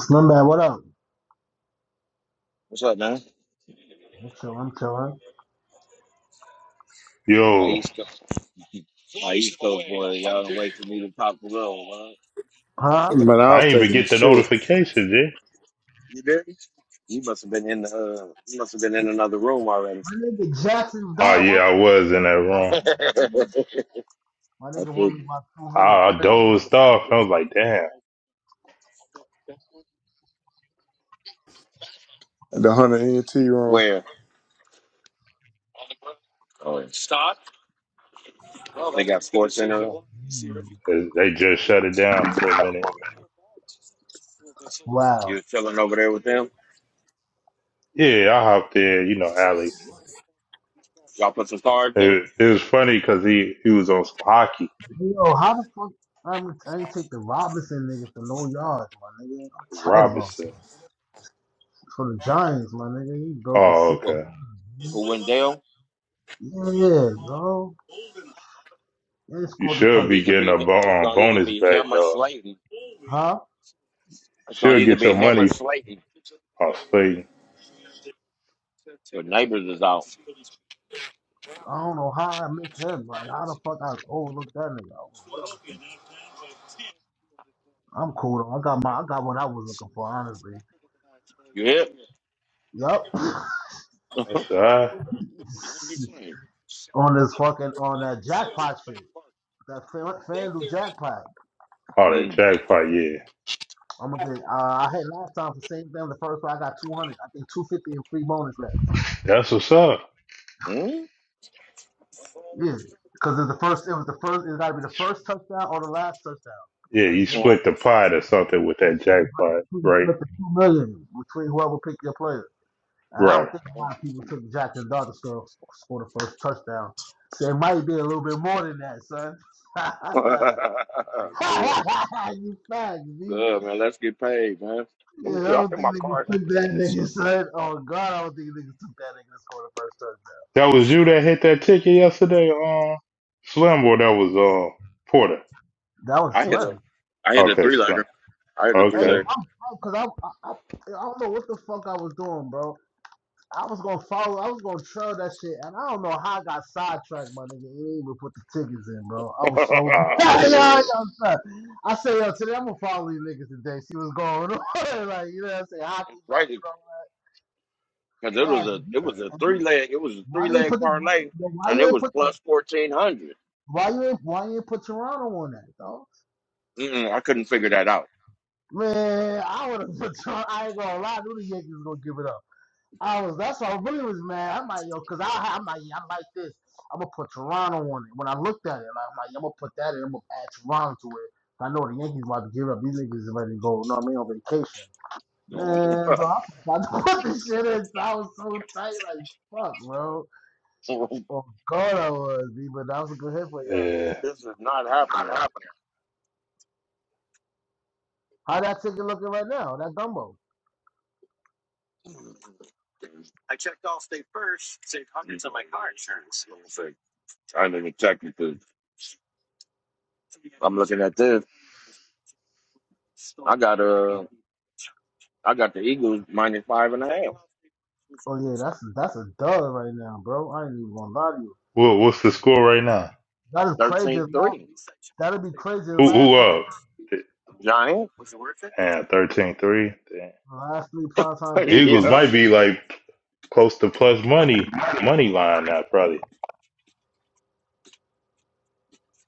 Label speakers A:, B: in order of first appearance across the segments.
A: Slimbat, what up?
B: What's up, man?
A: I'm chilling, I'm chilling.
B: Nah,
C: Yo,
B: you stuck. for me to pop the little, man.
A: Huh?
D: But I
C: I
D: was
C: didn't even
D: taking a
C: get the
D: shit.
C: notification, G.
B: you there? You must have been in the. Uh, you must have been in another room already.
A: My nigga Jackson
C: Oh
A: Dart,
C: yeah,
A: what?
C: I was in that room.
B: I
A: My nigga won me
B: figured.
A: by
C: I,
A: 200.
C: I dozed off. I was like, damn,
D: at The Hunter NT room.
B: Where? Oh, yeah.
C: they just shut it down for a minute.
B: you
A: Wow.
B: was chilling over there with them.
C: Yeah, I hopped in. You know, Alex.
B: put some cards in.
C: It, it was funny because he he was on some hockey.
A: Yo, how the fuck? I'm, I ain't take the Robinson nigga for no yards, my nigga. I'm tired about it.
C: Robinson.
A: For the Giants, my nigga. He broke a
C: Oh,
A: six.
B: Well,
C: okay.
B: for Wendell,
A: Yeah, bro. And he
C: You
A: scored the
B: it's
C: should
B: gonna
A: touchdown.
B: be
C: be
B: either
C: getting
B: be
C: a
B: him. It's
C: bo- um,
B: gonna either
C: bonus
B: be
C: back,
B: him or
C: dog.
B: Slayton.
A: Huh?
B: It's gonna
C: Should
B: either
C: get
B: be
C: your
B: him or
C: money.
B: Slayton.
C: I'm Slayton.
B: Neighbors is out.
A: I don't know how I missed him. Like, how the fuck I overlooked that nigga? I was- What I was thinking. I'm cool though. I got my, I got what I was looking for, honestly. Yup.
C: I said,
B: mm.
C: all right.
A: on this fucking on that jackpot shit. That fan, FanDuel jackpot.
C: oh, that jackpot. Yeah,
A: I'm gonna get. Uh, I had last time for the same thing. The first one I got 200. I think 250 and free bonus left.
C: that's what's up.
B: Mm?
A: Yeah, because it's the first. It was the first. It has got to be the first touchdown or the last touchdown.
C: Yeah,
A: And
C: you
B: Mm.
A: again,
C: split the
B: Mm.
C: pot or something with that jackpot, right?
A: split the two million between whoever picked your player. And I
C: Right.
A: don't think a lot of people took Jack and Dog to score score the first touchdown. So it might be a little bit more than that, son.
B: Good.
A: you fag, B.
B: Good man. Let's get paid, man. Let
A: Yeah,
B: me
A: I
B: see. I
A: don't
B: think
A: think
B: my card.
A: niggas took that nigga, son. Oh God, I don't think niggas took that nigga to score the first touchdown.
C: That was you that hit that ticket yesterday, uh, Slim, or that was uh Porter.
A: That was
B: I hit a,
A: slim.
B: I hit a
C: Okay,
B: three
C: Slim.
B: legger. I hit a three
A: Hey,
C: Okay.
B: leg.
A: I'm, cause I, I, I, I don't know what the fuck I was doing, bro. I was gonna follow, I was gonna trail that shit, and I don't know how I got sidetracked, my nigga. and didn't even put the tickets in, bro. I was so
C: Ah,
A: yo, yo,
C: yeah.
A: son. I say, yo, today I'm gonna follow you niggas today. See what's going on, like you know, what I say hockey back
B: right,
A: and all
B: because it
A: that.
B: was
A: Fast,
B: a, it was a
A: and
B: three
A: you,
B: leg, it was a
A: why
B: three
A: you ain't
B: leg
A: put the,
B: parlay,
A: why
B: and
A: you
B: it
A: ain't
B: was
A: put
B: plus fourteen hundred.
A: Why you ain't why you ain't put Toronto on that though?
B: Mm-mm, I couldn't figure that out.
A: Man, I would have put Toronto. I ain't gonna lie, I knew the Yankees was gonna give it up. I was that's why I really was mad. I'm like yo, cause I I- I'm like i like this. I'm gonna put Toronto on it. When I looked at it, like, I'm like I'm gonna put that in. I'm gonna add Toronto to it. I know the Yankees about to give up. These niggas is ready to go. You know what I mean on vacation.
B: No.
A: Man, bro, I forgot to put this shit in. So I was so tight, like fuck, bro. Oh God, I was, B, but that was a good hit for y'all.
B: No,
C: Yeah.
B: this is not happening.
A: How that ticket looking right now? That Dumbo.
B: It's like, I didn't check it. 'cause Got a, I got the Eagles minus five,
A: Oh yeah, that's that's a dud right now, bro. I ain't even gonna lie to you.
C: Well, what's the score right now?
A: That is crazy. as
B: thirteen three.
A: Last, that'd be crazy. as
C: Who
A: Last
C: who
A: three,
C: up?
B: Giants.
C: Damn, thirteen three. Damn.
A: the last three primetime games.
C: Eagles
A: I'm-
B: yeah.
C: might be like close to plus money money line now, probably.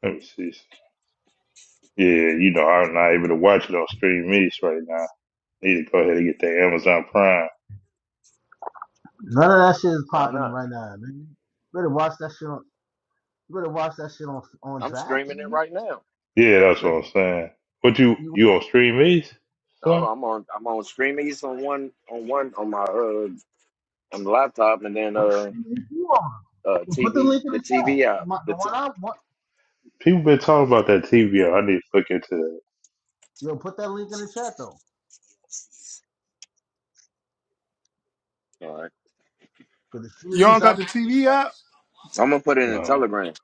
C: Let me see. Yeah, you know I'm not able to watch it on stream meets right now. Need to go ahead and get that Amazon Prime.
A: none of that shit is
B: Why
A: popping
B: not?
A: right now, man. Better watch that shit on. You better watch that shit on on
B: I'm
A: draft.
B: streaming it
A: You
B: right now.
C: Yeah, that's
A: better
C: what I'm saying. What you
A: you,
C: you on stream these?
B: No,
C: Son?
B: I'm on. I'm on streamies on one on one on my uh on the laptop, and then
A: what
B: uh
A: streaming you on?
B: uh
A: Yo, Put the
B: TV
A: link in the
B: the
A: chat.
B: TV app.
A: My,
B: The
A: the one
B: t-
A: I want.
C: People been talking about that TV. I need to look into
A: Yo, put that link in the chat though,
B: Alright.
A: cause the
D: You
A: streaming
D: all got
A: up.
D: the TV app?
B: So I'm gonna put it in
C: that.
B: the
C: Uh,
B: telegram.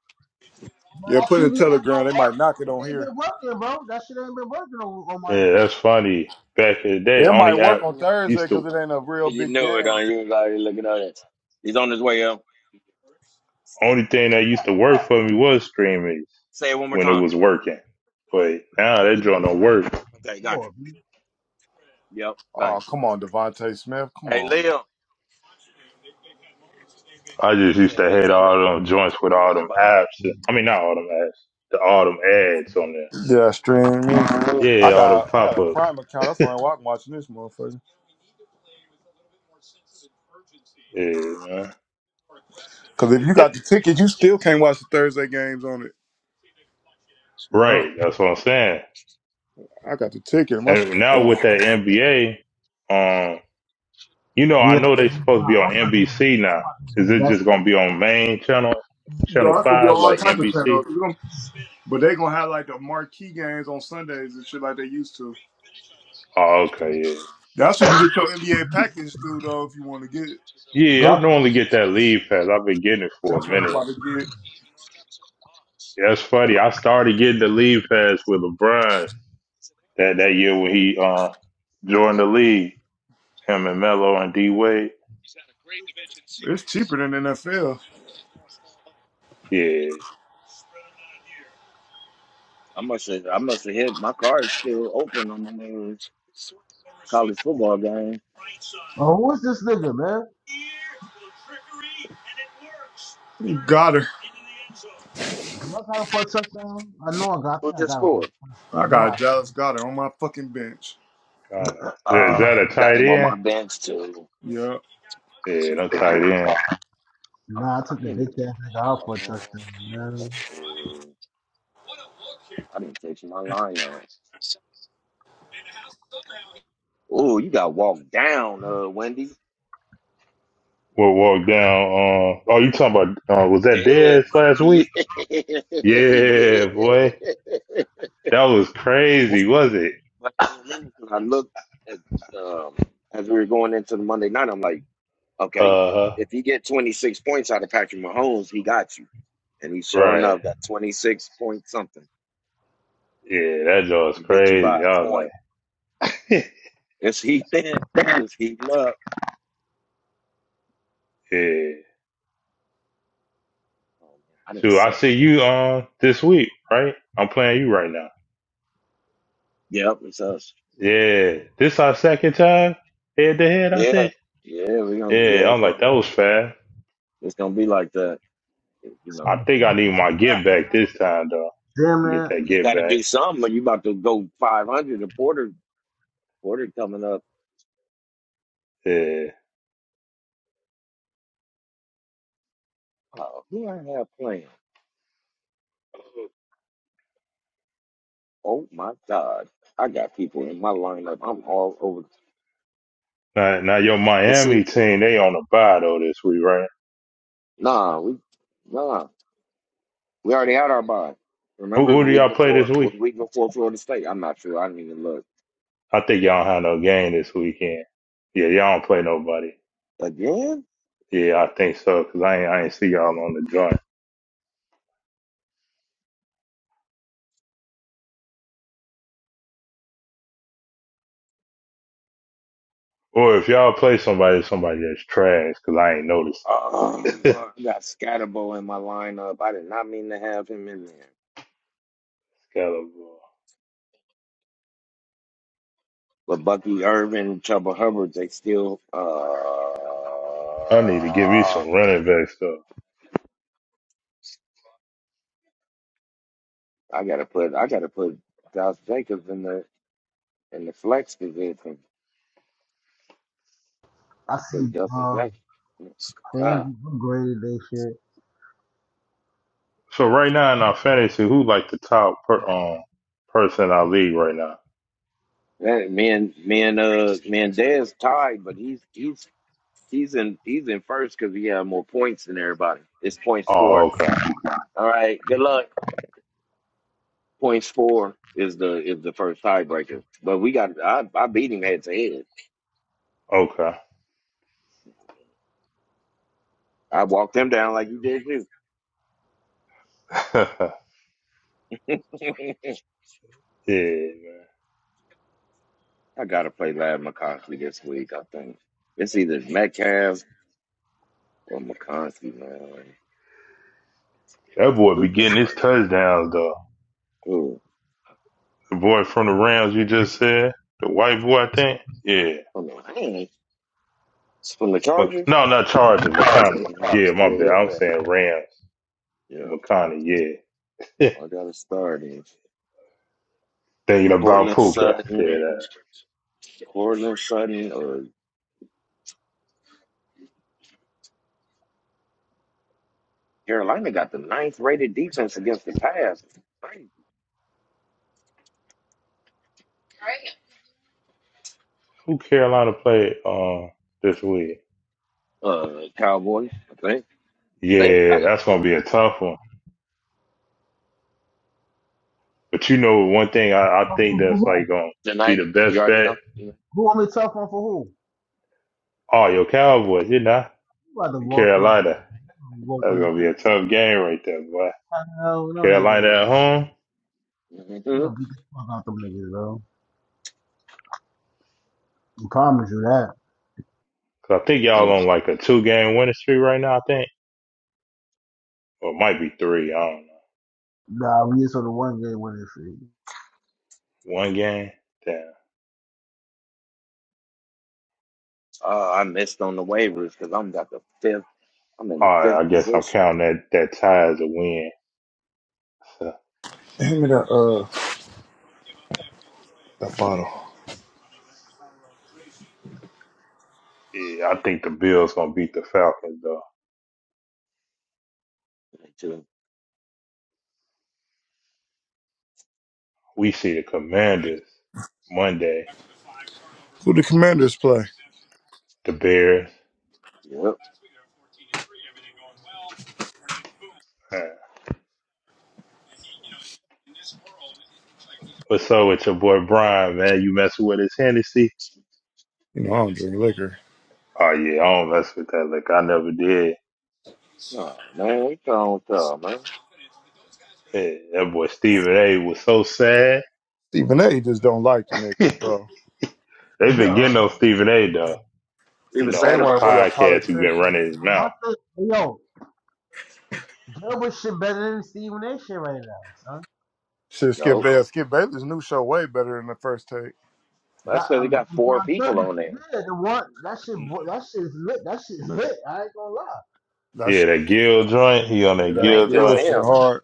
A: Bro,
D: Yeah,
A: that
D: put in
A: TV app don't
D: Telegram. They
A: work.
D: might knock
A: That
D: it on
A: shit ain't
D: here.
A: been working, bro. That shit ain't been working on, on my end.
C: yeah, that's funny. Back in the day,
D: It might
C: only app
D: work on Thursday
C: used
D: because
C: to
D: it ain't a real
B: You
D: big
B: knew it,
D: game.
B: on you was already looking at it. He's on his way up.
C: only thing that used to work for me was streaming
B: Say it one more
C: when it
B: time.
C: was working. But now
A: Oh,
C: that
A: even
C: joint don't work.
B: Okay, got
A: before,
B: you.
A: man.
B: Yep,
D: Oh,
B: thanks.
D: come on, Devontae Smith. Come
B: Hey
D: on, bro.
B: Leo,
C: I just
B: you
C: used
B: said
C: to hate
B: fifteen
C: all
B: minutes.
C: them joints with
B: He
C: all
B: running
C: them
B: behind.
C: apps. I mean, not all them apps, the all them ads on there.
D: Yeah, stream me.
C: Yeah,
D: I
C: all them
D: got I
C: pop
D: got a
C: ups.
D: Prime account. That's why I'm watching this motherfucker.
C: Yeah, man.
D: Because if you
C: Yeah,
D: got the ticket, you still can't watch the Thursday games on it.
A: Yeah.
C: right. That's what I'm saying.
D: I got the ticket. My shit.
C: And now
D: on.
C: with that NBA, um, you know, I
A: Yeah,
C: know they supposed to be on
A: I'm not going to.
C: NBC
A: I'm
C: now.
A: not going to
C: Is it
A: invest.
C: just gonna be on main channel, channel
D: Dog, that's gonna be
C: five,
D: all
C: like
D: type of
C: NBC?
D: channels. You gonna- But they gonna have like the marquee games on Sundays and shit like they used to.
C: Oh, okay,
D: That's what you get your NBA package through, though, if you want to get it.
C: yeah,
A: Go
C: yeah. I normally get that lead pass. I've been getting it for a
D: That's what I'm
C: minute.
D: about to get.
C: Yeah, That's funny. I started getting the lead pass with LeBron that that year when he uh joined the league. Him and Melo and D Wade.
D: It's cheaper than NFL.
C: Yeah,
B: must have I must have hit my car is still open on the niggas college football game.
A: Oh, who is this nigga, man?
D: Got her.
A: Do I got him for a touchdown? I know I got. I
B: Who
A: think I
B: just
A: got him
B: scored?
A: for a touchdown.
D: I
A: I know I.
D: got Dallas Goddard on my fucking bench.
C: got it. Is that
B: Uh
C: a
B: I got
C: tight
B: him on my
C: end?
B: bench too.
D: Yeah.
C: Yeah, no tight end.
B: Uh,
A: Nah, I took
B: I
A: the
B: didn't
A: bitch
B: even
A: ass nigga out for a
B: uh,
A: touchdown, man.
B: I didn't fix my lineup. Oh, you got walked down, uh, Wendy.
C: We'll walk down. Um, oh, you talking about? Uh, was that
B: Damn.
C: Dez last
B: Yeah.
C: week?
B: yeah.
C: Yeah, boy, that was
B: What's
C: crazy,
B: the-
C: was it?
B: Like, I remember when I looked at, um, as we were going into the Monday night, I'm like, okay,
C: Uh huh.
B: if you get 26 points out of Patrick Mahomes, he got you. And he sure
C: Right.
B: enough got 26 point something.
C: Yeah, that joint was
B: He beat you
C: crazy.
B: by a
C: I was
B: point.
C: like,
B: It's he then. It's he up.
C: yeah.
B: Oh, man, I didn't
C: Shoot, I
B: set
C: see
B: my.
C: you uh, this week, right? I'm playing you right now.
B: Yep, it's us.
C: Yeah, this our second time head to head. I
B: Yeah.
C: think.
B: Yeah, we're gonna be, yeah,
C: Yeah,
B: it's
C: I'm like
B: gonna,
C: that was fast.
B: it's gonna be like that. You know.
C: I think I need my get back this time though.
A: Damn
C: Get
A: it.
C: that
B: You
C: get
B: got to
C: back.
B: do something, or you about to go 500. The Porter Porter coming up.
C: Yeah.
B: Oh, who I have playing? Oh my God, I got people in my lineup. I'm all over.
C: Now, now your
B: But
C: Miami
B: see,
C: team, they on the bye though this week, right?
B: nah, we nah, we already had our bye.
C: Who,
B: Remember
C: who
B: the
C: do
B: week
C: y'all play this
B: before? well,
C: week?
B: The week before Florida State? I'm not sure. I didn't even look
C: I think y'all don't have no game this weekend. Yeah, y'all don't play nobody.
B: again.
C: Yeah, I think so because I ain't I ain't see y'all on the joint. Or if y'all play somebody, somebody that's trash because I ain't noticed. Scalable.
B: Oh, I got Scatterbo in my lineup. I did not mean to have him in there. But Bucky Irvin, Chuba Hubbard, they still.
C: I need to give you
B: Uh,
C: some running back stuff.
B: I gotta put I gotta put Josh Jacobs in the in the flex position
A: I see.
B: because Justin
A: Um,
B: Jacobs.
A: fans
B: God,
A: upgraded they shit.
C: So right now in our fantasy, who like the top per, um person in our league right now?
B: that me and me and uh me and Dez tied, but he's he's he's in he's in first because he had more points than everybody. It's points
C: Oh,
B: four.
C: okay,
B: All right, good luck. Points four is the is the first tiebreaker. But we got I I beat him head to head.
C: okay.
B: I walked him down like you did too.
C: yeah, man.
B: I gotta play Lab McConkey this week. I think it's either Metcalf From McConkey, man. Like,
C: that boy
B: who
C: be getting his
B: Pittsburgh?
C: touchdowns though.
B: Who?
C: The boy from the Rams you just said, the white boy, I think. Yeah.
B: I'm like, man. It's from the
C: Mc-
B: Chargers?
C: No, not Chargers,
B: hmm
C: McConney.
B: Yeah,
C: Yeah, my bad.
B: yeah,
C: I'm
B: yeah.
C: saying Rams,
B: Yeah.
C: McConney. Yeah. Yeah.
B: I got to start in
C: Thinking about
B: Portland
C: Puka. Yeah.
B: Sutton.
C: That.
B: Portland Sutton. Uh, Carolina got the ninth rated defense against the pass.
C: Who Carolina played uh, this week?
B: Uh, Cowboys, I think. think
C: Yeah,
B: I,
C: that's gonna be a tough one. But you know, one thing I, I
A: Tough
C: think
A: one for
C: that's
A: who?
C: like gonna
B: the
C: be
B: ninth.
C: the
B: You
C: best
B: already
C: bet.
B: know.
A: Who want me tough one for who?
C: Oh, your Cowboys, you know,
A: You about to walk through them?
C: Carolina.
A: Walk
C: That's
A: them
C: gonna be a
A: niggas?
C: tough game right there, boy.
A: Hell no, they ain't
C: Carolina
A: gonna.
C: at home.
A: We
B: Mm-hmm.
A: gonna beat the fuck out them niggas, bro. I promise you that.
C: 'Cause I think y'all on
B: Mm.
C: like a two game winning streak right now. I think. Or it might be three. I don't know.
A: Nah, we just on the one game winning streak.
C: One game. Damn.
B: Uh, I missed on the waivers because I'm got the fifth. I'm in the
C: All right.
B: fifth
C: I guess I'm
B: position.
C: counting that that tie as a win. So,
D: Hand me that uh that bottle.
C: yeah, I think the Bills gonna beat the Falcons though. We see the Commanders Monday.
D: Who the Commanders play?
C: The Bears.
B: Yep.
C: Man, What's up with your boy Brian, man? You messing with his Hennessy?
D: You know, I don't drink liquor.
C: Oh yeah, I don't mess with that. Like I never did.
B: Oh man, we don't tell man.
C: Yeah, that boy Stephen A. was so sad.
D: Stephen A. just don't like the
C: They've
D: nigga, bro.
C: been
A: Yo,
C: getting on Stephen A. though.
B: He
C: You
D: Stephen
B: was
C: know,
D: A.
C: on
B: sad
C: his
D: want
B: about
D: to be a
B: what?
C: podcast, he's been
D: politician.
C: running his mouth.
A: What's the yo? Gilbert shit better than Steve Nash shit right now, son.
D: Shit, Skip
B: Nope.
D: Bayless. Skip Bayless' new show way better than the first take.
A: That
B: that's because he
A: I'm,
B: got
A: I'm
B: four
A: trying to tell
B: people
A: you,
B: on there.
A: yeah, the one that shit, that shit's lit. That shit's lit. I ain't gonna lie.
D: That
C: Yeah,
D: shit,
C: that Gill joint. He on
D: yeah,
C: that
B: It
D: that
B: ain't
C: Gill
A: Yo,
B: just
D: real
C: joint.
D: shit
B: him.
D: hard.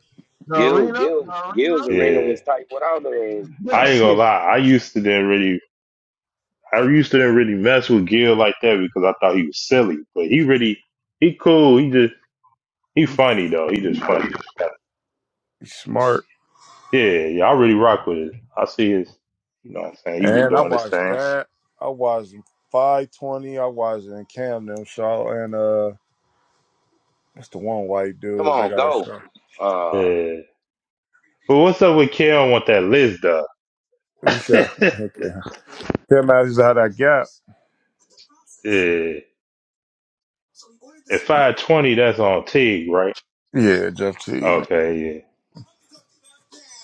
A: the
B: Gil,
A: arena,
B: Gil,
A: the
B: Gil's
A: arena,
B: arena
C: Yeah,
B: was tight without uh,
A: yo,
C: I
B: without
C: ain't gonna
B: Skip.
A: shit.
C: lie. I used to didn't really, I used to didn't really mess with Gil like that because I thought he was silly. But he really, he cool. He just, he funny though. He just funny.
D: He's smart.
C: Yeah, yeah. I really rock with it. I see his, you know what I'm saying. He be
D: And I
C: doing this
D: watched
C: thing.
D: that. I watched 520. I watched it in Camden, Shaw, and uh what's the one white
B: Come
D: dudes they
B: on,
D: got a
B: go.
D: show.
B: Uh,
C: Yeah. But what's up with Kale want that list though?
D: Who's that? Okay. Cam Matthews had that gap.
C: yeah. At five twenty, that's on Tig, right?
D: Yeah, Jeff T. Man,
C: Okay.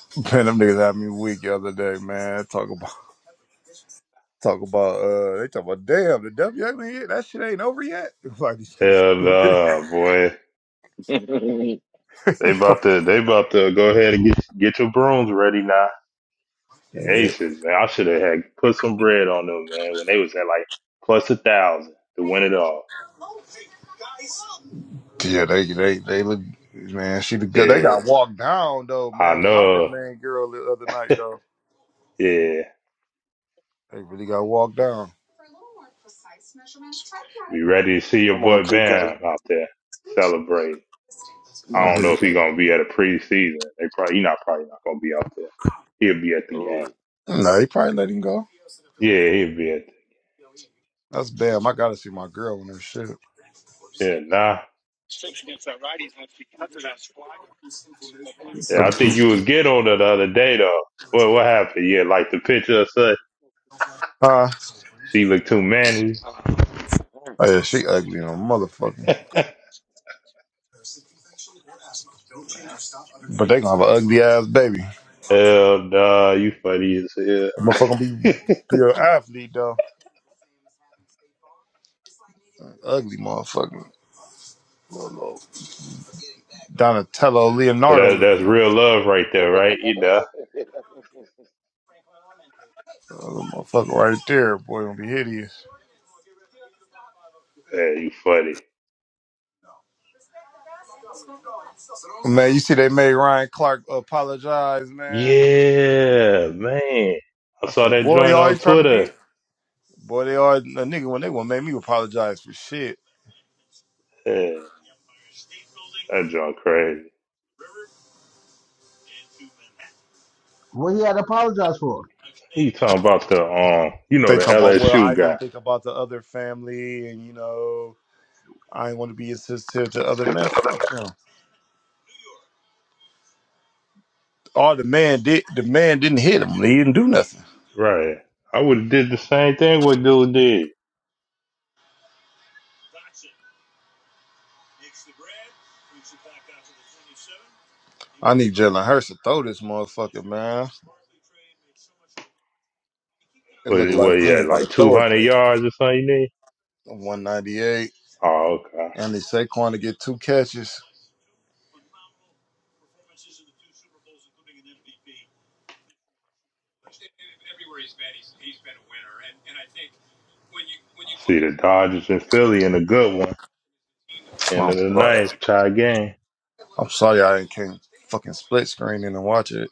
D: Man, them niggas had me weak the other day, man. Talk about talk about uh they talk about damn the W ain't yet. that shit ain't over yet. Like these
C: Yeah. Hell
D: niggas
C: no, boy. They about
D: stupid.
C: to, they about to go ahead and get get your brooms ready now.
D: yeah.
C: Aces, man. I should have had put some bread on them, man, when they was at like plus a thousand to win it all.
D: Yeah, they they they look man, she the good they
C: Yeah,
D: got walked down though,
C: I
D: man, without that
C: know.
D: man girl the other night though.
C: Yeah,
D: They really got walked down.
C: we ready to see your
B: come on,
C: boy
B: KK.
C: Bam out there celebrate.
B: Come
C: I
B: on,
C: don't know
D: He-
C: if he
B: KK.
C: gonna be at a preseason. They probably he not probably not gonna be out there. He'll be at the game.
B: Ooh.
D: No, he probably let him go.
C: Yeah, he'll be at.
D: That's damn. I gotta see my girl in her shit.
C: The, yeah, nah. Yeah, I think you was get on her the other day though. What what happened? Yeah, like the picture of such.
D: Uh,
C: She looked too manly.
D: oh yeah, she ugly, no know, motherfucker.
C: Hell
D: But they gonna have an ugly ass baby. That
C: nah, you funny as
D: Motherfucker be,
C: hell.
D: be an athlete though. Ugly motherfucker. Little Donatello
C: So
D: Leonardo
C: that
D: looking
C: that's real
D: motherfucker.
C: love right there, right? You know,
D: Little motherfucker right there, boy, gonna be hideous.
C: man, you funny.
D: Man, you see they made Ryan Clark apologize, man.
C: Yeah, man. I
D: I
C: saw
D: said,
C: that
D: boy, you
C: joint on
D: always trying to be.
C: Twitter.
D: Boy, they are a nigga when they want to make me apologize for shit.
C: Yeah, that joint crazy.
A: What he had to apologize for?
C: He talking about the um, you know,
D: They
C: the
D: talk about, well, I
C: LSU
D: didn't
C: guy,
D: think about the other family, and you know, I didn't want to be insensitive to other men. Fuck them. All the man did, the man didn't hit him. He didn't do nothing.
C: right? I would have did the same thing what dude did.
D: I need Jalen Hurst to throw this motherfucker, man. It
C: What,
D: looked like
C: what he
D: he was
C: had
D: about to
C: like two
D: throw it.
C: hundred yards or something. he need?
D: One ninety eight.
C: Oh, okay.
D: And they Saquon to get two catches.
C: I see the Dodgers and Philly in a good one. End
D: Oh,
C: of the
D: fuck.
C: ninth, tie game.
D: I'm sorry I didn't can't fucking split screen in and watch it.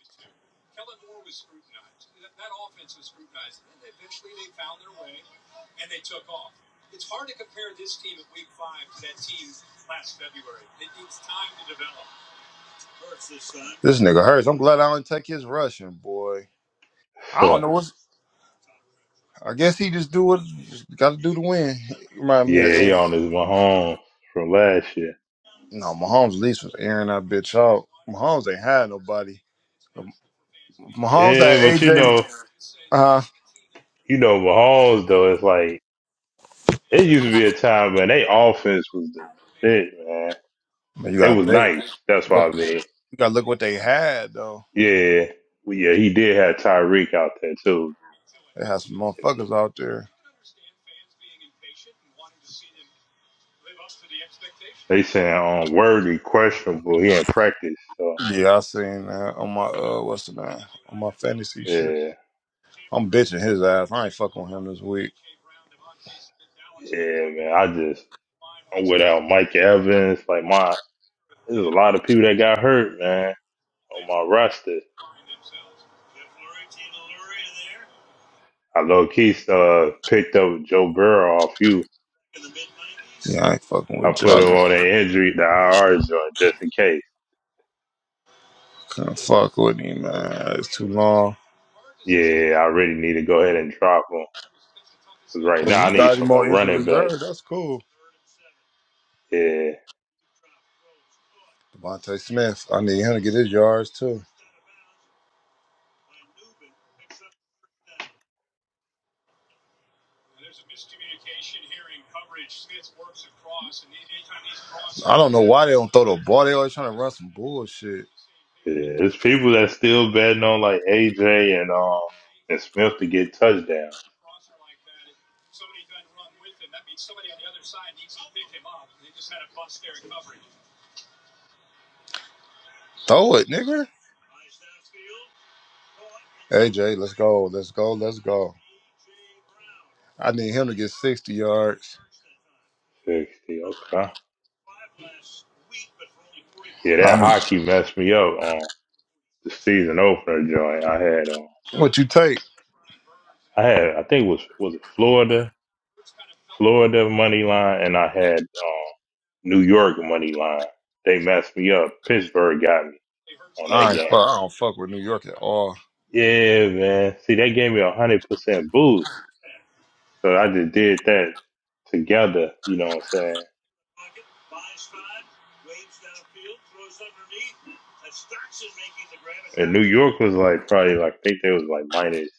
D: This nigga hurts. I'm glad I didn't take his rushing, boy. I don't
C: yeah,
D: know what's I guess he just do what got to do to win. He Remind me of
C: he
D: Ed.
C: on his Mahomes from last year.
D: No, Mahomes at least was airing that bitch out. Mahomes ain't had nobody. Mahomes had
C: Yeah, but you
D: AJ.
C: know.
D: Uh,
C: you know, Mahomes though, it's like it used to be a time when they offense was the shit, man.
D: man, you
C: It
D: gotta
C: was
D: think
C: nice. That's what
D: what
C: I mean.
D: you gotta look what they had though.
C: Yeah, well, yeah, he did have Tyreek out there too.
D: They had some motherfuckers out there.
C: They saying um, worthy questionable. He ain't practice, so
D: Yeah, I seen that on my uh, what's the name on my fantasy shit.
C: yeah,
D: I'm bitching his ass. I ain't fucking with him this week.
C: yeah, man. I just I'm without Mike Evans. Like my, there's a lot of people that got hurt, man, on my roster. I low key uh, picked up Joe Burrow off you.
D: Yeah, I ain't fucking
C: I
D: with you
C: put him on an injury, the IR joint, just in case.
D: Can't fuck with him,
C: I-
D: man. It's too long.
C: Yeah, I really need to go ahead and drop him. 'Cause right
D: Cause
C: now I
D: you
C: need
D: got
C: some
D: him
C: more
D: on injured
C: running back.
D: reserve. That's cool.
C: Yeah,
D: Devontae Smith. I need him to get his yards too. I don't know why they don't throw the ball. They always trying to run some bullshit.
C: yeah. It's people that still betting on like AJ and uh and Smith to get touchdowns.
D: Throw it, nigga. AJ, let's go. Let's go. Let's go. I need him to get 60 yards.
C: Sixty, okay. Yeah, that
D: I'm,
C: hockey messed me up on the season opener joint. I had um,
D: what you take?
C: I had I think it was was it Florida, Florida money line, and I had um New York money line. They messed me up. Pittsburgh got me on
D: I
C: that
D: ain't
C: game.
D: fuck, I don't fuck with New York at all.
C: Yeah, man. See, that gave me a hundred percent boost. So I just did that together. You know what I'm saying? And New York was like probably like I think they was like minus.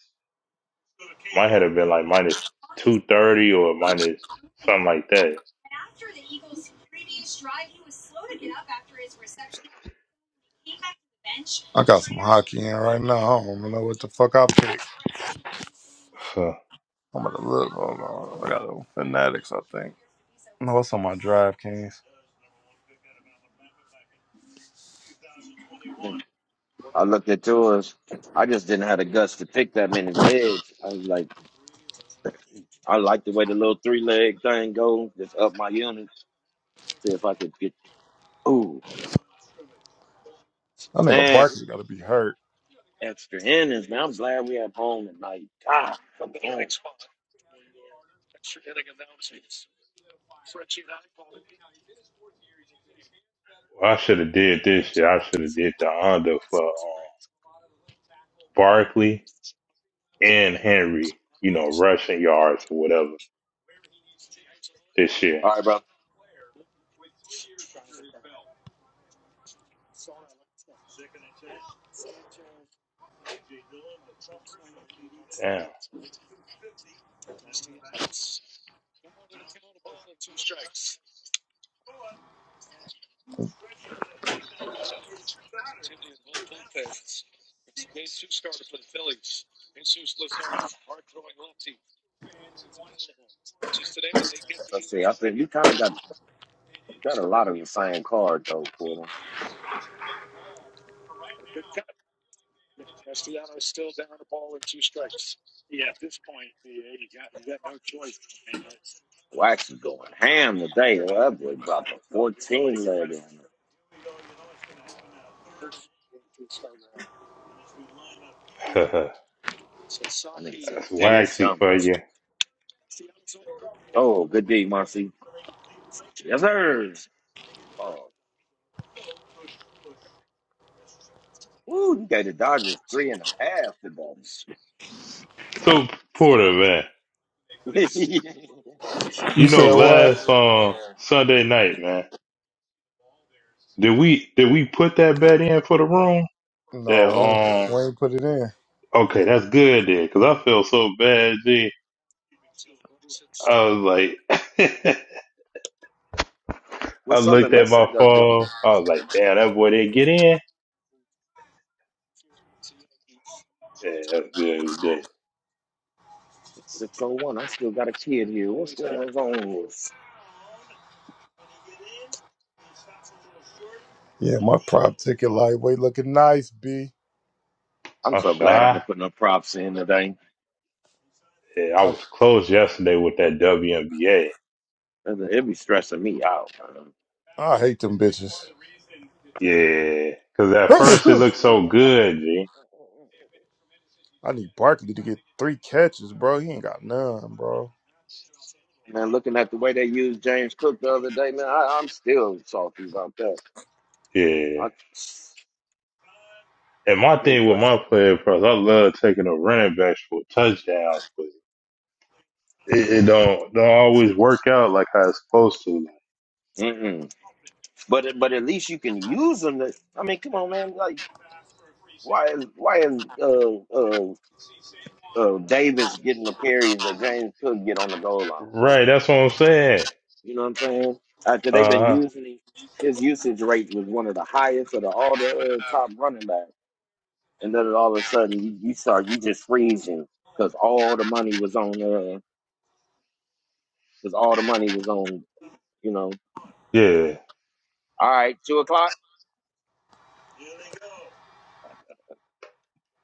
C: might have been like minus two thirty or minus something like that.
D: I got some hockey in right now. I don't even know what the fuck I picked.
C: So
D: I'm gonna look. Hold on. I got a Fanatics, I think. No, what's on my drive, Kings.
B: I looked at yours. I just didn't have the guts to pick that many legs. I was like, I like the way the little three leg thing goes. Just up my unit. See if I could get. Ooh,
D: That nigga
B: man, we
D: Barkley gotta be hurt.
B: get extra innings, man. I'm glad we have home tonight. God, come
C: I should have did this shit. I should have did the under for um, Barkley and Henry. You know, rushing yards or whatever this year.
B: All
C: Damn,
B: we kind of got got a lot of the same card though for them. We're actually going ham today. Well, That boy brought the fourteen
C: that's
B: minute
C: waxy for
B: jumbo.
C: you.
B: Good D, Marcy. Yes, sir. Oh, woo, you gave the Dodgers three and a half today.
C: So Porter, man.
D: You
C: You know,
D: said what?
C: last uh, Sunday night, man, did we did we put that bet in for the room?
D: No,
C: That
D: we ain't,
C: um,
D: we ain't put it in.
C: okay, that's good then, because I felt so bad. G, I was like, I
B: What's
C: looked
B: Southern
C: at
B: Miss
C: my
B: end up doing?
C: phone. I was like, damn, that boy didn't get in. Yeah, that's good. We did.
B: Six oh one. I still got a kid here. What's on with-
D: Yeah, my prop ticket lightweight looking nice, B.
B: I'm
C: I'm
B: so glad I
C: shy.
B: didn't put no props in today.
C: Yeah, I
D: I,
C: was close yesterday with that WNBA.
B: It'd be stressing me out. man.
D: I hate them bitches.
C: Yeah, because at first it looked so good, G.
D: I need Barkley to get three catches, bro. He ain't got none, bro.
B: Man, looking at the way they used James Cook the other day, man, I, I'm still salty about that.
C: Yeah.
B: I
C: And my
B: he was
C: thing with my
B: like,
C: player pros, I love taking the running backs for touchdowns, it, it don't don't always work out like I was supposed to.
B: mm-mm. But but at least you can use them. To, I mean, come on, man. Like, why is why is uh, uh, uh, Davis getting the carries that James Cook get on the goal line?
C: Right, that's what I'm saying.
B: You know what I'm saying? After they've
C: Uh
B: been
C: huh.
B: using him, his usage rate was one of the highest of the, all the uh, top running backs. and then all of a sudden you, you start you just freezing because all the money was on uh because all the money was on you know
C: Yeah,
B: all right two o'clock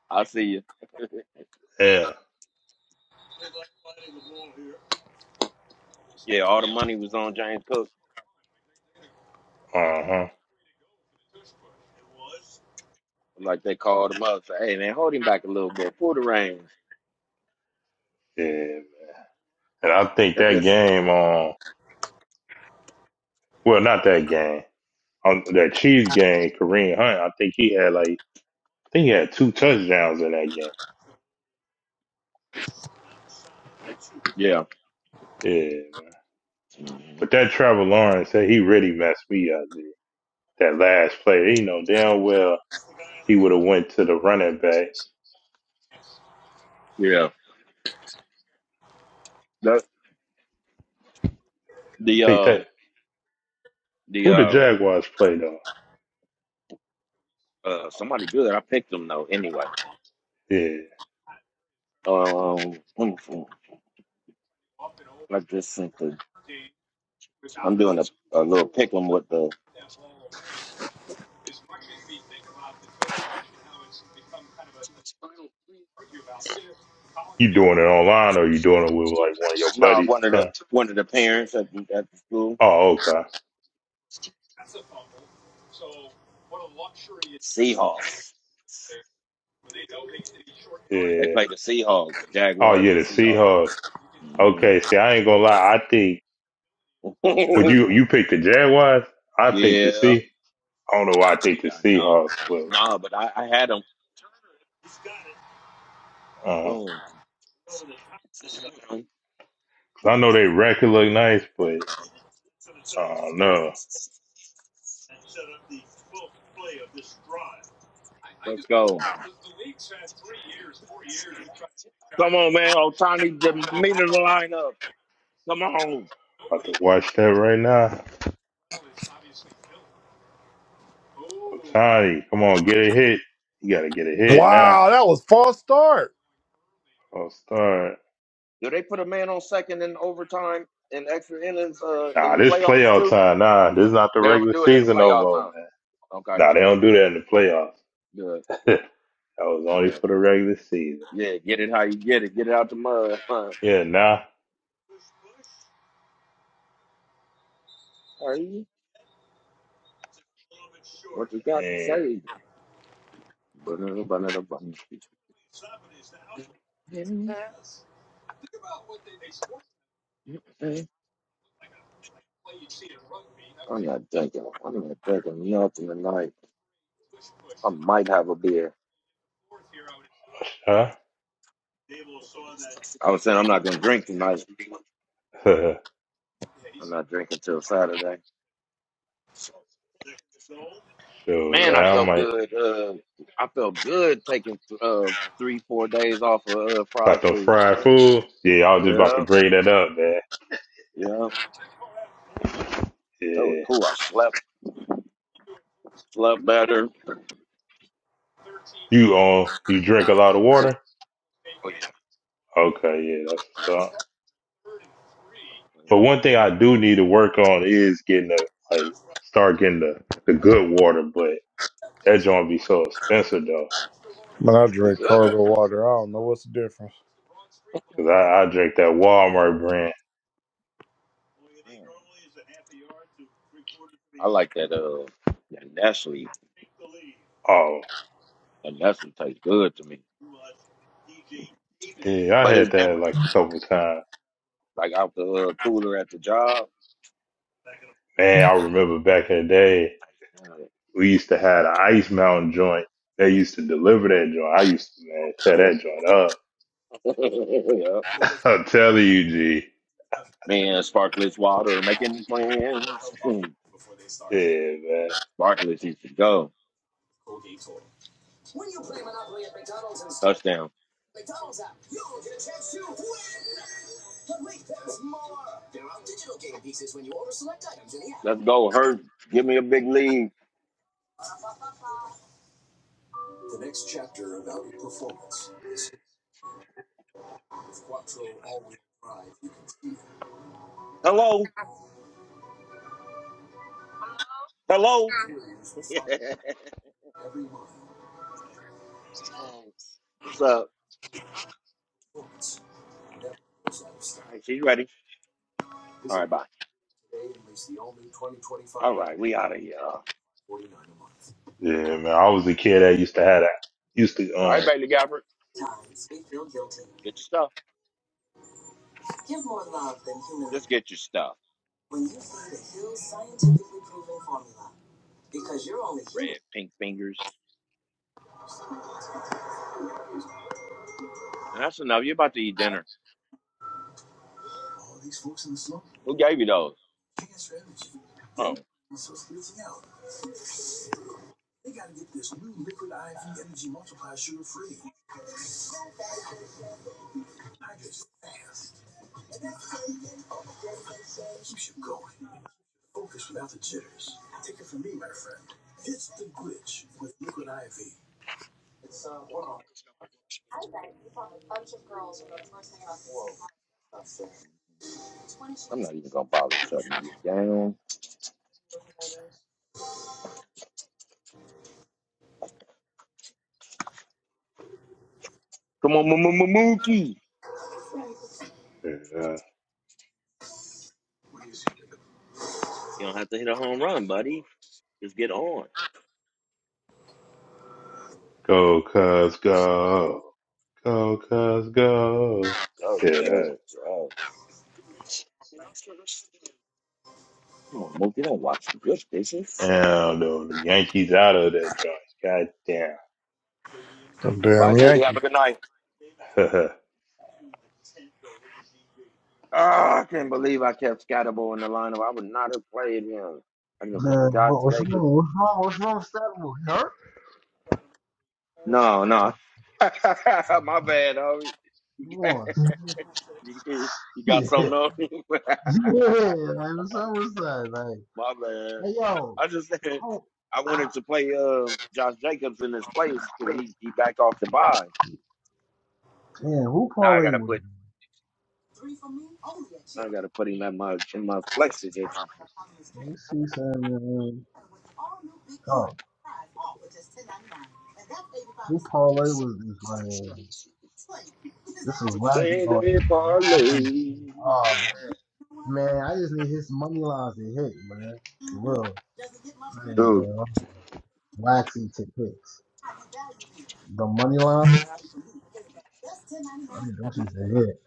B: I'll see you
C: yeah.
B: yeah all the money was on James Cook
C: Uh huh.
B: like they called him up say hey man hold him back a little bit pull the reins
C: Yeah. And I think
B: that
C: that
B: just
C: game on well, not that game on that Chiefs game, Kareem Hunt. I think he had like I think he had two touchdowns in that game.
B: yeah
C: Yeah.
B: Mhm.
C: But that Trevor Lawrence, that he really messed me up. Dude. That last play, he know damn well he would have went to the running back.
B: yeah that
C: I
B: the
C: think
B: uh
C: that
B: the
C: who the
B: uh
C: Jaguars played on.
B: uh somebody good I picked him though anyway
C: Yeah.
B: um wonderful I just sent the I'm doing a, a little pick 'em with the
C: You doing it online or you doing it with like one of your
B: no
C: buddies
B: one
C: or something?
B: one of the parents at the, at the school
C: Oh, okay.
B: Seahawks. They
C: Yeah.
B: play the Seahawks,
C: Oh
B: Jaguars,
C: yeah,
B: and
C: the
B: Seahawks.
C: Seahawks.
B: hmm
C: Okay, see I ain't gonna lie, I think would you you pick the Jaguars? I think the
B: yeah, yeah,
C: Sea I don't know why I think the
B: I know.
C: Seahawks, but
B: No, but I, I had them.
C: uh
B: Boom.
C: 'cause I know they record look nice, but I don't know.
B: Let's go. Come on, man. Otani, the meat of the lineup. Come on.
C: About to watch that right now. Otani, come on, get a hit. You gotta get a hit now.
D: Wow, that was false start.
C: I'll start.
B: Do they put a man on second in overtime and extra innings uh, in
C: Nah,
B: the
C: this
B: playoffs
C: playoff
B: too?
C: time. Nah, this is not the
B: They don't
C: regular
B: do it in the
C: season no
B: playoffs,
C: more,
B: huh?
C: man.
B: Okay,
C: Nah, they don't do that in the playoffs.
B: good.
C: That was only
B: Yeah,
C: for the regular season.
B: yeah. Get it how you get it. Get it out the mud, huh?
C: Yeah, nah.
B: Are you? What you got to
C: And
B: say? Banana, banana, banana. Hey, I'm not drinking. I'm not drinking nothing tonight. I might have a beer.
C: huh?
B: I was saying I'm not going to drink tonight.
C: so
B: I'm not drinking till Saturday. Man, I
C: man, I
B: felt
C: might
B: good. Uh, I felt good taking uh three, four days off of uh,
C: about
B: fried
C: them
B: food,
C: fried
B: man.
C: food. Yeah, I was just about to
B: Yeah,
C: bring that up, man.
B: yeah, that was
C: Yeah.
B: cool. I slept, slept better.
C: You um you drink a lot of
B: Hey,
C: water?
B: Oh yeah,
C: Okay, yeah, that's what's
B: oh
C: up.
B: yeah.
C: But
B: man,
C: one thing
B: I
C: I
B: mean,
C: do need to work on is getting the like start getting the, the good water, but that joint be so expensive though.
D: Man, I
B: the
D: drink cargo water. I don't know what's the difference.
C: Cause I, I
B: good
C: drink that Walmart
B: ones.
C: brand.
B: I like that uh that Nestle.
C: Oh,
B: That Nestle tastes good to me.
C: yeah, I
B: But it's
C: had that
B: different.
C: like a couple times.
B: Like out the uh, cooler at the job.
C: Man, I remember back in the day
B: yeah.
C: We used to have the Ice Mountain joint. They used to deliver that joint. I used to man tear that joint up.
B: Yeah.
C: I'm telling you, G.
B: Man, sparkless water making plans. Mm,
C: Yeah, man.
B: sparkless needs to go. Touchdown. Let's go, Hurt. Give me a big lead. Hello. Hello. What's up? All right, she's ready. All right, bye. All right, we out of here. All
C: Yeah, man. I was a kid that used to have that. Used to
B: right,
C: um
B: Bailey Gabbert. Get your stuff. Just get your stuff. Red pink fingers. And that's enough. You're about to eat dinner. Who gave you those? Oh. I'm not even gonna bother shutting niggas down. Come on, M- M- M- Mookie.
C: yeah, uh,
B: You don't have to hit a home run, buddy. Just get on.
C: go cuz go go cuz go.
B: Oh,
C: Yeah,
B: damn
C: that.
B: it, Come on, Mookie. Don't watch the good bitches.
C: Damn, though, the Yankees out of that joint. God damn.
D: Them
B: Bye,
D: damn
B: sweetie. Have
D: Yankees.
B: a good night. Ah, I can't believe I kept Scatterbo in the lineup. I would not have played him. I know for
A: Man,
B: God's
A: what, what's
B: sake.
A: wrong? What's wrong? What's wrong, Stable? He hurt?
B: No, no. My bad, homie.
A: Come on,
B: you you got
A: son.
B: something on? me.
A: Yeah, yeah. Like what's up with that? Like,
B: My bad.
A: hey, yo,
B: I just said
A: I, don't-
B: I wanted to play uh Josh Jacobs in his place because he, he backed off the buy.
A: man, who
B: Now I
A: parlayed
B: gotta
A: with? you?
B: put I gotta put him in my in my flex position.
A: Let me see something. man. Oh. Who parlay was this man? This is wacky.
B: Same to
A: Oh, this
B: me,
A: is wacky.
B: parlay.
A: Oh man, man, I just need his money lines to hit, man. For real, I ain't gonna
B: dude.
A: lie. waxy to hits. The money line, I mean, them shits to hit.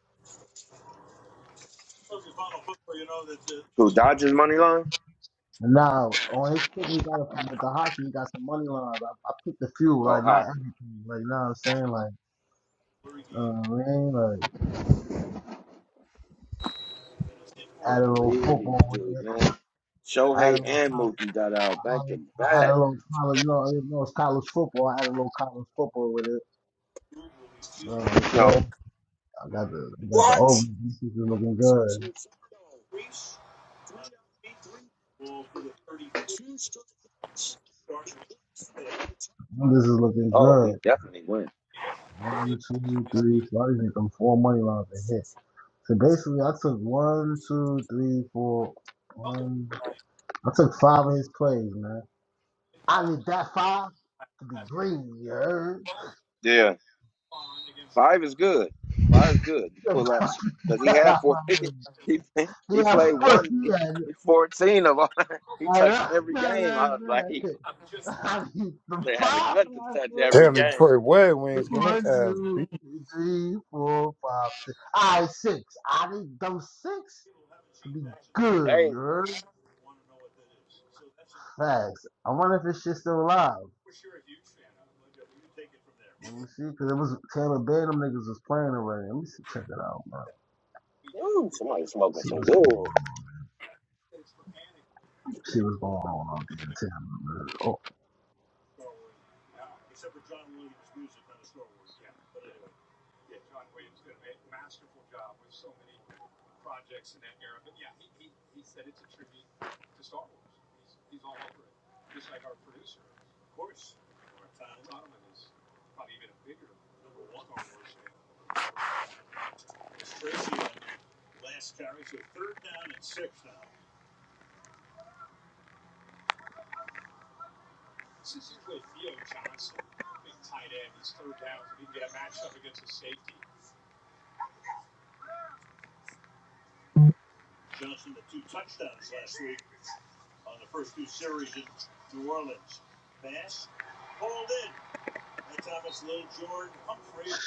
B: who Dodgers money line?
A: Now on his pick, he got a, with the hockey, he got some money lines. I, I picked a few,
B: Oh,
A: like not
B: hockey!
A: everything, like you know what I'm saying, like you know I mean, like add
B: Can't
A: a little
B: believe these
A: football with
B: dudes,
A: it.
B: man.
A: Add
B: Shohei
A: a,
B: and Mookie got out back to
A: I had a
B: back.
A: little college, you know, you know, it's college football. I had a little college football with it. You know what I'm
B: No,
A: saying? I got the I got the
B: what?
A: ovaries. This is looking good. This is looking
B: Oh, we
A: good.
B: definitely win.
A: One, two, three, four. I just need them four money lines to hit. So basically, I took one, two, three, four, one. I took five of his plays, man. I need that five to be green, you heard?
B: yeah. Five is good. Five is good
A: yeah,
B: for us because he had four. he he played
A: fuck
B: one. He,
A: yeah.
B: he fourteen of all. He
A: I
B: touched
A: know.
B: every game. I was like, he
A: I need the
B: only had a
A: five.
B: gun to touch
A: man.
B: every
D: Damn
B: game.
D: Detroit Red Wings getting
A: One,
D: their ass
A: two,
D: beat.
A: three, four, five, six. All right, six. I need those six to be good.
B: Hey,
A: You heard? Facts. I wonder if this shit's still alive. Let me see, cause it was Taylor Bay. Them niggas was playing already. Let me see, check it out, bro.
B: ooh, somebody smoking
A: She
B: some
A: was,
B: good.
A: she was going on on damn. in Oh,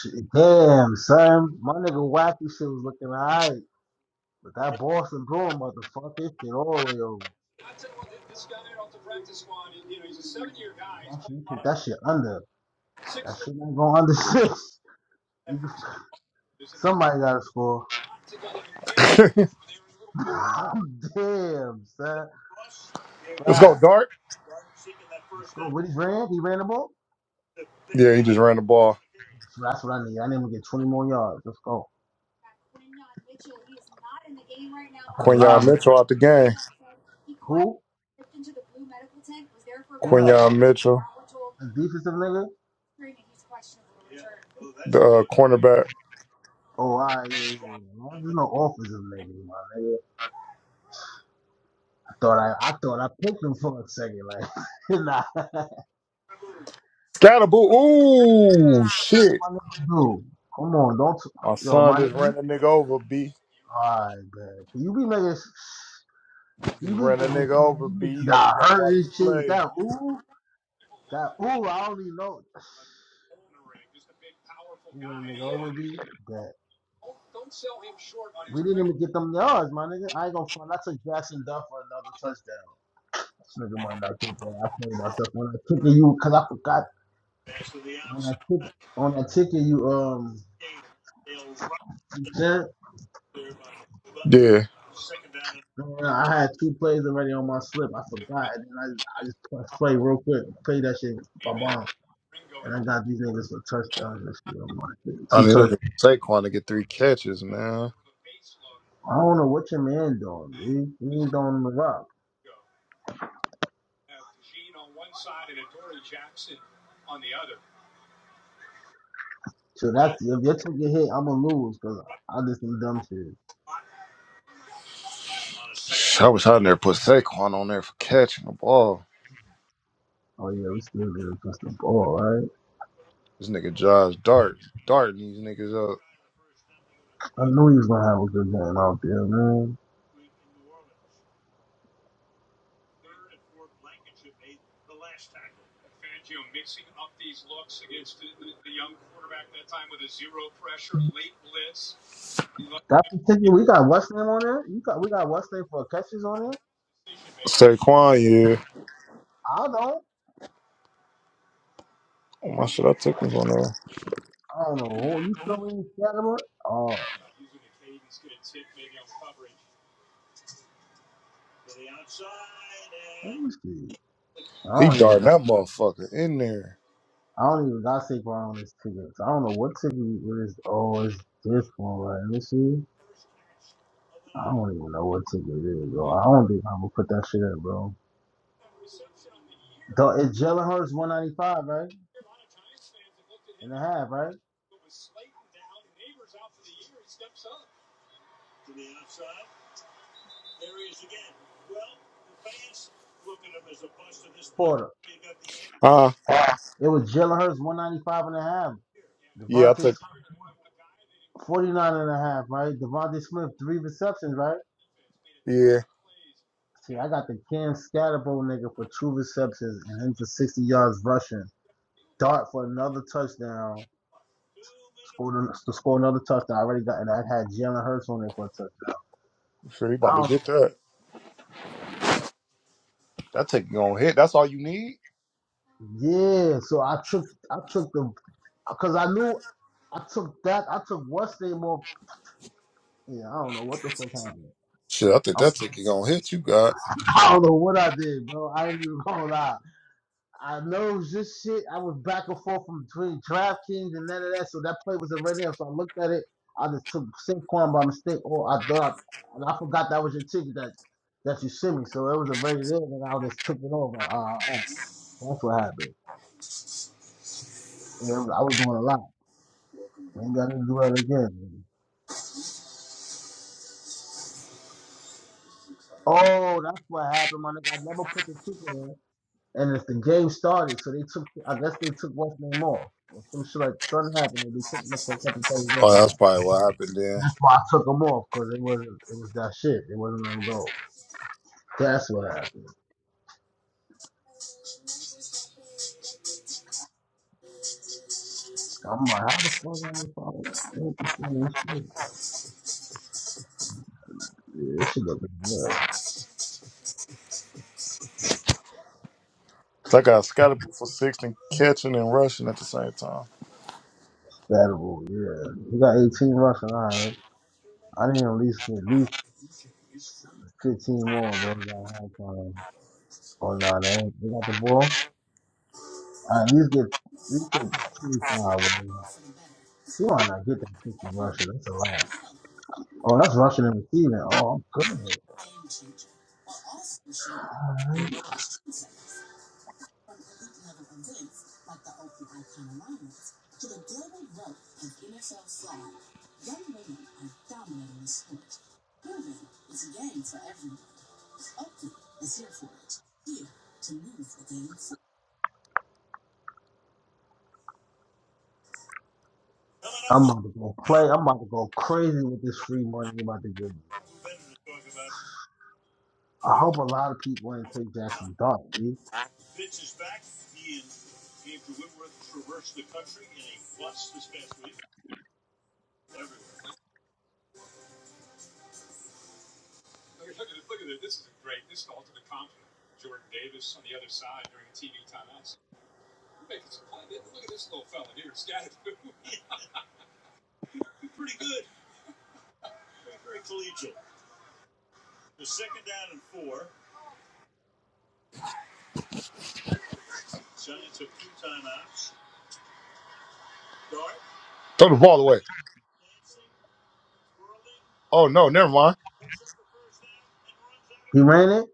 A: shit. damn, son. My nigga wacky shit was looking alright, but that Boston Bruin motherfucker, it shit all the way over. That shit, you took that shit under. That shit ain't going under six. You can Somebody got to score. Damn, son.
D: Let's go,
A: Right.
D: Dart.
A: Let's go. What he ran? He ran the ball?
D: Yeah, he just ran the ball.
A: So that's what I need. I need him to get 20 more yards. Let's go. I put a
D: Quinion
A: lob.
D: Mitchell out the game.
A: Who? Who that?
D: Quinion Mitchell,
A: A defensive nigga?
D: the uh, cornerback.
A: Oh, I right, yeah, yeah, yeah. Well, There's no offensive nigga, my nigga. I thought I, I thought I picked him for a second, like, nah,
D: Scatterboo. Ooh, shit.
A: my nigga, dude. Come on, don't,
D: My
A: yo,
D: son
A: my nigga.
D: just ran a nigga over, B.
A: Alright, man. You be making,
D: Just
A: you be
D: ran a
A: making,
D: nigga over,
A: you
D: B.
A: just
D: Um,
A: got
D: you got to
A: hurt
D: watch the
A: and shit with
D: play.
A: that. Ooh. God, ooh, I only know. You know, nigga, it would be that. We didn't even get them yards, my nigga. I ain't gonna front. I took Jackson Duff for another touchdown. This nigga might not get that. I played myself when I took it, you, cause I forgot when I took on that ticket you um you sent.
D: Yeah.
A: man, I had two plays already on my slip. I forgot, and then I I just pressed play real quick, play that shit, ba bomb, and I got these niggas for touchdowns and shit. I'm like,
D: I
A: two
D: need
A: touchdowns.
D: Saquon to get three catches, man.
A: I don't know what your man doing. dude. he ain't doing the rock. So that's if you take a hit, I'ma lose because I just need dumb shit.
D: I wish I never put Saquon on there for catching the ball.
A: Oh yeah, we still there against the ball, right?
D: This nigga Josh Dart darting these niggas up.
A: I knew he was gonna have a good game out there, man. That particular, we got what's name on there. You got we got what's name for catches on there.
D: Saquon, yeah.
A: I don't,
D: Oh my shit, I took him on there.
A: I don't know. Who you feel me? Catamount? Oh, let me see. I
D: He
A: don't even
D: darting
A: got,
D: that motherfucker in there.
A: I don't even got Saquon on this ticket. So I don't know what ticket it is. Oh, it's this one, right? Let me see. I don't even know what ticket it is, bro. I don't think I'm gonna put that shit in, bro. Though it's Jalen Hurts 195, right? and a half, right? Porter.
D: Huh?
A: Yeah. It was Jalen Hurts, one ninety-five and a half.
D: Yeah, I
A: Devontae
D: took.
A: Smith, 49 and a half, right? Devontae Smith, three receptions, right?
D: Yeah,
A: See, I got the Cam Scatterbo nigga for two receptions and him for 60 yards rushing. Dart for another touchdown. Scored to score another touchdown. I already got and I had Jalen Hurts on there for a touchdown.
D: I'm sure he about to
A: Um,
D: get that. That ticket gonna hit. That's all you need.
A: yeah, so I took I took the because I knew I took that I took West State more. Yeah, I don't know what the fuck happened.
D: Shit, I think
A: I
D: that ticket gonna hit. You got.
A: I don't know what I did, bro. I ain't even gonna lie. I know this shit. I was back and forth from between DraftKings and none of that, so that play was already up. So I looked at it. I just took Saquon by mistake, or I thought I, and I forgot that was your ticket that that you sent me. So it was already there, and I just took it over. Uh, uh, that's what happened. Yeah, I was doing a lot. Ain't got to do that again. Oh, that's what happened, my nigga. I never put the ticket in. And if the game started, so they took, I guess they took what's name off. Or Some shit like something happened, and they took them off for a couple plays.
D: Oh,
A: Over
D: that's
A: that.
D: probably what happened then.
A: That's why I took them off because it wasn't, it was that shit. It wasn't letting go. That's what happened. I'm like, how the fuck am I ain't that? I ain't this shit. Yeah, this shit looking good.
D: 'Cause I got Scottie for sixteen catching and rushing at the same time.
A: Battle, yeah. He got 18 rushing, alright. I need at least get at least 15 more, bro. By halftime. Oh, no, they ain't. They got the ball. I at least get, at least get 25, bro. You might not get that 50 rushing. That's a lot. Oh, that's rushing and receiving. Oh, good. All right. I'm about to go play. I'm about to go crazy with this free money you're about to give me. I hope a lot of people ain't take Jackson's dart, dude.
D: Throw the ball away. Oh no, never mind.
A: He ran it.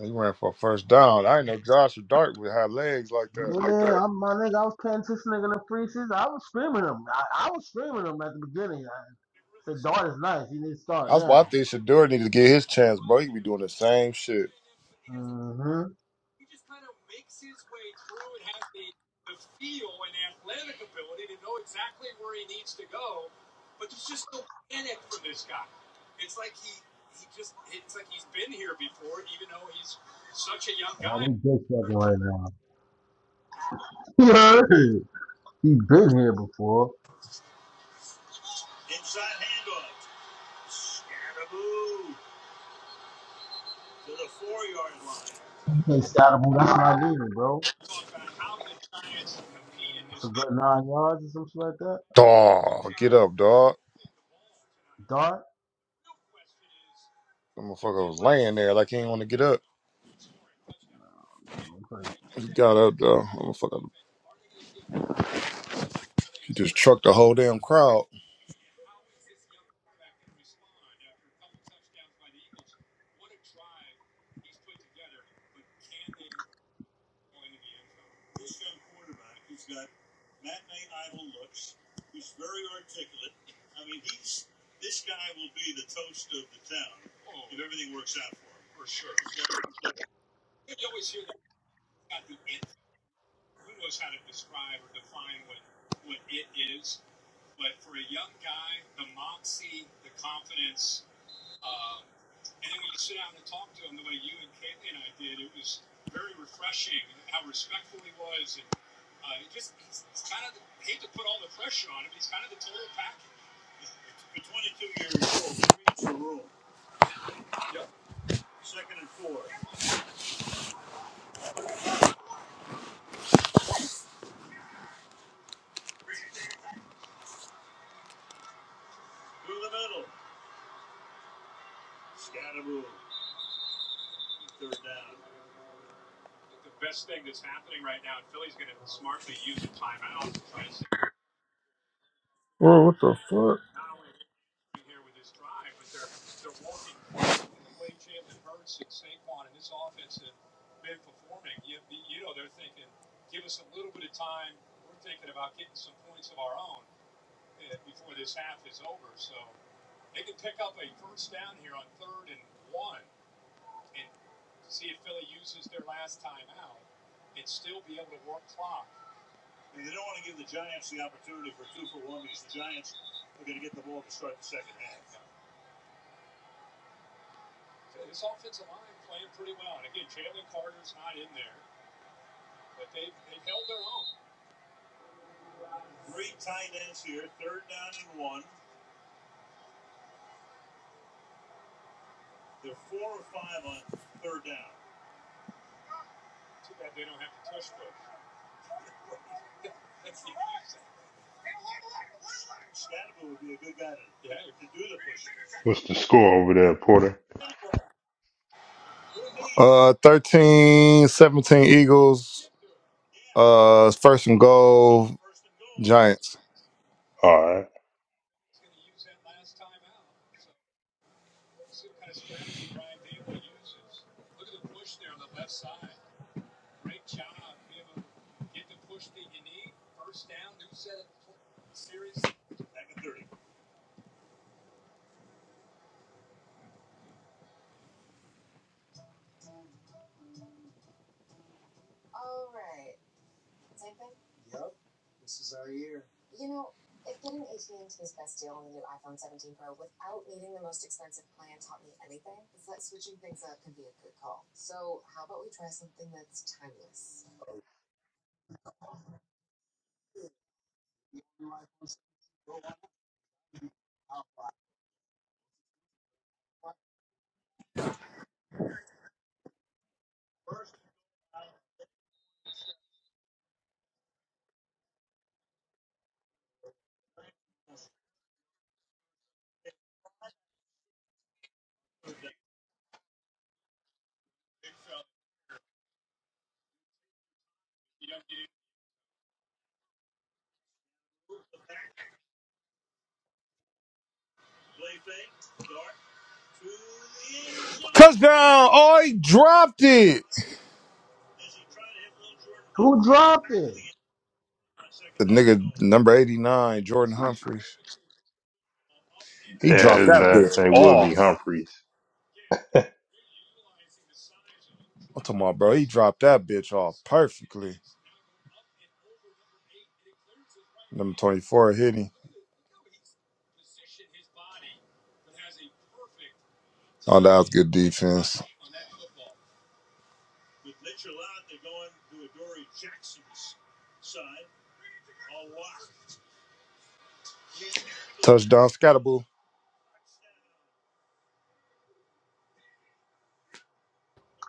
D: He ran for a first down. I didn't know Josh or Dart would have legs like that.
A: Yeah, I'm my nigga. I was paying this nigga the free season. I was screaming him. I, I was screaming him at the beginning. I said, Dart is nice. You need to start
D: That's why I
A: now.
D: think Shador needed to get his chance, bro. He be doing the same shit.
A: Mm-hmm. Oh, they dick sucking right now. Yeah. he been here before. Okay, Saddam, that's what I needed, bro. That's a good nine yards or some shit like that.
D: Dog, get up, dog.
A: Dart.
D: That motherfucker was laying there like he didn't want to get up.
A: Okay.
D: He got up, dog. That Motherfucker, he just trucked the whole damn crowd. Bro, what the fuck?
C: What's the score over there, Porter?
D: Uh, 13, 17 Eagles. Uh, first and goal, Giants.
C: All right.
D: Touchdown! Oh, he dropped it.
A: Who dropped it?
D: The nigga number 89, Jordan Humphries. He
C: Yeah,
D: dropped
C: his
D: that bitch
C: last name will be
D: off.
C: Humphreys.
D: I'm talking about, bro. He dropped that bitch off perfectly. Number 24 hit him. Oh, that was good defense. Touchdown scatterboo.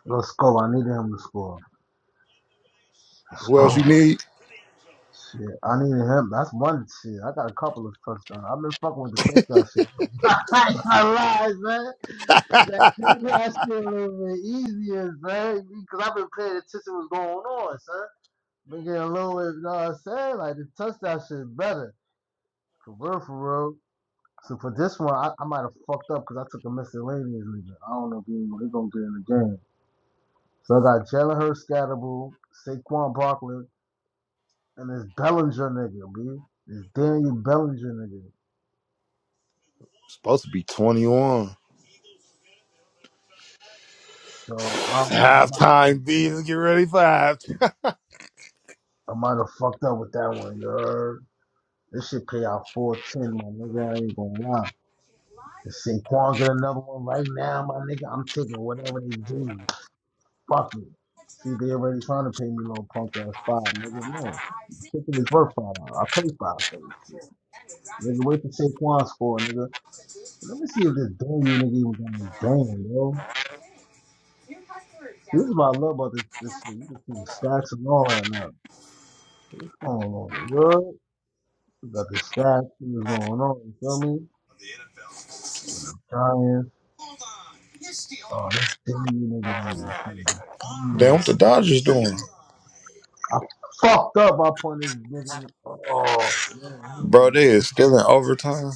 A: Let's go. I need him to score. Let's
D: Who else you
A: go.
D: need?
A: Shit, I need him. That's one shit. I got a couple of touchdowns. I've been fucking with the touchdown shit. I ain't gonna lie, man. That touchdown shit a little bit easier, man, because I've been paying attention to what's going on, son. Been getting a little bit, you know what I'm saying? Like, the touchdown shit better. For real, for real. So for this one, I, I might have fucked up because I took a miscellaneous nigga. I don't know if he's going to get in the game. So I got Jalen Hurts, Scatterbull, Saquon Barkley, And it's Bellinger nigga, B. It's Daniel Bellinger nigga.
D: Supposed to be 21.
A: So I don't know. I might,
D: Halftime beats. Get ready for halftime.
A: have fucked up with that one, you heard? This shit pay out 410, my nigga. I ain't gonna lie. If Saquon get another one right now, my nigga, I'm taking whatever they do. Fuck it. See, they already trying to pay me little punk ass five, nigga. No. Ticket is worth five. I pay five for this shit. Nigga, wait for Saquon score, nigga. Let me see if this Daniel nigga even got any game, bro. This is what I love about this, this shit. You can see the stats and all that now. going on the good. We got the sack. Things going on? You feel me? Giants. Oh, that's damn nigga. nigga,
D: Damn,
A: Mm.
D: what the Dodgers doing?
A: I fucked up I on this nigga. Oh man,
D: Bro, they is still in overtime.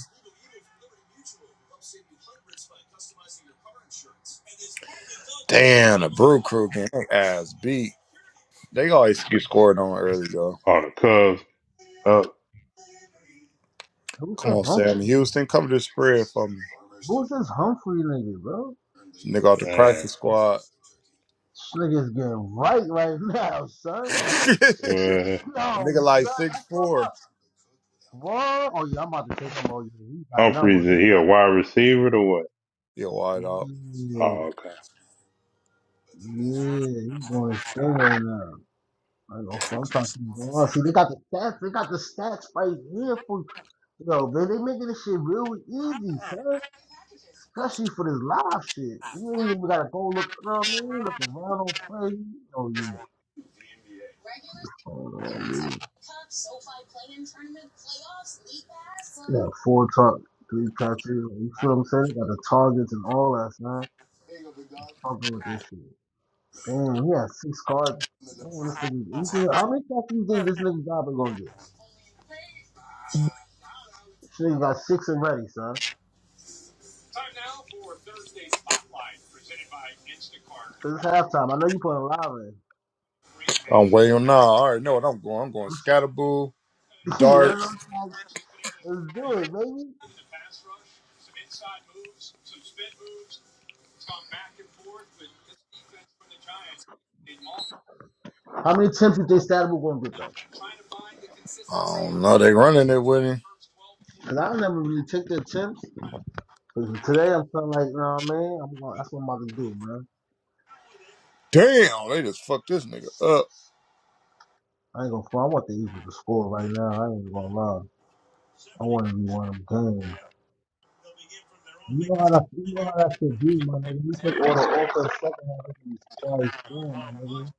D: Damn, the Brew Crew getting their ass beat. They always get scored on early, though.
C: All the Cubs up.
A: who's
D: Come
A: the
D: on,
A: Humphrey?
D: Sam Houston, cover the spread for me.
A: Who's this Humphrey nigga, bro?
D: Nigga off the
C: Damn.
D: practice squad.
A: This nigga's getting right right now, son.
C: Yeah.
A: Yo,
D: nigga like
A: son,
D: six
A: that's what my
D: four.
A: bro. Oh yeah, I'm about to take him. Oh yeah, he got
C: Humphreys,
A: numbers. He-
C: is he a wide receiver or what?
D: Yeah, wide out.
A: Yeah,
C: Oh, okay.
A: yeah, he's going to stay right now. I don't know, if I'm trying to well, see. They got the stats. They got the stats right here for yo, man. They making this shit real easy, son. Especially for this live shit. We ain't even gotta go look. You know what I mean? Look around on crazy. Oh yeah. Oh man. Yeah, four top, three catches. You feel what I'm saying? Got the targets and all that, son. Fucking with this shit. Damn, he had six cards. Damn, this nigga. You think, how many catches you think this nigga Dobbin gonna get? This nigga got six already, son. 'Cause it's halftime. I know you putting live
D: I'm way
A: in.
D: on now. I already know what I'm going. I'm going scatterboo,
A: Yeah, That's what
D: darts.
A: I'm like, let's do it, baby. How many attempts you think Saturday gonna get though?
D: I don't know. They running it with him.
A: Cause I never really take the attempts. attempts. 'Cause today I'm feeling like, you know what I mean? I'm gonna, that's what I'm about to do, man.
D: Damn, they just fucked this nigga up.
A: I ain't gonna. front. I want the Eagles to score right now. I ain't gonna lie. I want to be one of them games. You know how that, you know how that should be, my nigga. You take all the offense second half of these twice, down, my nigga.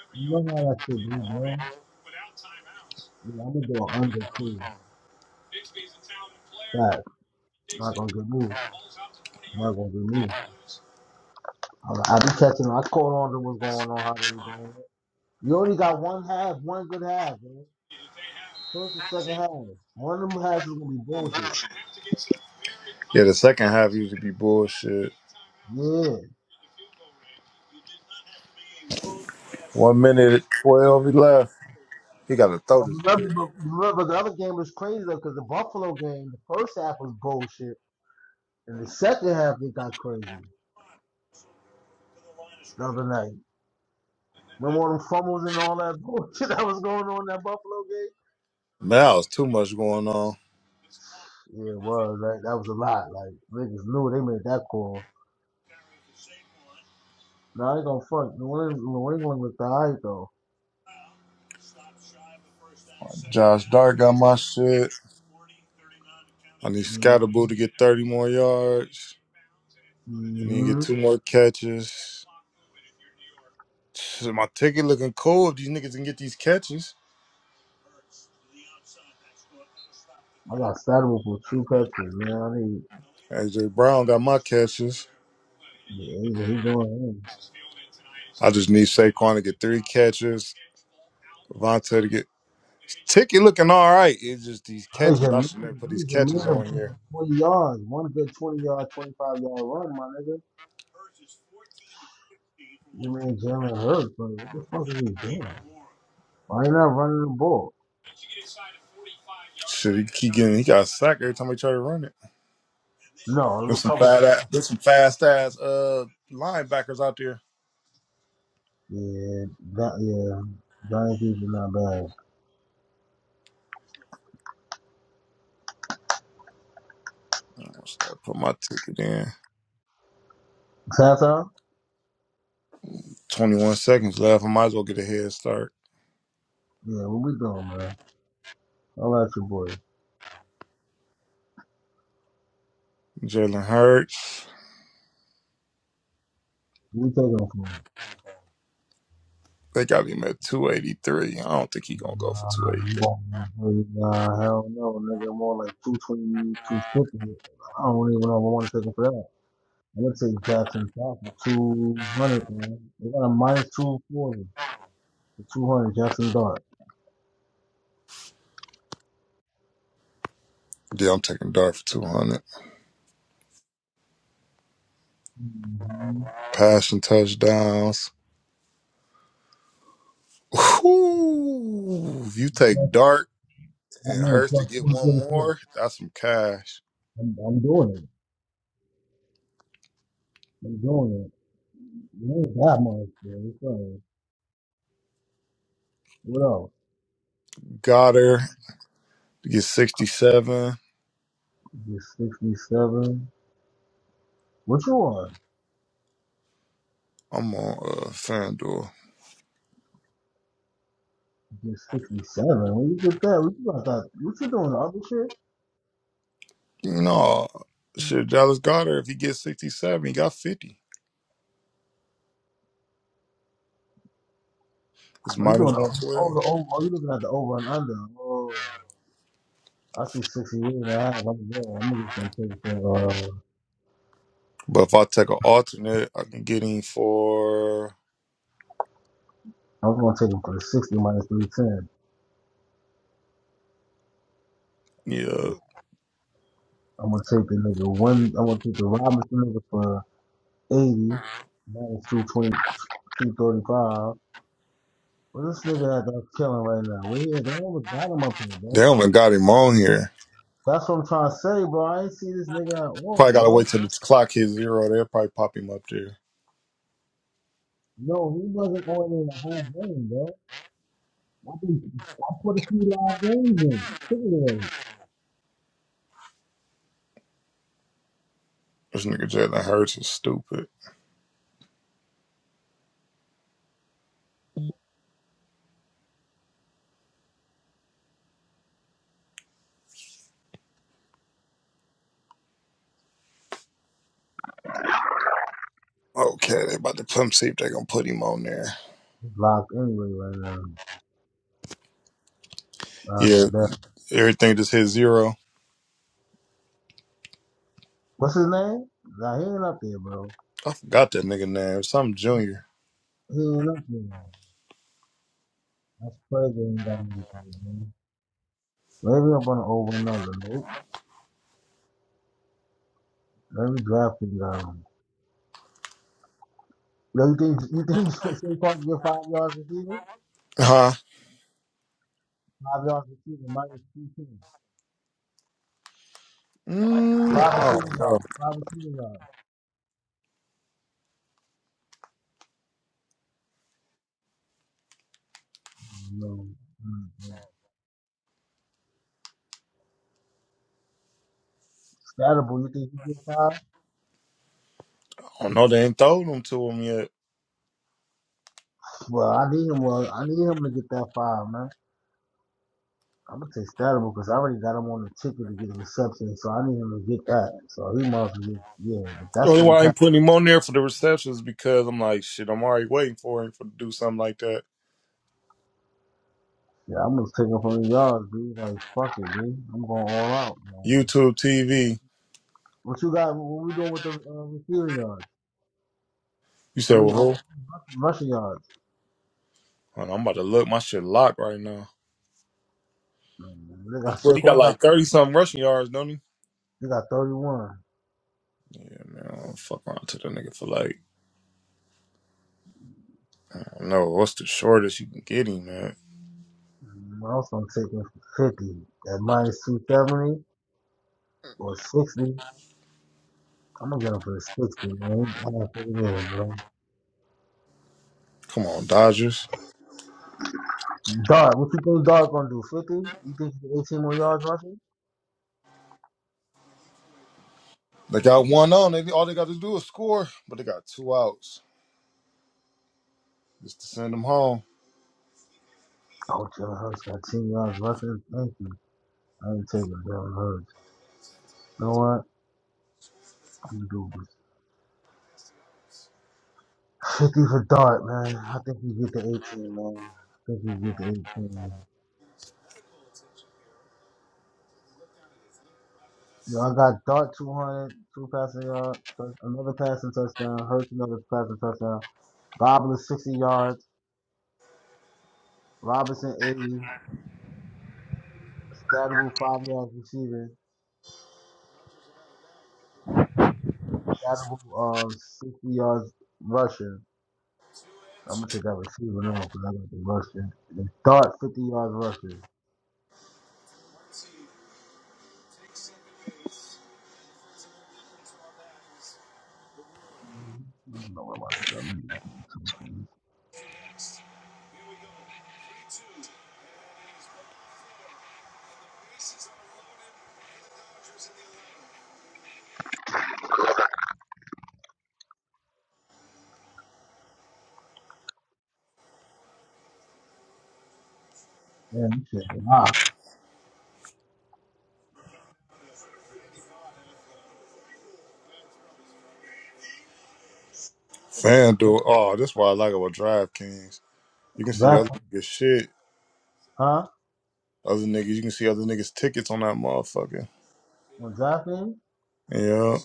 A: You know how that should be, bro. Yeah, I'm gonna do an under too. That not gonna get me. Not gonna get me. I, I be catching. I caught on to what's going on, how they doing You only got one half, one good half, man. First and second half. One of them halves is gonna be bullshit.
D: Yeah, the second half used to be bullshit.
A: Yeah.
D: One minute at 12, he left. He got to
A: But
D: throw this
A: remember,
D: bitch.
A: but remember the other game was crazy though, because the Buffalo game, the first half was bullshit, and the second half it got crazy the other night. Remember all them fumbles and all that bullshit that was going on in that Buffalo game?
D: Man, that was too much going on.
A: Yeah, it was. Like, that was a lot. Like niggas knew they made that call. No, I ain't gonna fuck. New England, New England looked alright though.
D: Josh Dart got my shit. I need
A: hmm
D: Scatterboo to get 30 more yards. I need to get
A: hmm
D: two more catches. Shit, My ticket looking cool if these niggas can get these catches.
A: I got saddled for true Patrick, man. I need.
D: AJ Brown got my catches.
A: Yeah, he's, he's doing
D: I just need Saquon to get three catches. Vontae to get ticket looking all right. It's just these
A: it. He's
D: catches.
A: a
D: I
A: man.
D: should never put these
A: He's a man
D: catches
A: of
D: on here.
A: twenty yards, one good twenty yard, twenty five yard run, my nigga. You mean Jalen Hurts? But what the fuck is he doing? Why he not running the ball?
D: Shit, he keep getting he got sacked every time he try to run it.
A: No, it was
D: There's
A: a
D: some
A: couple.
D: fat there's some fast ass uh linebackers out there.
A: Yeah, that yeah, Giants defense not bad.
D: I'm gonna start putting my ticket in.
A: Tata,
D: 21 seconds left. I might as well get a head start.
A: yeah, what we doing, man? All right, your boy.
D: Jalen Hurts.
A: We taking him for him.
D: They got him at 283. I don't think he gonna go for
A: I'm
D: 283.
A: going for you. Nah, hell no, nigga. More like two twenty, two fifty. I don't even know if I want to take him for that. I'm gonna take Jackson Dart for two hundred, man. They got a minus two forty for two hundred. Jackson Dart.
D: Yeah, I'm taking Dart for 200.
A: hmm
D: Passing touchdowns. Whew. If you
A: Plus,
D: take Dart
A: I
D: and
A: know
D: Hurts to
A: plus
D: get
A: one
D: one
A: forty four.
D: more, that's some cash.
A: I'm, I'm doing it. I'm doing it. It ain't that much, man. It's all right. What else?
D: Goddard to get 67.
A: Just sixty seven. What you on?
D: I'm on uh, FanDuel.
A: Just sixty seven. When you get that, what you got that? What you doing? The other shit?
D: No, shit, Dallas Goddard, if he gets 67, he got 50. It's
A: Are you doing
D: minus
A: the over? Oh,
D: 112.
A: the over. Oh, you looking at the over and under? Oh, I see sixty eight and a half. I'm there. I'm just gonna take that. Uh,
D: But if I take an alternate, I can get him for,
A: I'm gonna take him for the 60 minus 310.
D: yeah.
A: I'm gonna take the nigga one. I'm gonna take the Robinson nigga for 80 minus two twenty two thirty five. 235. But this nigga that, that's killing right now. Where he at? They almost got him up here,
D: They
A: bro.
D: haven't got him on here.
A: That's what I'm trying to say, bro. I ain't see this nigga at
D: Probably
A: all,
D: got to
A: bro.
D: wait till the clock hits zero. They'll probably pop him up there.
A: No, he wasn't on in the whole game, bro. I, think, I put a few live games in. Look at that.
D: This nigga Jalen Hurts is stupid. Okay, they about to put him, see if they going to put him on there.
A: He's Locked anyway right now.
D: Yeah,
A: Uh,
D: everything just hit zero.
A: What's his name? Nah, he ain't up there, bro.
D: I forgot that nigga name. Some junior.
A: He ain't up there. That's crazy. Ain't got anything, man. Maybe I'm gonna over another. Nope. Maybe drafting got him. No, you think you think Saquon can get five yards receiving?
D: Huh?
A: Five yards receiving minus two ten.
D: Mm,
A: Five
D: I
A: receiving
D: don't know.
A: yards. Five receiving yards. No. Mm-hmm. Statable, you think you get five?
D: I don't know. They ain't told him to him yet.
A: Well, I need him. Well, I need him to get that five, man. I'm gonna take Statable because I already got him on the ticket to get reception, so I need him to get that. So he must get yeah.
D: The
A: that's
D: only
A: what
D: why I ain't putting him on there for the receptions is because I'm like, shit, I'm already waiting for him for to do something like that.
A: Yeah, I'm gonna take up on yards, dude. Like, fuck it, dude. I'm going all out, man.
D: YouTube TV.
A: What you got? What we doing with the uh, receiving yards?
D: You
A: I
D: said, well,
A: mean,
D: who?
A: uh,
D: Hold
A: rushing yards.
D: on, I'm about to look. My shit locked right now.
A: Man, They got
D: But he got
A: Saquon. Got
D: like 30 something rushing yards, don't he?
A: they got 31.
D: Yeah, man. I don't fuck around to the nigga for like, I don't know. What's the shortest you can get him, man?
A: Mm, I I'm also taking 50 at minus 270 or 60. I'm gonna get him for the 60, man. I'm gonna take it in, bro.
D: Come on, Dodgers.
A: Dart, what you think Dart gonna do? 50? You think he get 18 more yards rushing?
D: They got one on. They, all they got to do is score, but they got two outs just to send them home.
A: Oh, Jalen Hurts got 10 yards rushing. Thank you. I ain't taking Jalen Hurts. You know what? I'm gonna do 50 for Dart, man. I think you get the 18, man. I think you get the 18. Yo, I got Dart two hundred, two passing yards, another passing touchdown, Hurts another passing touchdown, Gobbler 60 yards, Robinson 80, Scatterable 5 yards receiving, Scatterable um, 60 yards rushing. I'm gonna take that receiver now because I got the rushing. And Dart 50 yards rushing. I don't know what I'm doing. Man, you should be hot.
D: FanDuel. Oh, that's why I like about DraftKings. You can see
A: Draft,
D: other niggas' shit.
A: huh?
D: Other niggas, you can see other niggas' tickets on that motherfucker.
A: On DraftKings?
D: Yeah,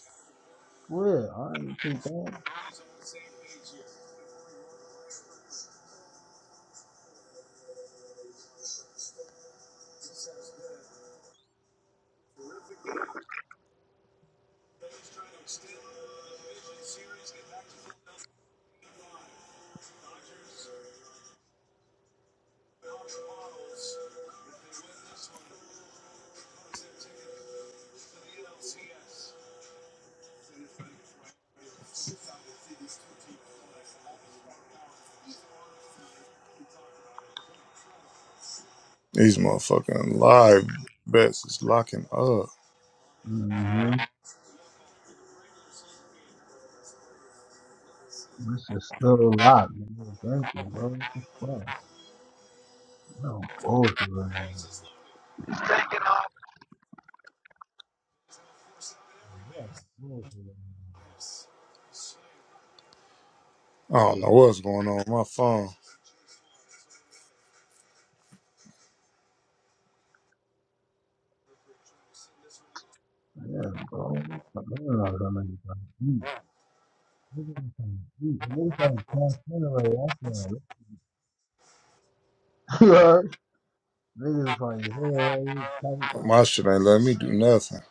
A: Well, I ain't too bad.
D: these motherfucking live bets is locking up.
A: Mm-hmm. This is still alive, man. Thank you, bro. What the fuck? No bullshit right now. Yeah, bullshit right
D: I don't know what's going on with my phone.
A: now. Yeah, bro. Fuck, I don't know how many times eat. Niggas fucking eat. Niggas fucking transgender right after that. Niggas fucking hair right tight.
D: My shit ain't letting me do nothing.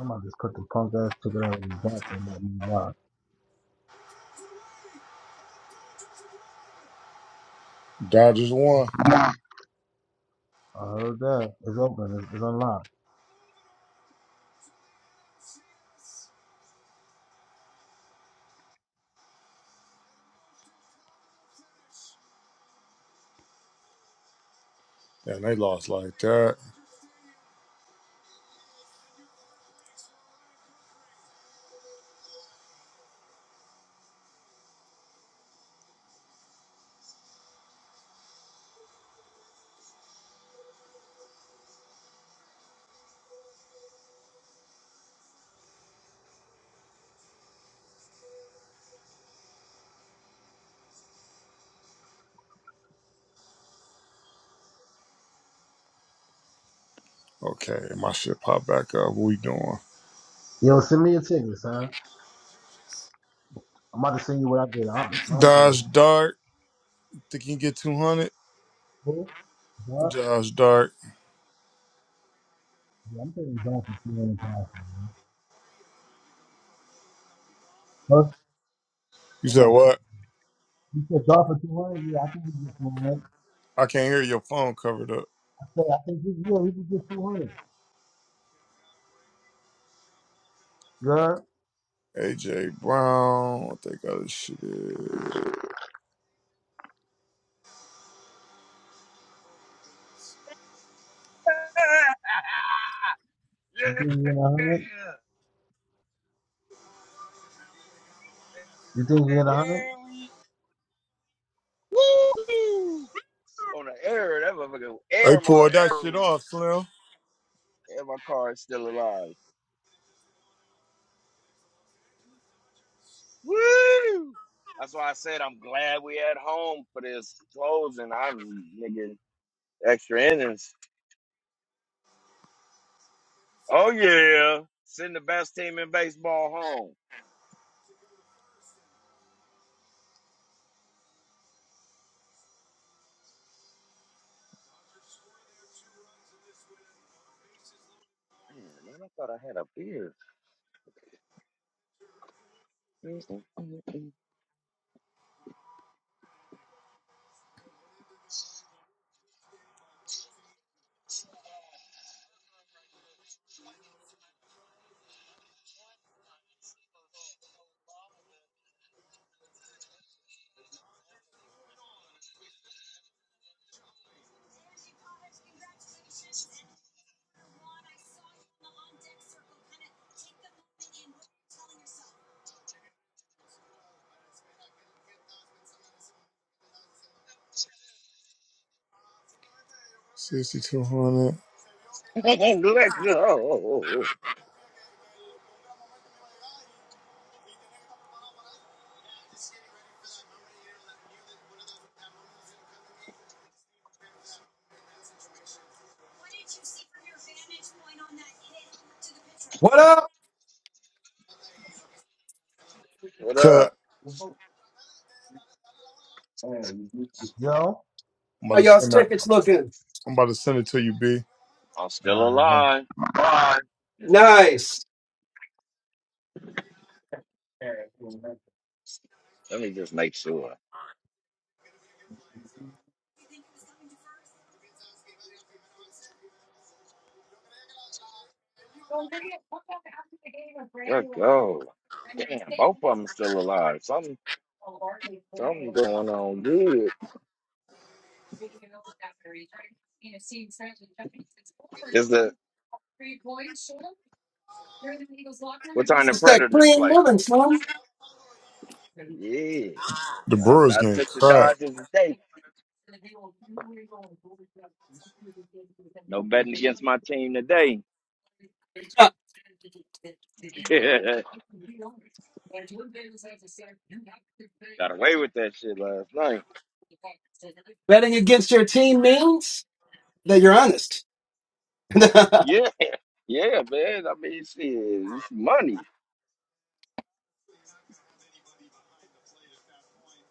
A: I'm about to just cut the punk ass ticket out of and back and let me rock.
D: Dodgers won,
A: I heard that. It's open. It's, it's unlocked.
D: and they lost like that. Okay, my shit popped back up. What we doing?
A: Yo, send me a ticket, son. I'm about to send you what I did. I, I don't think you
D: Dodge Dart. Think you can get 200?
A: cool.
D: Dodge Dart.
A: Yeah, I'm taking Dolphins two hundred thousand. First,
D: You
A: I'm
D: said
A: not
D: what?
A: fucking. You said Dolphins two hundred. Yeah, I think we can get two hundred.
D: I can't hear your phone covered up.
A: I said I think we, yeah, we can get two hundred. You heard?
D: AJ Brown. What they got this shit is.
B: yeah.
A: You think we get a hundred? You think we get
B: And
A: a hundred?
B: here we Woo! On the air, that motherfucker
D: They
B: air my
D: pulled that
B: air.
D: shit
B: And
D: off, Slim.
B: my car is still alive. Woo! That's why I said I'm glad we at home for this closing. I'm nigga extra innings. Oh yeah, send the best team in baseball home. Man, man I thought I had a beer.
D: Sixty-two hundred.
B: Let go.
E: What up?
B: What
D: Cut.
B: up?
E: How
A: Yo,
D: I'm about to
E: y'all's
D: send that.
E: tickets looking?
D: I'm about to send it to you, B.
B: I'm still
A: I
B: alive.
A: bet.
E: Nice.
B: Let me just make sure. Let go. Damn, both of them are still alive. Something, something going on good. Is the what time the
E: It's that
B: Predators
E: clean
B: play?
E: living, son.
B: Yeah,
D: The
B: I,
D: Brewers
B: I
D: getting
B: took the
D: cracked.
B: Dodgers today No betting against my team today.
E: Uh,
B: Got away with that shit last night.
E: betting against your team means that you're honest.
B: yeah, yeah, man. I mean, shit, it's money.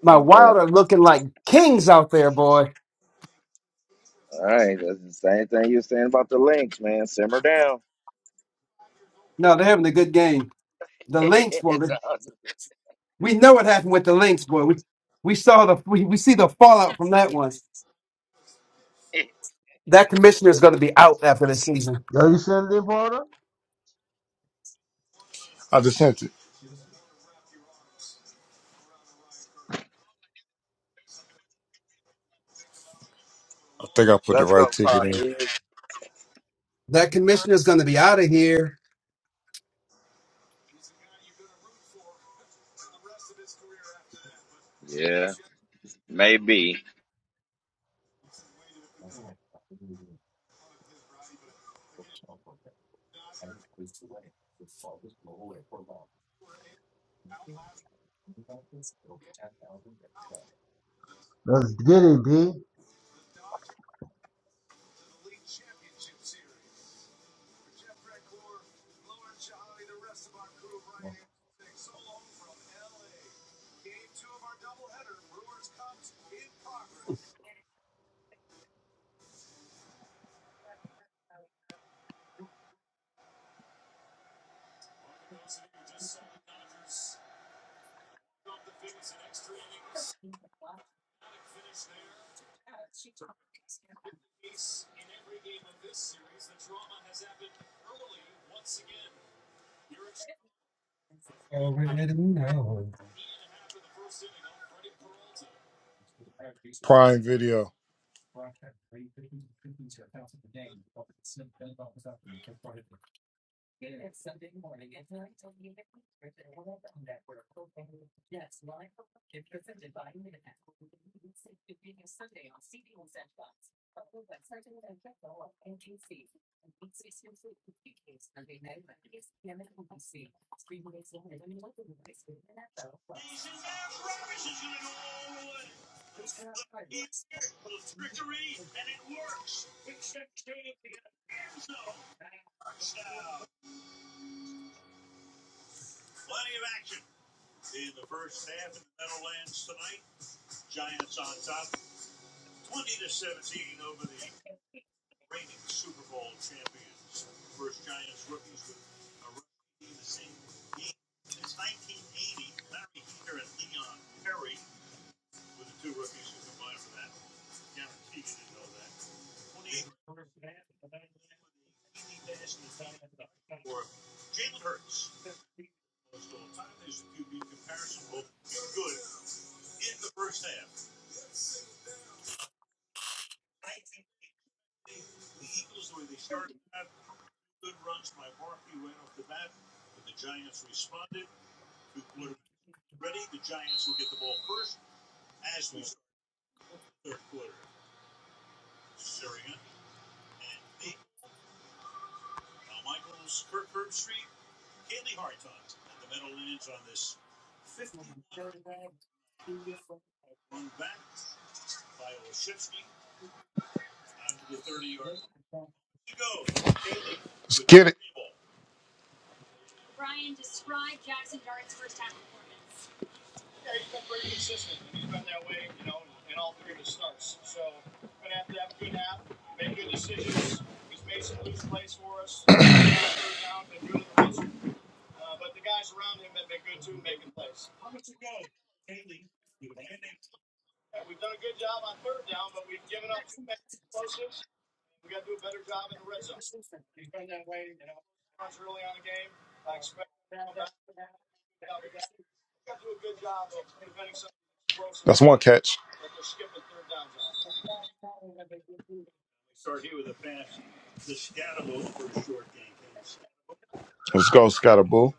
E: My
B: And, uh,
E: Wild are looking like kings out there, boy.
B: all right, that's the same thing you were saying about the links, man. Simmer down.
E: No, they're having a good game. The Lynx, boy. they-
B: No,
E: We know what happened with the Lynx, boy. We we saw the we, we see the fallout from that one. That commissioner is going to be out after this season.
A: Yo, you send it, brother?
D: I just sent it. I think I put the
B: Let's
D: right
B: go,
D: ticket in.
B: Pawhead.
E: That commissioner's going to be out of here.
B: Yeah, maybe.
A: Let's get it, B.
D: Prime Video. That's one catch. Let's go, Scottaboo.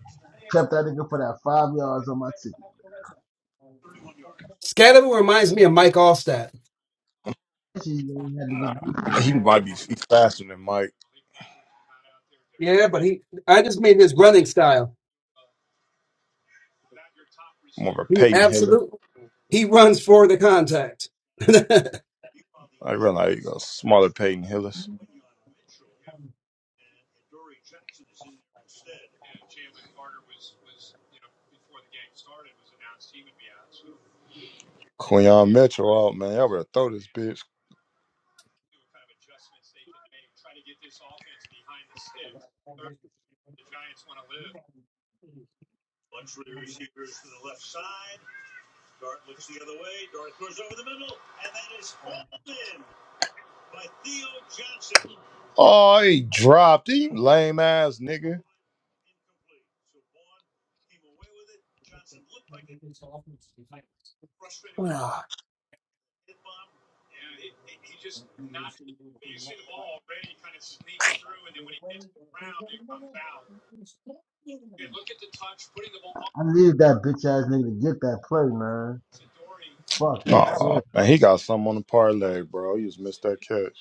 A: Kept that nigga for that five yards on my ticket.
E: Scatterman reminds me of Mike Allstat.
A: She had to
D: Nah,
A: get beat.
D: he might be he's faster than Mike.
E: Yeah, but he I just mean his running style.
D: More of a
E: He
D: Peyton Hillis.
E: absolutely he runs for the contact.
D: I realize you got smaller Peyton Hillis. Quinion Mitchell out, man. Y'all better throw this bitch. Oh, he dropped. He lame ass nigga.
E: Ah,
A: I needed that bitch ass nigga to get that play, man. Fuck, he
D: Oh,
A: quit.
D: man, he got something on the parlay, bro. He just missed that catch.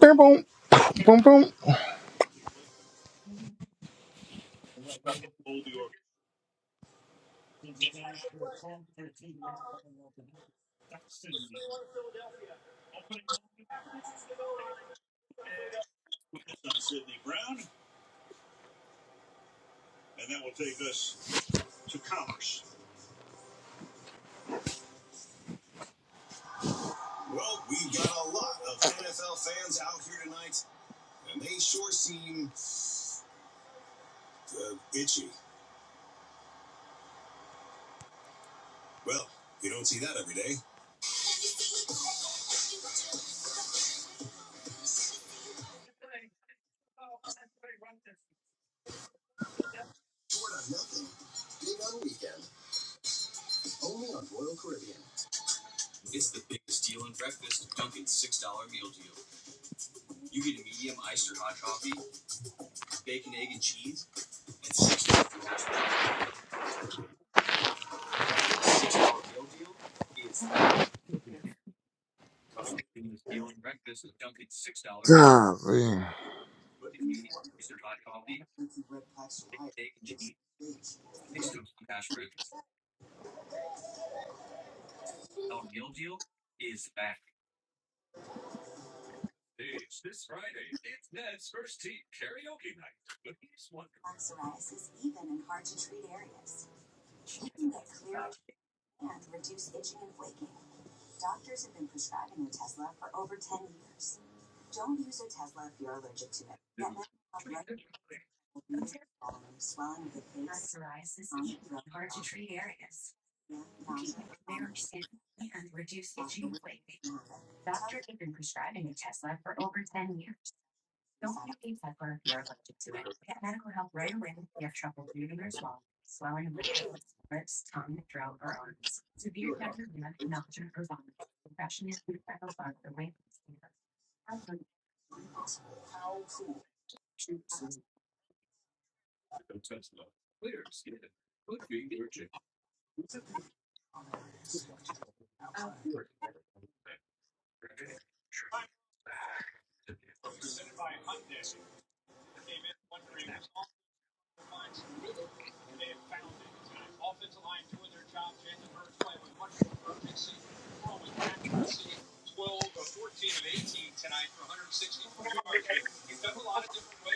D: Boom, boom, boom, boom. Golly.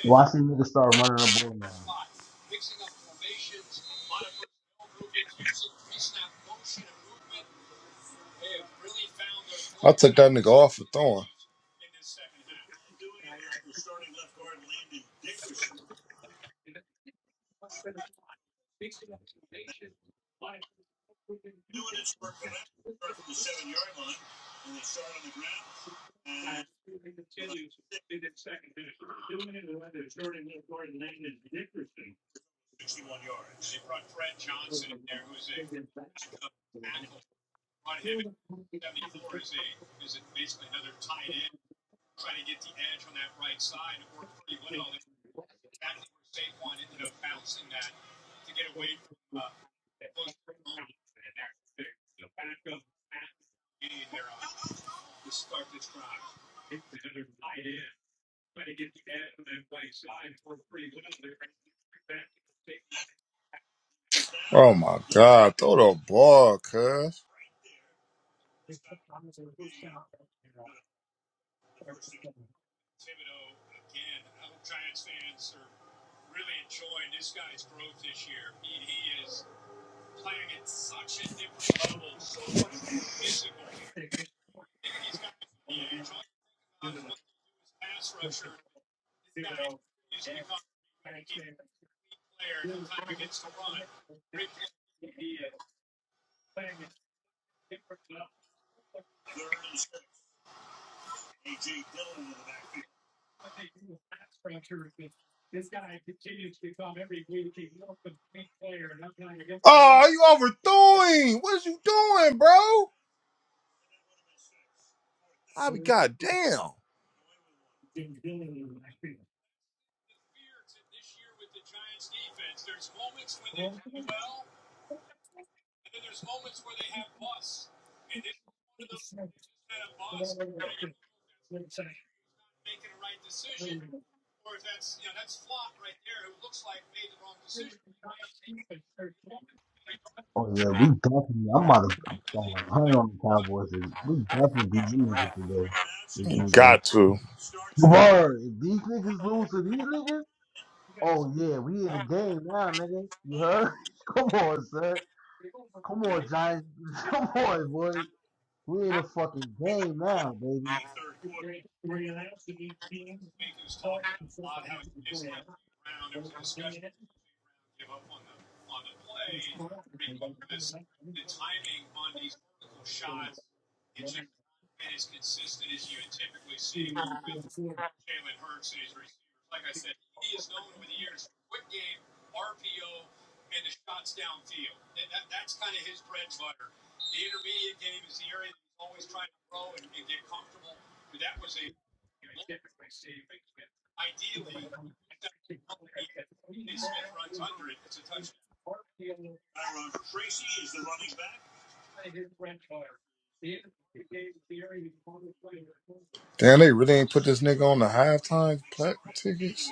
A: Watch these niggas start running the ball now.
D: I took that nigga off for throwing. Oh my god, throw the ball, cuz. Oh, you overthrowing. What you doing, bro? I be goddamn.
A: Oh yeah, we definitely. I'm about to. I'm going hunting on the Cowboys. and We definitely beat them niggas today. This
D: You
A: weekend.
D: Got to.
A: Word. If these niggas lose to these niggas, oh yeah, we in the game now, nigga. You heard? Come on, sir. Come on, Giants. Come on, boy. We in the fucking game now, baby.
D: Damn, they really ain't put this nigga on the halftime plat tickets.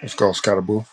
D: Let's go, Scottaboo.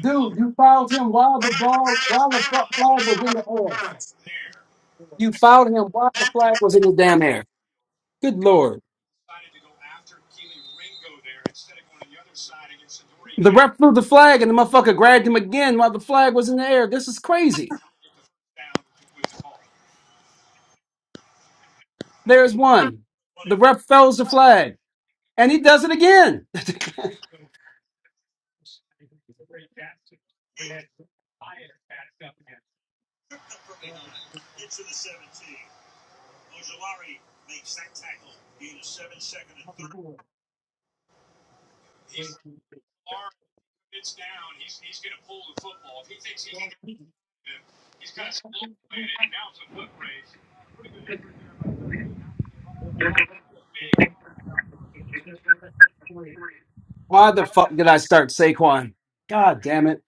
E: Dude, you fouled him while the ball while the fl- flag was in the air. You fouled him while the flag was in the damn air. Good lord. The ref flew the flag and the motherfucker grabbed him again while the flag was in the air. This is crazy. There's one. The ref fells the flag and he does it again. Why the fuck did I start Saquon? God damn it.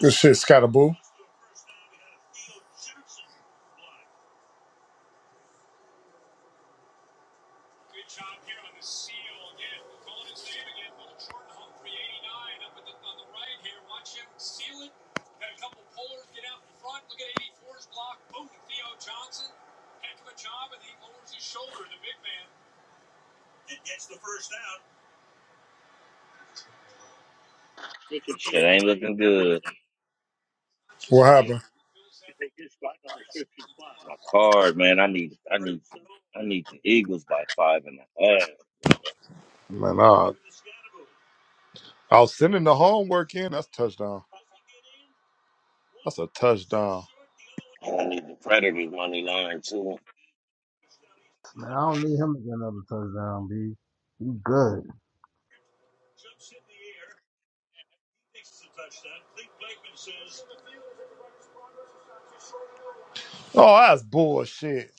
D: Good shit, Scottaboo.
B: Good.
D: What happened?
B: My card, man. I need, I need, I need the Eagles by five and a
D: Man, uh, I was sending the homework in. That's touchdown. That's a touchdown.
B: half. And I need the Predators money line too.
A: Man, I don't need him to get another touchdown, B. You good.
D: Oh, that's bullshit.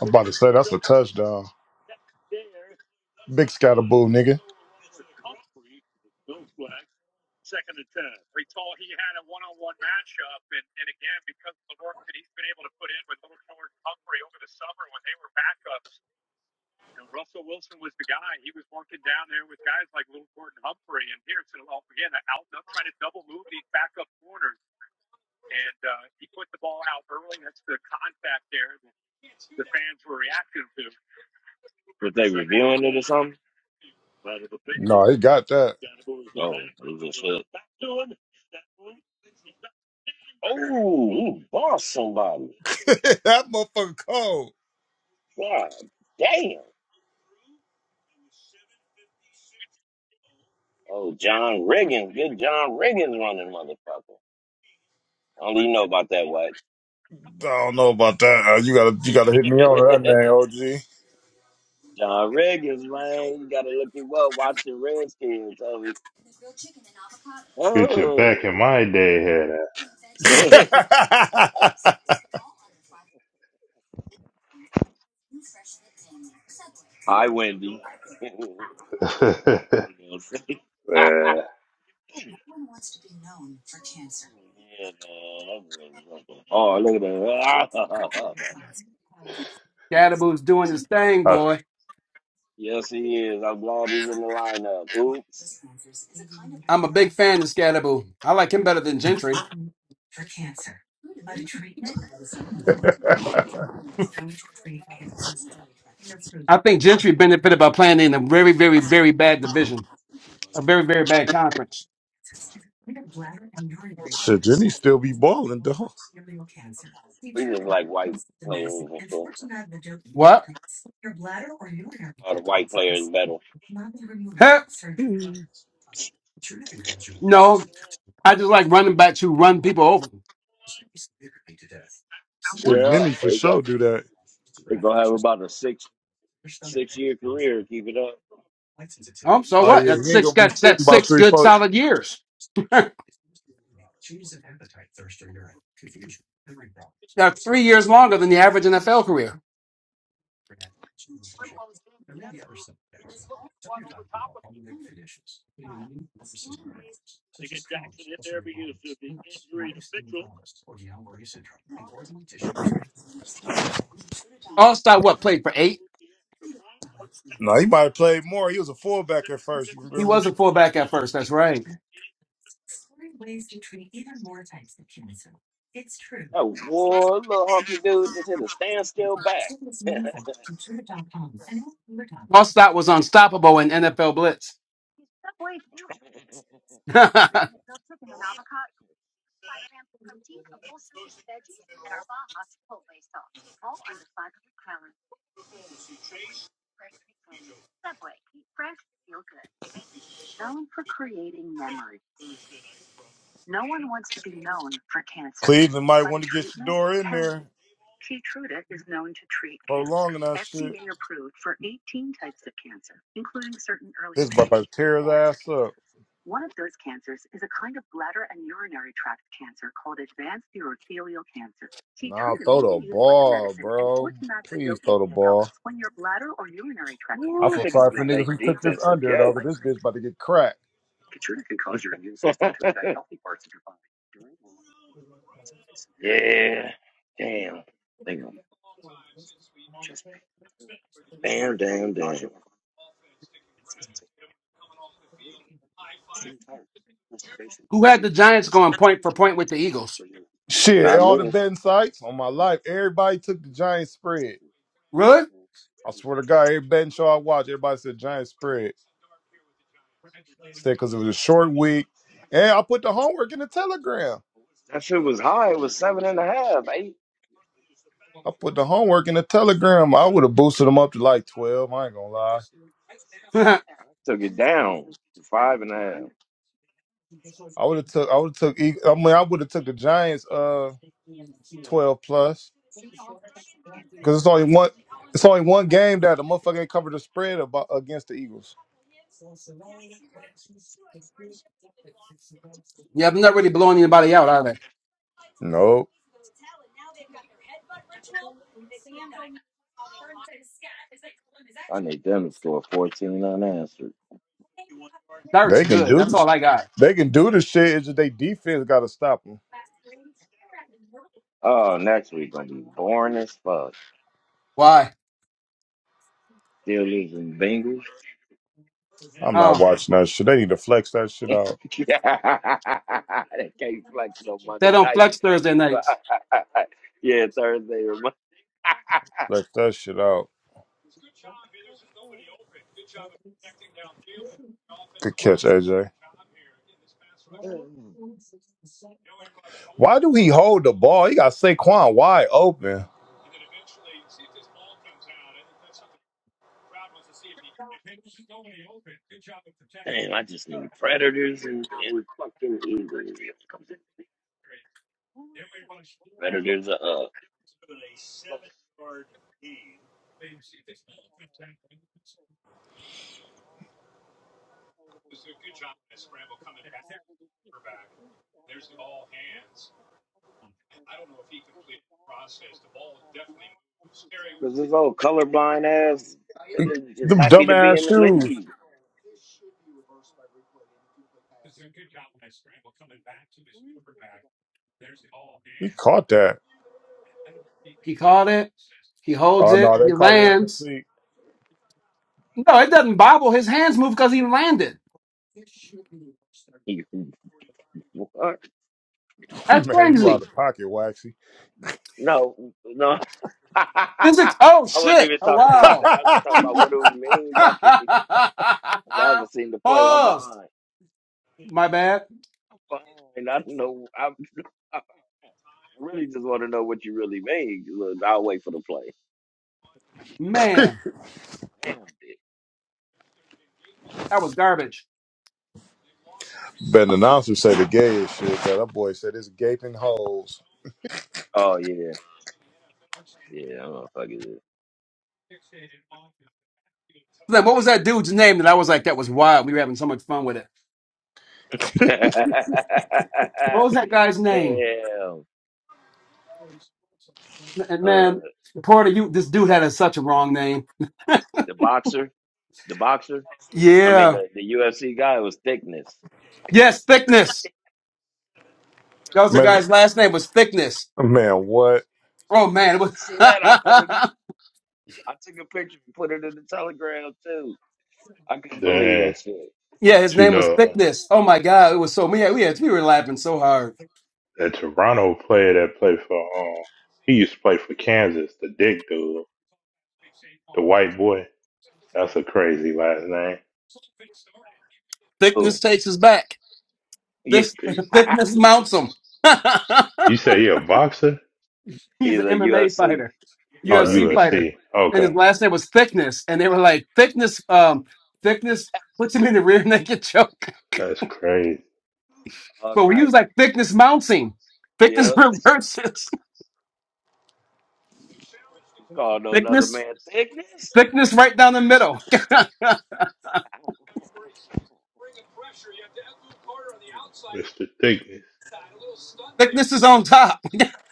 D: I'm about to say that's a touchdown. Big scatterboo, nigga.
B: But that's something.
D: No, he got that.
B: Ooh, ooh, boss somebody.
D: that motherfucker cold.
B: God damn. Oh, John Riggins. Good John Riggins running motherfucker. I don't even know about that white.
D: I don't know about that. Uh, you gotta, you gotta hit me on that name,
B: John Riggins, man. You gotta look him up. Watch the Redskins. homie.
C: Get your
B: Oh.
C: back in my day had
B: Hi, Wendy.
C: that.
B: You know what I'm saying? yeah,
C: man,
B: man. I'm really fucking- Oh, look at that.
E: Scadaboo's doing his thing,
C: I,
E: boy.
B: yes, he is. I'm glad he's in the lineup. Oops.
E: I'm a big fan of Scadaboo. I like him better than Gentry.
D: OG.
E: I think Gentry benefited by playing in a very, very, very bad division, a very, very bad conference.
D: Shit, Jenny still be balling, dog.
B: We just like white players and stuff.
E: What?
B: All the white players better.
E: Huh? No, I just like running backs who run people over.
D: Shit,
B: Yeah,
D: Jenny for sure
B: exactly.
D: do that.
B: They gonna have about a six six year career. Keep it up.
E: Oh, so
D: Oh
E: what?
D: yeah,
E: That's
D: he ain't
E: six.
D: gonna be
E: That's
D: sitting
E: that's
D: about
E: six
D: three,
E: good
D: four.
E: solid years. that's three years longer than the average NFL career. All star what played for eight?
D: no, he might have played more. He was a fullback at first. You
E: He was
D: remember?
E: a fullback at first. That's right.
B: Oh, one little hunky dude just hit a standstill back.
E: Allstott was unstoppable in NFL blitz.
D: Cleveland might want to get Shador in there, prolonging that shit. This about to tear his ass up. Nah, throw the ball, bro. Please throw the ball. I feel sorry for niggas who took this under though, 'cause this bitch about to get cracked.
B: yeah, damn, Like, damn, damn.
E: Who had the Giants going point for point with the Eagles?
D: Shit, all the betting sites on my life, everybody took the giant spread.
E: Really?
D: I swear to God, every betting show I watch, everybody said giant spread. Said because it was a short week, and I put the homework in the telegram.
B: damn.
D: I put the homework in the telegram. I would have boosted them up to like twelve. I ain't gonna lie.
E: yeah,
B: Took it down to five and a half.
D: I would have took. I would have took. Eag- I mean, I would have took the Giants. Uh, twelve plus. Because it's only one. It's only one game that the motherfucker ain't covered the spread about against the Eagles.
E: they're not really blowing anybody out, are they?
D: Nope.
B: I need them to score fourteen unanswered.
E: Dirt's
D: They can
E: good. That's
D: do.
E: all I got.
D: They can do the shit. It's just they defense got to stop them.
B: Oh, next week gonna be boring as fuck.
E: Why?
B: Steelers and Bengals.
D: I'm
E: Oh.
D: not watching that shit. They need to flex that shit
B: they
D: out.
B: can't flex no
E: They
B: Monday
E: don't
B: night.
E: flex Thursday
B: games.
E: nights.
B: yeah, Thursday or
D: Flex that shit out. Good catch, AJ.
B: Mm.
D: Why do he hold the ball? He got Saquon wide open.
B: Damn, I just knew predators and, and fucking eagles. Predators are up. This old colorblind ass nigga is just
D: Them
B: happy to be
D: dumbass
B: in the
D: shoes.
B: league.
D: He caught that.
E: He caught it. He holds
D: Oh
E: it.
D: no, they
E: He
D: caught it
E: lands.
D: incomplete.
E: No, it doesn't bobble. His hands move because he landed.
B: He- what?
E: That's
D: Man, you out
E: crazy.
D: of pocket, Waxy.
B: No, no.
E: Physics.
B: I
E: Oh
B: wasn't
E: shit.
B: even
E: Oh
B: talking about that.
E: wow.
B: I was just talking about what do you mean by 'cause I haven't seen the play. I'm
E: Pause.
B: behind.
E: My bad.
B: I'm behind. I don't know. I'm, I really just want to know what you really mean. Look, I'll wait for the play.
E: Man,
B: Damn, dick.
E: that was garbage.
D: Ben announcer say the gayest shit. Cause that boy said it's gaping holes.
B: Oh, yeah. Yeah, I'm going to fuck it.
E: Then what was that dude's name that I was like, that was wild. We were having so much fun with it.
B: Damn.
E: What was that guy's name? M-
B: Uh,
E: Man, Porter, you this dude had a, such a wrong name.
B: the boxer, the boxer. I mean,
E: Yeah.
B: the, the UFC guy was thickness.
E: Yes, thickness. That was the
D: Man,
E: guy's last name was Thickness.
D: man, what?
E: Oh man, it was.
B: See that? I put it. I took a picture and put it in the Telegram too. I couldn't believe
C: damn.
B: that shit.
E: yeah, his
C: But
B: I'm
C: you
B: like,
E: name was
C: know,
E: Thickness. Oh my God, it was so we had, we had, we were laughing so hard.
C: that Toronto player that played for, um, he used to play for Kansas, the dick dude, the white boy. That's a crazy last name.
E: Thickness
B: oh,
E: takes us back.
B: yeah.
E: This
C: Dick.
E: Thickness mounts him.
C: You say he a boxer?
E: He's
B: He's
E: an
B: a
E: MMA
B: UFC.
E: fighter,
C: Oh,
B: Yeah.
E: UFC fighter,
C: USC.
E: and his
C: Okay.
E: last name was Thickness. And they were like Thickness, um, Thickness puts him in the rear naked choke.
C: That's crazy.
E: but we
B: Okay.
E: use like Thickness mounts him. Thickness
B: Yep.
E: reverses.
B: Called another
E: Thickness,
B: man thickness.
E: thickness right down the middle.
C: Mr. Thickness.
E: thickness is on top.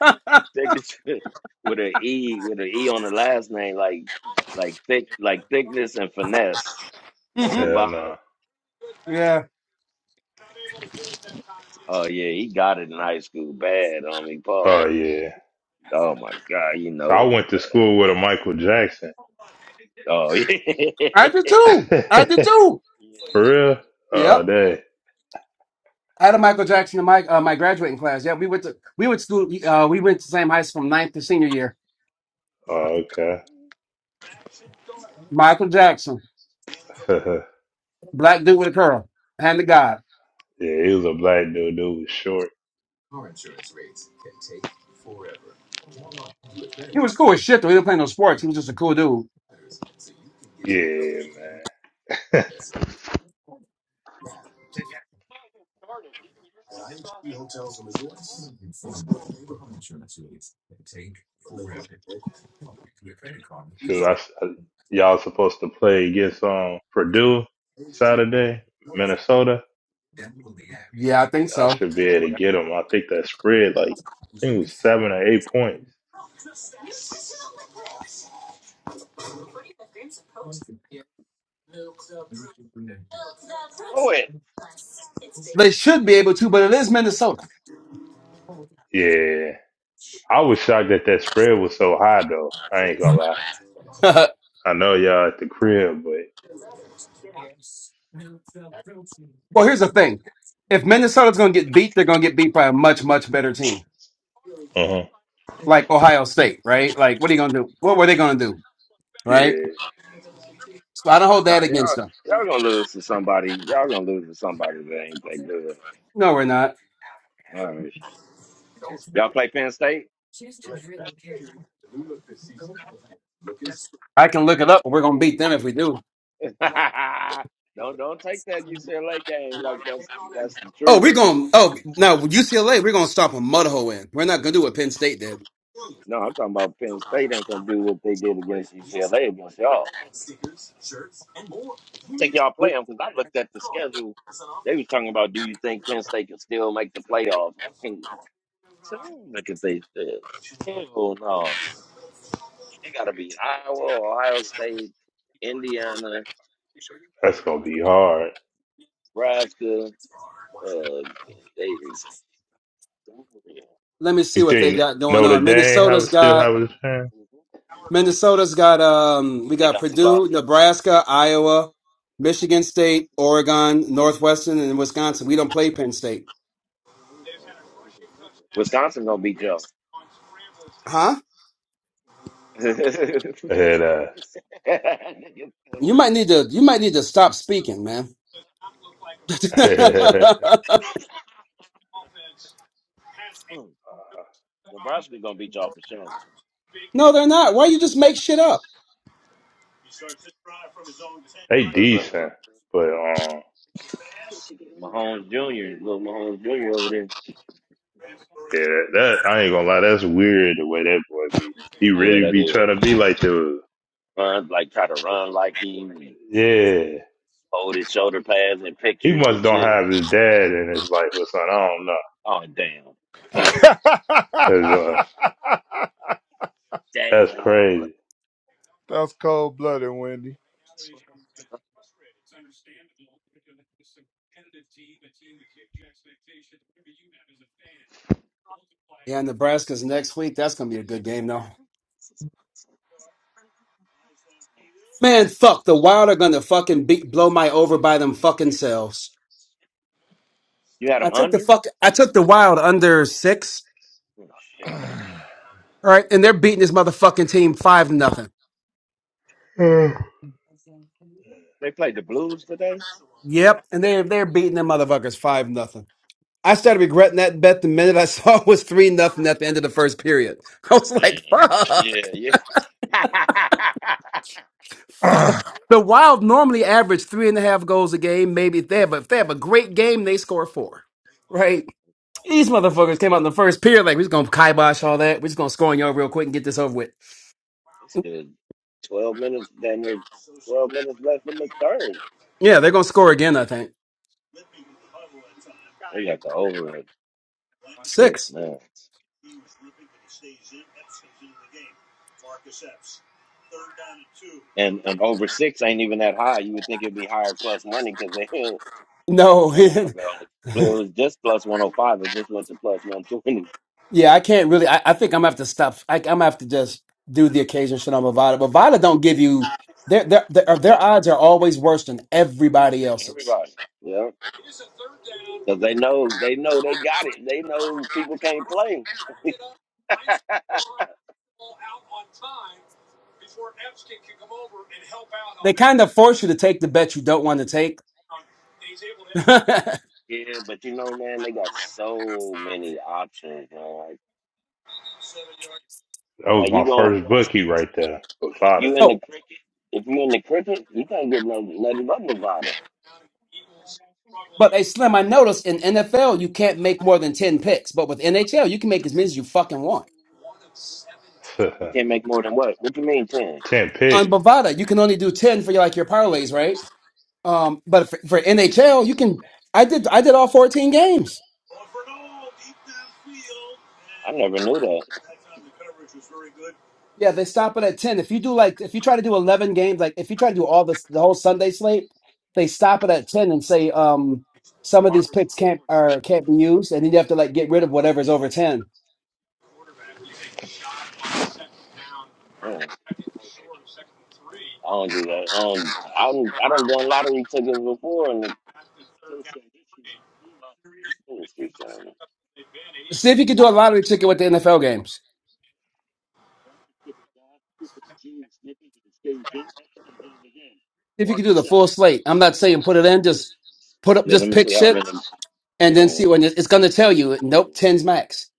B: thickness with an E, with an E on the last name, like like thick like thickness and finesse
E: Mhm.
C: Hell
B: combined.
C: no.
E: Yeah,
B: Oh yeah, he got it in high school bad on me,
C: Oh,
B: Paul.
C: yeah.
B: Oh my God, you
C: So
B: know
C: I
B: it
C: went to
B: bad.
C: school with a Michael Jackson.
B: Oh yeah.
E: I did too. I did too.
B: yeah.
C: for real? Oh,
E: Yep.
C: dang.
E: I had a Michael Jackson in my uh, my graduating class. Yeah, we went to we went to uh, we went to the same high school from ninth to senior year.
C: Oh, okay.
E: Michael Jackson,
C: yeah,
E: black dude with a curl, hand to God.
C: he was a black dude. Dude was short.
E: He was cool as shit though. He didn't play no sports. He was just a cool dude.
C: Yeah, man. so I, I- y'all supposed to play against um Purdue Saturday, Minnesota.
E: Yeah, I think
C: I
E: so.
C: should be able
B: Well,
C: to get them. I think that spread like I think it was seven or eight points.
B: I know it.
E: They should be able to, but it is Minnesota.
C: Yeah, I was shocked that that spread was so high though. I ain't gonna lie.
E: well,
C: I know y'all at the crib, but
E: here's the thing: if Minnesota's going to get beat, they're going to get beat by a much much better team,
C: uh huh.
E: like Ohio State, right? Like, what are you going to do? What were they going to do, right?
C: Yeah,
E: So I don't hold that
B: Nah,
E: against
B: y'all
E: them.
B: y'all gonna lose to somebody. Y'all gonna lose to somebody that ain't play good.
E: No, we're not.
B: All right. Y'all play Penn State?
E: I can look it up. But we're gonna beat them if we do.
B: don't don't take that UCLA game like that's that's the
E: Oh,
B: truth.
E: we're gonna. Oh, now UCLA, we're gonna stop a mud hole in. We're not gonna do what Penn State did.
B: No, I'm talking about Penn State ain't gonna do what they did against UCLA against y'all. I don't think y'all play
E: What,
B: them because I looked at the schedule. They was talking about, do you think Penn State can still make the playoffs? I can't so, look at they said. Hell no. Ohio State, Indiana,
C: that's gonna be hard.
B: Nebraska, uh, Davis.
E: let me see
C: You
E: what they
C: think
E: got going
C: Notre
E: on.
C: Dame
E: Minnesota's
C: have still
E: got
C: have a
E: Minnesota's got um we
B: They
E: got
B: got two
E: Purdue,
B: losses.
E: Nebraska, Iowa, Michigan State, Oregon, Northwestern, and Wisconsin. We don't play Penn State,
B: Wisconsin gonna beat y'all.
E: huh?
C: chance?
E: You might need to you might need to stop speaking, man.
C: Yeah.
B: Hmm. Nebraska gonna beat y'all for sure.
E: no, they're not. Why you just make shit up?
C: They
B: Cause uh,
C: decent, but um,
B: Holmes Junior, little Mahomes Junior over there.
C: yeah, that I ain't gonna lie, that's weird the way that boy be. He
B: Yeah,
C: really
B: that
C: be
B: will
C: trying to be like the
B: run like try to run like him and
C: yeah.
B: hold his shoulder pads and
C: He
B: pictures
C: must
B: and
C: don't
B: shit.
C: have his dad in his life or something. I don't know.
B: Oh damn,
C: 'Cause, uh,
B: damn!
C: that's crazy.
D: That's cold blooded, Wendy.
E: Yeah, Nebraska's next week. That's gonna be a good game, though. Man, fuck the Wild are gonna fucking beat blow my over by them fucking selves.
B: You had
E: I
B: him
E: took the
B: under?
E: fuck. I took the Wild under six. All right, and they're beating this motherfucking team five nothing.
B: They played the Blues today.
E: Yep, and they're they're beating them motherfuckers five nothing. I started regretting that bet the minute I saw it was three nothing at the end of the first period. I was like,
B: Damn.
E: fuck.
B: Yeah, yeah.
D: yeah,
E: The Wild normally average three and a half goals a game, maybe if they have a, if they have a great game, they score four. Right? These
B: Damn,
E: motherfuckers came out in the first period like we are just gonna kibosh all that. we are just gonna score on y'all real quick and get this over with.
B: it's good. Twelve minutes Damn there. Twelve minutes left in the third.
E: Yeah, they're gonna score again. I think
B: You got the over at six
E: six.
B: man. And and over six ain't even that high. You would think it'd be higher plus money because they.
E: No,
B: I don't know if I got it. But It was just plus 105. It just went to plus 120.
E: yeah, I can't really. I, I think I'm gonna have to stop. I, I'm gonna have to just do the occasion shit on Bovada. Bovada don't give you their their their, uh, their odds are always worse than everybody else's.
B: Everybody. Yeah. Because they know, they know they got it. They know people can't play.
E: They kind of force you to take the bet you don't want to take.
B: yeah, but you know, man, they got so many options, man. Like,
C: That was
B: like you
C: my
B: going
C: first bookie right there.
B: if
C: Bavada.
B: you in
E: so
B: the cricket, if you in the cricket, you can't get no nothing but providers.
E: But hey, Slim, I noticed in NFL you can't make more than ten picks, but with NHL you can make as many as you fucking want.
B: You can't make more than what? What you mean ten?
C: Ten
E: On
C: picks.
E: Bovada, you can only do ten for your like your parlays, right? Um, but for, for NHL, you can. I did. I did all fourteen games.
B: I never knew that.
E: Yeah, they stop it at ten. If you do like, if you try to do eleven games, like if you try to do all this, the whole Sunday slate, they stop it at ten and say, um, some of these picks can't are can't be used, and then you have to like get rid of whatever's over ten.
B: Yeah, I don't do that. Um, I don't, I don't done lottery tickets before in the industry, son.
E: See if you could do a lottery ticket with the NFL games. See if you could do the full slate. I'm not saying put it in, just put up,
B: Yeah, let
E: just
B: me
E: pick
B: see how
E: shit
B: many
E: and then see
B: goals.
E: when it- it's going to tell
B: Jesus.
E: you, nope, tens max.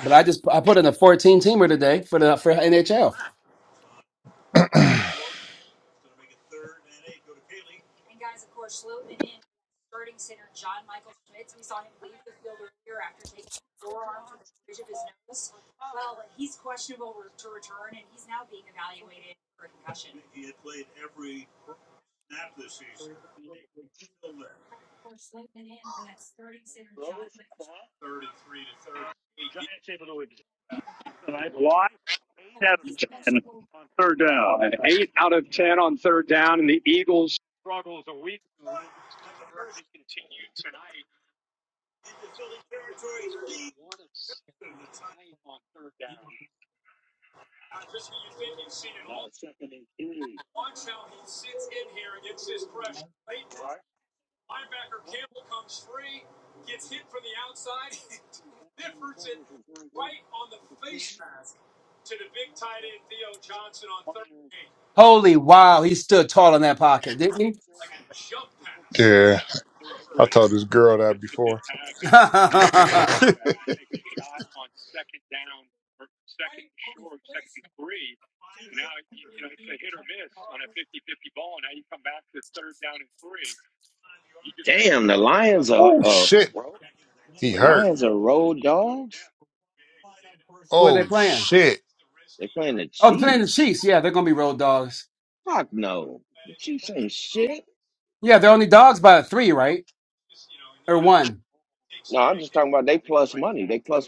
E: But I just I put in a fourteen teamer today for the for NHL.
B: eight out of ten on third down, and the Eagles.
E: Holy wow, he stood tall in that pocket, didn't he?
D: I told this girl that before.
E: Who are
D: oh
B: Oh,
D: shit, he
B: the
D: hurt.
B: Lions are rolled.
E: they
D: Oh
E: playing?
D: shit,
B: They're playing the
E: Oh, they're playing the
B: Chiefs.
E: Chiefs. Yeah, they're going to be road dogs.
B: Fuck no. The Chiefs ain't shit.
E: Yeah, they're only dogs by three, right? Or one.
B: No, I'm just talking about they plus money. They plus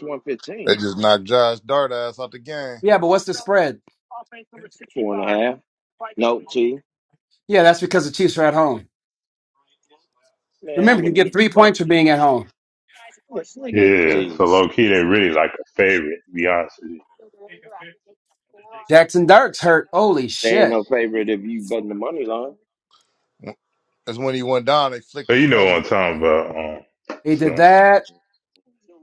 D: they
B: 115.
D: just knocked Josh Dart ass out the game.
E: Yeah, but what's the spread?
B: FT.
E: Yeah, that's because the Chiefs are at home.
B: Man, I
E: Remember, you
B: wouldn't
E: get
B: give
E: three
B: a fuck.
E: points for being at home.
B: Sling it,
C: Yeah. So
B: please.
C: low key, they really like a favorite. To be honest with you.
E: Jackson Dark's hurt. Holy
B: They ain't
E: shit.
B: no favorite if you button the money line.
D: That's when he went down. They
C: So
D: flicked his
C: you know what
D: helmet.
C: I'm talking about. Um,
E: He did
C: Slim.
E: that.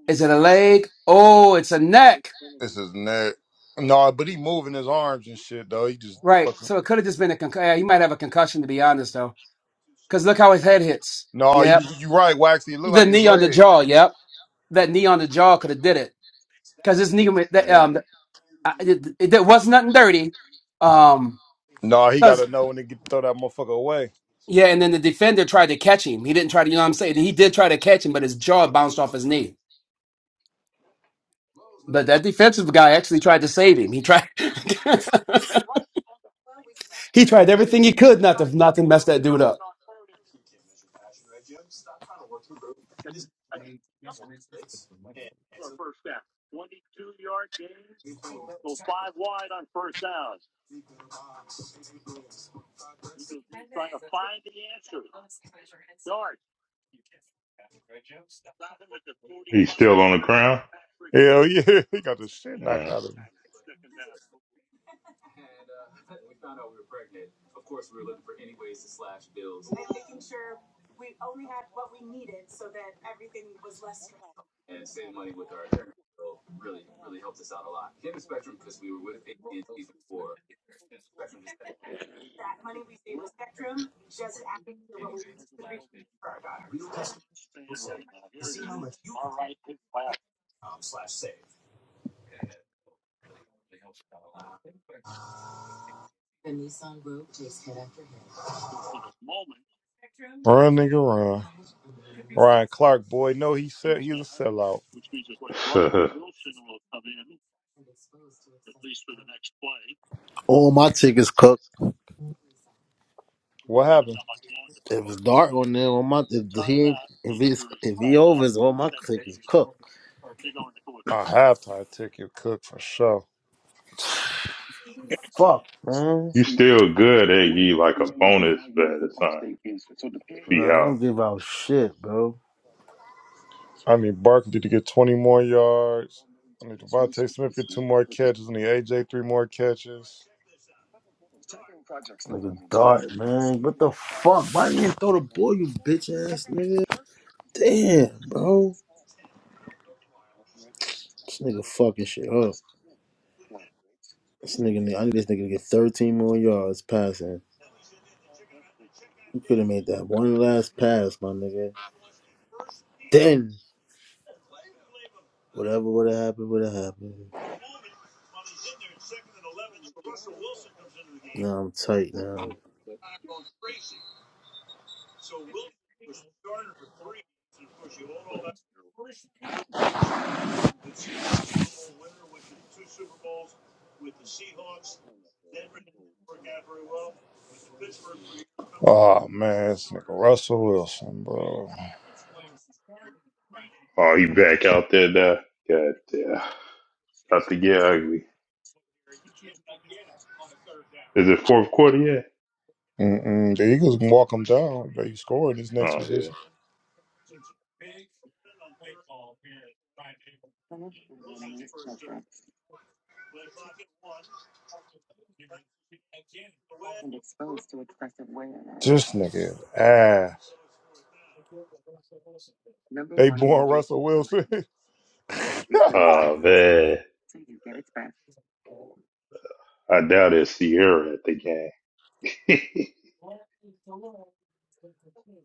E: Is it a leg? Oh, it's a neck.
D: This is nerd. No, but he moving his arms and shit though. He just
E: Right.
D: fucking.
E: So it could have just been a concussion. Yeah, he might have a concussion, to be honest, though. Because look how his head hits.
D: No, you
E: Yep.
D: you right, Waxy. It look
E: The
D: like his
E: knee on the
D: leg.
E: jaw. Yep. That knee on the jaw could have did it. Because his knee, went- that,
C: Man,
E: um, I- it, it, it was nothing dirty. Um,
D: No, he
E: because,
D: gotta know when to get throw that motherfucker away.
E: yeah, and then the defender tried to catch him. He didn't try to, you know what I'm saying? He did try to catch him, but his jaw bounced off his knee. But that defensive guy actually tried to save him. He tried he tried everything he could not to not to mess that dude up.
C: he's still on the ground.
D: Hell yeah, he got the shit knocked out of him. Run, nigga, run. Ryan Clark, boy, no, he said he's a sellout.
C: Yeah.
A: All my tickets cooked.
D: What happened?
A: If it's dark on there, all my if he ain't- if it's if he over, it's all my tickets cooked.
D: A halftime ticket, Cook for sure.
A: Fuck, man.
C: You still good. They give you like a bonus bet or something if he
A: Nah, I
C: out.
A: don't give out shit, bro.
D: I need Barkley to get twenty more yards. I need Devontae Smith to get two more catches. I need AJ three more catches.
A: Like a dart, man. What the fuck? Why didn't you throw the ball, you bitch ass nigga? Damn, bro. This nigga fucking shit up. This nigga, I need this nigga to get 13 more yards passing. You could have made that one last pass, my nigga. Then, whatever would have happened, would have happened. Now I'm tight now.
D: Oh man, this nigga Russell Wilson, bro.
C: Oh, he back out there now. God damn. About to get ugly. Is it fourth quarter yet?
D: Mm-mm. The Eagles can walk him down. They score in this next
C: Oh, yeah.
D: position. This nigga ass. They born Russell Wilson. you
C: Oh, man. I doubt it's Sierra at the game.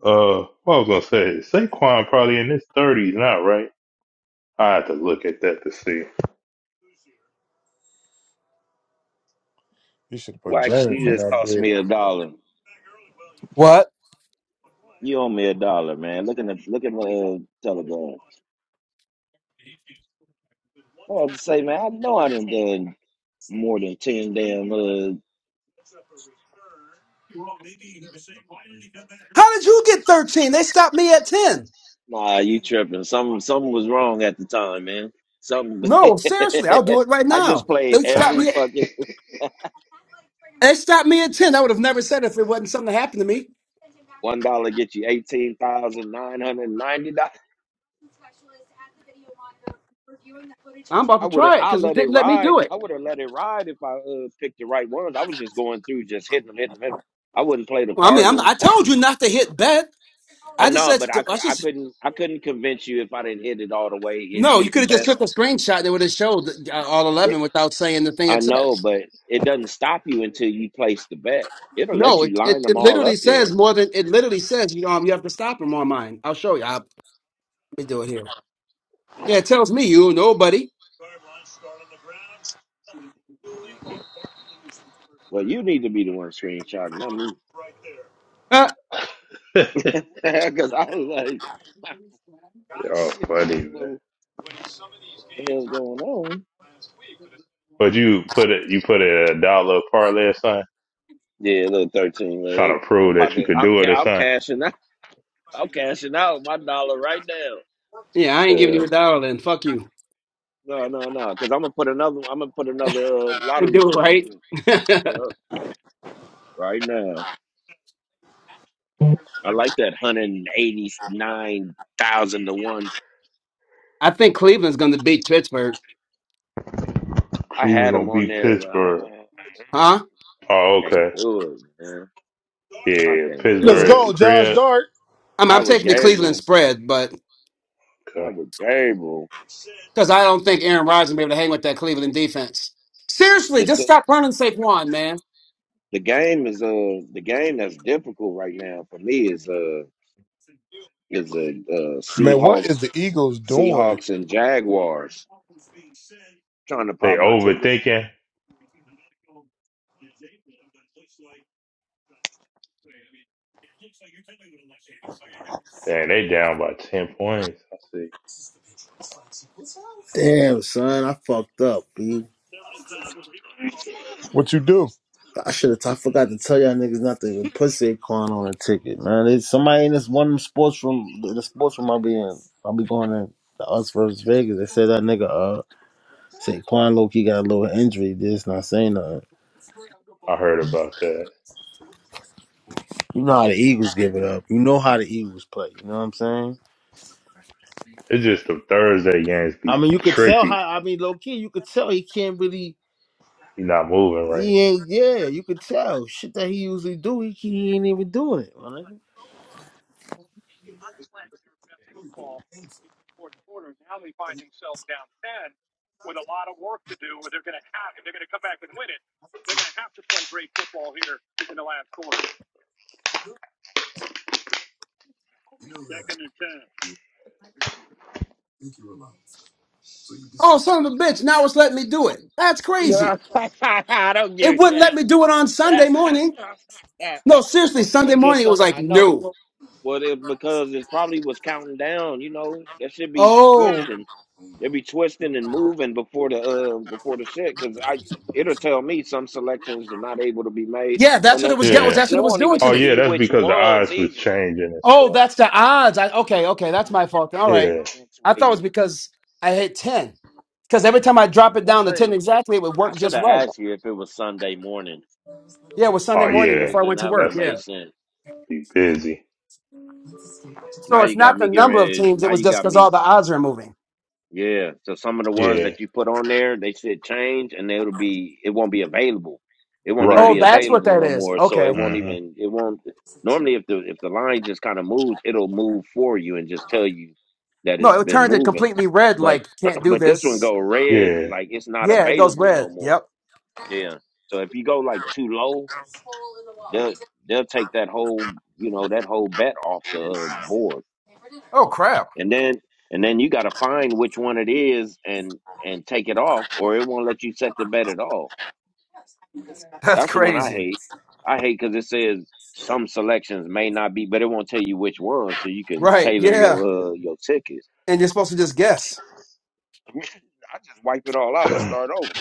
C: uh, what I was going to say, Saquon probably in his 30s now, right? I have to look at that to see.
D: should have put
B: Well, actually,
D: James
B: you
D: in
B: just
D: that
B: cost me
D: bed.
B: a dollar.
E: Well,
B: You owe me a dollar, man. Look in the look at my uh, telegram. I was about to say, man, I know I done done more than ten damn. Uh,
E: how did you get 13? They stopped me at 10.
B: nah, you tripping? Something something was wrong at the time, man. Something.
E: No, seriously, I'll do it right
B: I just
E: now.
B: played
E: They stopped
B: every
E: me.
B: fucking
E: They stopped me at 10. I would have never said it if it wasn't something that happened to me.
B: one dollar get you eighteen thousand nine hundred ninety dollars.
E: I'm about
B: I
E: to
B: would have.
E: try it
B: I
E: because it
B: let it
E: didn't let me
B: ride.
E: do it.
B: I would have let it ride if I uh, picked the right ones. I was just going through, just hitting them, hitting them, hitting them. I wouldn't play the
E: Well, I mean, I'm,
B: Cardinals.
E: I told you not to hit bet.
B: I
E: I just
B: know,
E: said
B: but I,
E: I
B: c- I
E: just
B: couldn't I couldn't convince you if I didn't hit it all the way. It
E: No, you
B: hit
E: could
B: the
E: have just
B: best.
E: took a screenshot that would have showed uh, all
B: It,
E: 11 without saying the thing
B: I
E: it
B: know,
E: says.
B: but it doesn't stop you until you place the bet. It'll let
E: No,
B: you
E: it, it,
B: line them
E: it
B: all
E: literally
B: up there.
E: says more than it literally says you um you have to stop him on mine. I'll show you. I'll, let me do it here. Yeah, it tells me you nobody.
B: Well, you need to be the one screenshotting, not me,
E: Huh?
B: because I was like, I was like,
C: oh,
B: shit, I
C: funny,
B: don't
C: man.
B: know what the hell's going on.
C: But you put it, you put a dollar parlay or something,
B: Yeah, little thirteen leg.
C: trying to
B: I'm
C: prove
B: about
C: that you
B: to.
C: could
B: I'm.
C: do it or
B: ca- I'm
C: something.
B: cashing out. I'm cashing out my dollar right now.
E: yeah, I ain't giving
C: Hell
E: you a dollar then. Fuck you.
B: No, no, no. Because I'm gonna put another. I'm gonna put another uh,
E: Ain't
B: lottery
E: do it
B: ticket
E: right.
B: in. Yeah, right now. I like that hundred and eighty nine thousand to one.
E: I think Cleveland's going to beat Pittsburgh.
B: I
C: Cleveland
B: had them
C: gonna
B: on
C: beat
B: there, but I,
C: Pittsburgh.
B: don't-
E: Huh?
B: I
C: Oh, okay.
B: can't do it, man.
C: Yeah,
B: I
C: yeah, yeah.
B: can't
D: Let's
C: Pittsburgh at
B: do
C: the
D: go,
B: it.
D: Josh
C: crib.
D: Dart.
E: I'm, I'm
B: Not with
E: taking the Cleveland
B: Gabriel.
E: spread, but
B: Not
C: Okay.
B: with Gabriel.
E: because I don't think Aaron Rodgers will be able to hang with that Cleveland defense. Seriously,
B: The
E: just
B: t-
E: stop running Saquon,
B: the game is uh the game that's difficult right now for me is uh Is the uh,
D: Man, what is
B: Seahawks,
D: the Eagles doing?
B: Seahawks and Jaguars trying to
C: They
B: pop my ticket?
C: overthinking. Dang, they down by ten points. I see.
A: Damn, son, I fucked up, B.
D: What you do?
A: I should have. I forgot to tell y'all niggas not to even put Saquon on a ticket, man. It's somebody in this one sports room, the sports room I'll be in. I'll be going in the us versus Vegas. They said that nigga uh Saquon low key got a little injury. This not saying nothing.
C: I heard about that.
A: You know how the Eagles give it up. You know how the Eagles play. You know what I'm saying?
C: It's just the Thursday games be
A: I mean, you could tell
C: tricky.
A: how. I mean, low key, you could tell he can't really.
C: You're not moving right.
A: He ain't. Yeah, you could tell shit that he usually do. He, he ain't even doing it, my nigga.
E: Oh, son of a bitch, now it's letting me do it. That's crazy.
B: I don't
E: It
B: give
E: wouldn't
B: a
E: let me do it on Sunday
B: that.
E: morning. No, seriously,
B: it
E: Sunday
B: was just
E: morning it
B: some,
E: was like,
B: I know.
E: no.
B: Well, it, because it probably was counting down. You know, that should be
E: Oh,
B: twisting. They be twisting and moving before the uh before the shit. Because I it'll tell me some selections are not able to be made,
E: yeah, that's
B: and
E: what
B: then
E: it was
B: and,
E: that was
C: Yeah.
B: it-
E: that's
B: and
E: what it
B: it
E: was
B: won't
E: doing
B: even
E: to
C: Oh
B: tell
E: me.
C: yeah,
B: you
C: that's
B: which
C: because the
B: ones
C: odds was
B: either.
C: changing and
E: Oh,
C: stuff.
E: that's the odds. I, okay, okay,
B: Yeah,
E: that's my fault. All
B: it's, uh,
E: right.
C: Yeah.
E: I thought it was
B: fluctuating.
E: because I hit 10. Because every time I
B: I'm
E: drop it
B: not the
E: down to 10
B: same.
E: exactly, it would
B: I
E: work
B: should
E: just
B: have
E: right.
B: asked you if it was Sunday morning,
E: Yeah, it was Sunday
C: Oh
E: morning
C: yeah.
B: because
E: before I
B: then
E: went to
B: that would
E: work.
B: have
C: That's the
E: Yeah.
B: made sense.
C: be busy.
E: So
B: Now you
E: it's
B: got
E: not the
B: me getting
E: number of
B: ready.
E: teams, it
B: Now
E: was
B: you
E: just
B: got
E: because all
B: me.
E: the odds are moving.
B: Yeah. So some of the ones
C: Yeah.
B: that you put on there, they should change, and it'll be it won't be available. It won't even
E: Oh,
C: Right.
B: be
E: that's what
B: available
E: that
B: no
E: is.
B: more. So
E: Okay.
B: it won't
C: hmm
B: even it won't. Normally, if the if the line just kind of moves, it'll move for you and just tell you that it's
E: No, it
B: been
E: turned it
B: moving.
E: completely red,
B: But
E: like can't do
B: but this one
E: this.
B: go red
C: Yeah.
B: like it's not
E: Yeah, it goes
B: available
E: red.
B: no more.
E: Yep.
B: Yeah. So if you go like too low, they'll they'll take that whole you know that whole bet off the uh, board
E: Oh,
B: and then and then you got to find which one it is and and take it off or it won't let you set the bet at all that's the one i
E: crazy.
B: hate i hate because it says some selections may not be but it won't tell you which one so you can
E: Right.
B: tailor
E: Yeah.
B: your uh, your ticket
E: And you're supposed to just guess.
B: i just wipe it all out and start over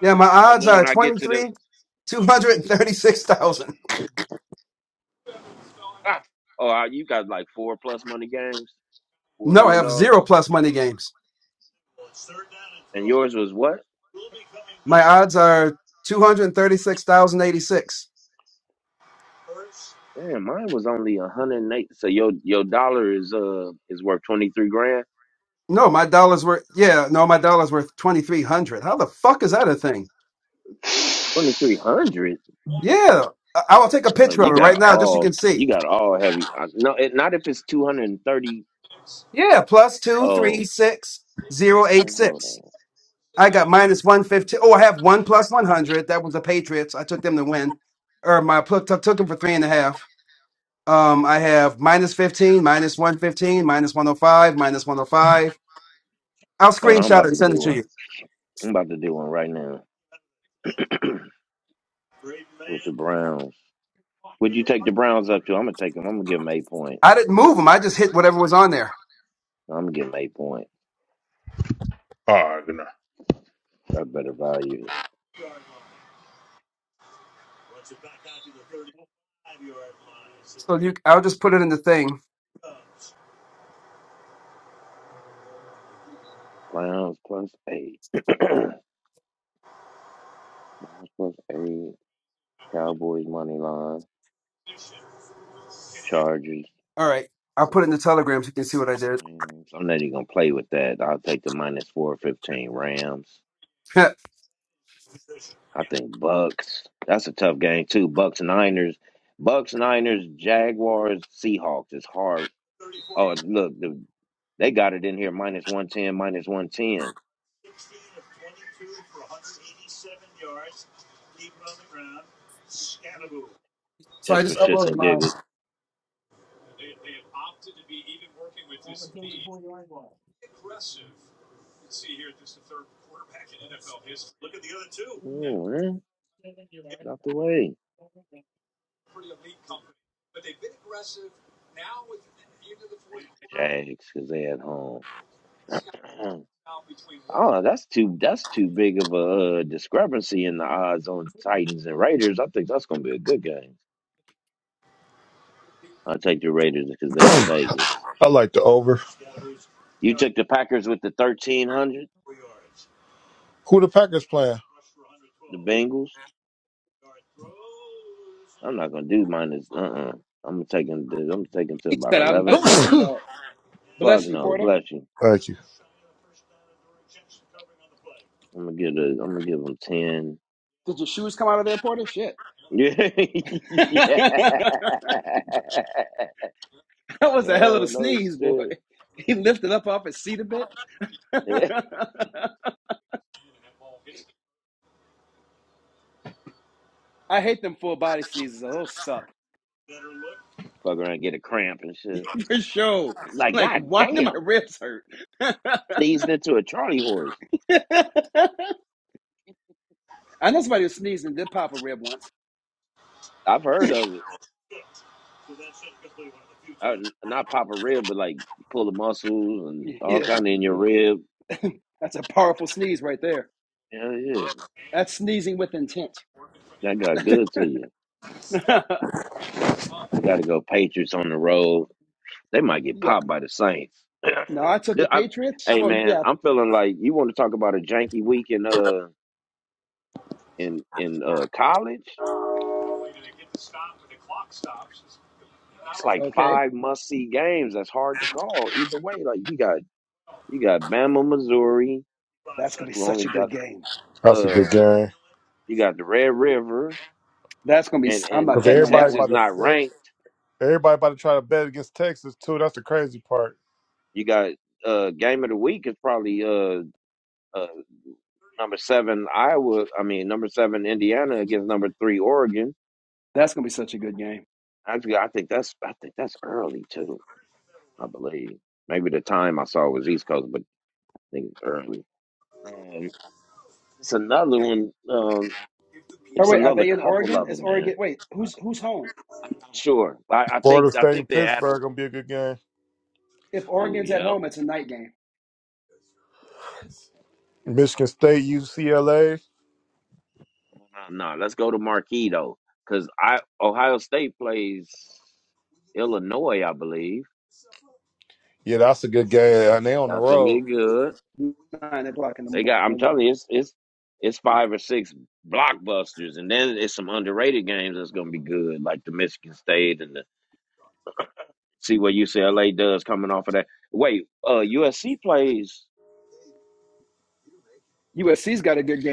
E: Yeah, my
B: and
E: odds
B: then
E: are
B: when i get to the
E: 23, 236,000.
B: ah, oh you got like four plus money games four
E: No, I have
B: underdogs
E: zero plus money games.
B: and yours was what
E: My odds are 230.
B: Damn, mine was only a hundred and eight. So your your dollar is uh is worth twenty three grand,
E: Thing.
B: twenty three hundred.
E: Yeah.
B: Uh, you got all
E: hey.
B: you got all heavy. Uh, no, it, not if it's two hundred and thirty.
E: Yeah. Plus two, three,
B: Oh
E: six, zero, eight,
B: man, hold
E: six.
B: on,
E: I got minus 115. Oh, I have one plus 100. That was the Patriots. I took them to win. Or my took, took them for three and a half. Um, I have minus 15, minus 115, minus 105, minus 105. I'll
B: hold on. I'm
E: screenshot it
B: about
E: and
B: to
E: send it
B: do
E: to
B: one.
E: you.
B: I'm about to do one right now with the Browns. Would you take the Browns up to? I'm gonna take them. I'm gonna give them eight points.
E: I didn't move them. I just hit whatever was on there.
B: I'm gonna give them eight points.
C: oh no.
B: I better value it.
E: So you, I'll just put it in the thing.
B: Browns plus eight. Browns plus eight. Cowboys money line. Chargers.
E: All right. I'll put it in the Telegram so you can see what I did.
B: Rams. I'm not even gonna play with that. I'll take the minus four fifteen Rams. I think Bucks. That's a tough game too. Bucks Niners. Bucks Niners Jaguars Seahawks is hard. Oh look, the, they got it in here minus one ten minus one ten
E: so I
B: just for
E: just uploaded.
B: shits and giggles. Oh man, out the way Jags because they at home. Oh, that's too that's too big of a uh, discrepancy in the odds on Titans and Raiders. I think that's gonna be a good game. I'll take the Raiders because they in Vegas.
D: I like the over.
B: You took the Packers with the thirteen hundred,
D: Who the Packers playing?
B: the Bengals. I'm not gonna do minus. Uh uh-uh. uh. i gonna take them. To, I'm taking to
E: He
B: about
E: said, I'm
B: eleven
E: not
B: point.
E: doing
D: Thank
E: that.
B: Fuck
E: Bless you,
B: no,
E: Porter.
B: bless you.
D: you.
B: I'm gonna give the. I'm gonna give them ten. Yeah. Oh no shit. Yeah. Fuck around, and get a cramp and shit. Like god damn, sneezed into a Charlie horse. I've heard of it. I, not pop a rib, but like pull the muscles and all kind of in your rib. Yeah, yeah, that got good to you. I got to go Patriots on the road. They might get popped by the Saints. Yeah, I, hey man, I'm feeling like you want to talk about a janky week in uh in in uh college. It's like five must see games. That's hard to call either way. Like you got you got Bama, Missouri, who only got
D: That's a good
B: uh
D: game.
B: you got the Red River and and
D: Cause
B: and
D: everybody
B: Texas
D: about to
B: not
D: er,
B: ranked
D: everybody about to try to bet against Texas too. That's the crazy part.
B: You got uh game of the week is probably uh, uh number seven Iowa. I mean number seven Indiana against number three Oregon. Actually, I think that's I think that's early too. I believe maybe the time I saw was East Coast, but I think it's early. Um, it's another one. Um, it's another couple of them, man. I'm not sure. I, I
D: Florida
B: think I
D: State
B: think
D: and
B: they add.
D: Pittsburgh gonna be a good game.
B: Oh yeah,
D: Michigan State, UCLA.
B: no, no, no. Let's go to Marquee though, because I Ohio State plays Illinois, I believe.
D: Yeah, that's a good game. And they on the
B: That's gonna be
D: road.
B: good. They got. I'm telling you, it's it's it's five or six blockbusters, and then it's some underrated games that's gonna be good, like the Michigan State and the see what UCLA does coming off of that. Wait, uh, USC plays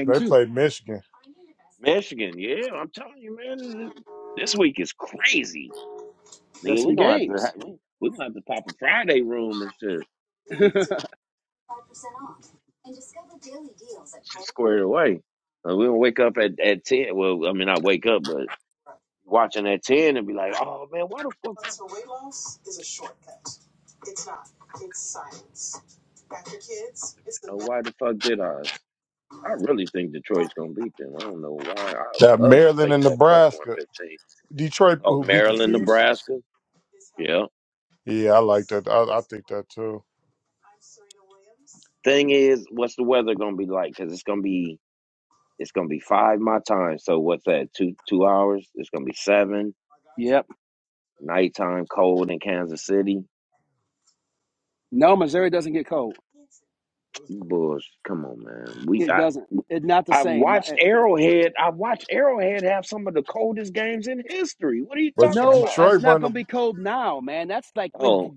D: They play Michigan.
B: Michigan. Yeah, I'm telling you, man, this, this week is crazy, nigga. We gonna have to ha- we we gonna have to pop a Friday room and shit, shit squared away. Uh, we gonna wake up at at ten. Well, I mean, I wake up, but watching at ten and be like, oh man, why the fuck? know why the fuck did I? I really think Detroit's gonna beat them. I don't know why. I
D: That
B: would love to
D: Maryland
B: take
D: and
B: that plus one
D: Nebraska.
B: fifteen.
D: Detroit
B: Oh,
D: who beat the
B: Maryland,
D: Chiefs.
B: Nebraska. Yeah.
D: Yeah, I like that. I, I think that too.
B: Thing is, what's the weather gonna be like? Because it's gonna be it's gonna be five my time. So what's that? Two two hours. It's gonna be seven. Nighttime cold in Kansas City. Bulls. Come on, man. We I I've watched Arrowhead. I've watched Arrowhead have some of the coldest games in history. What are you
D: But
B: talking about?
D: Detroit run the
B: Oh,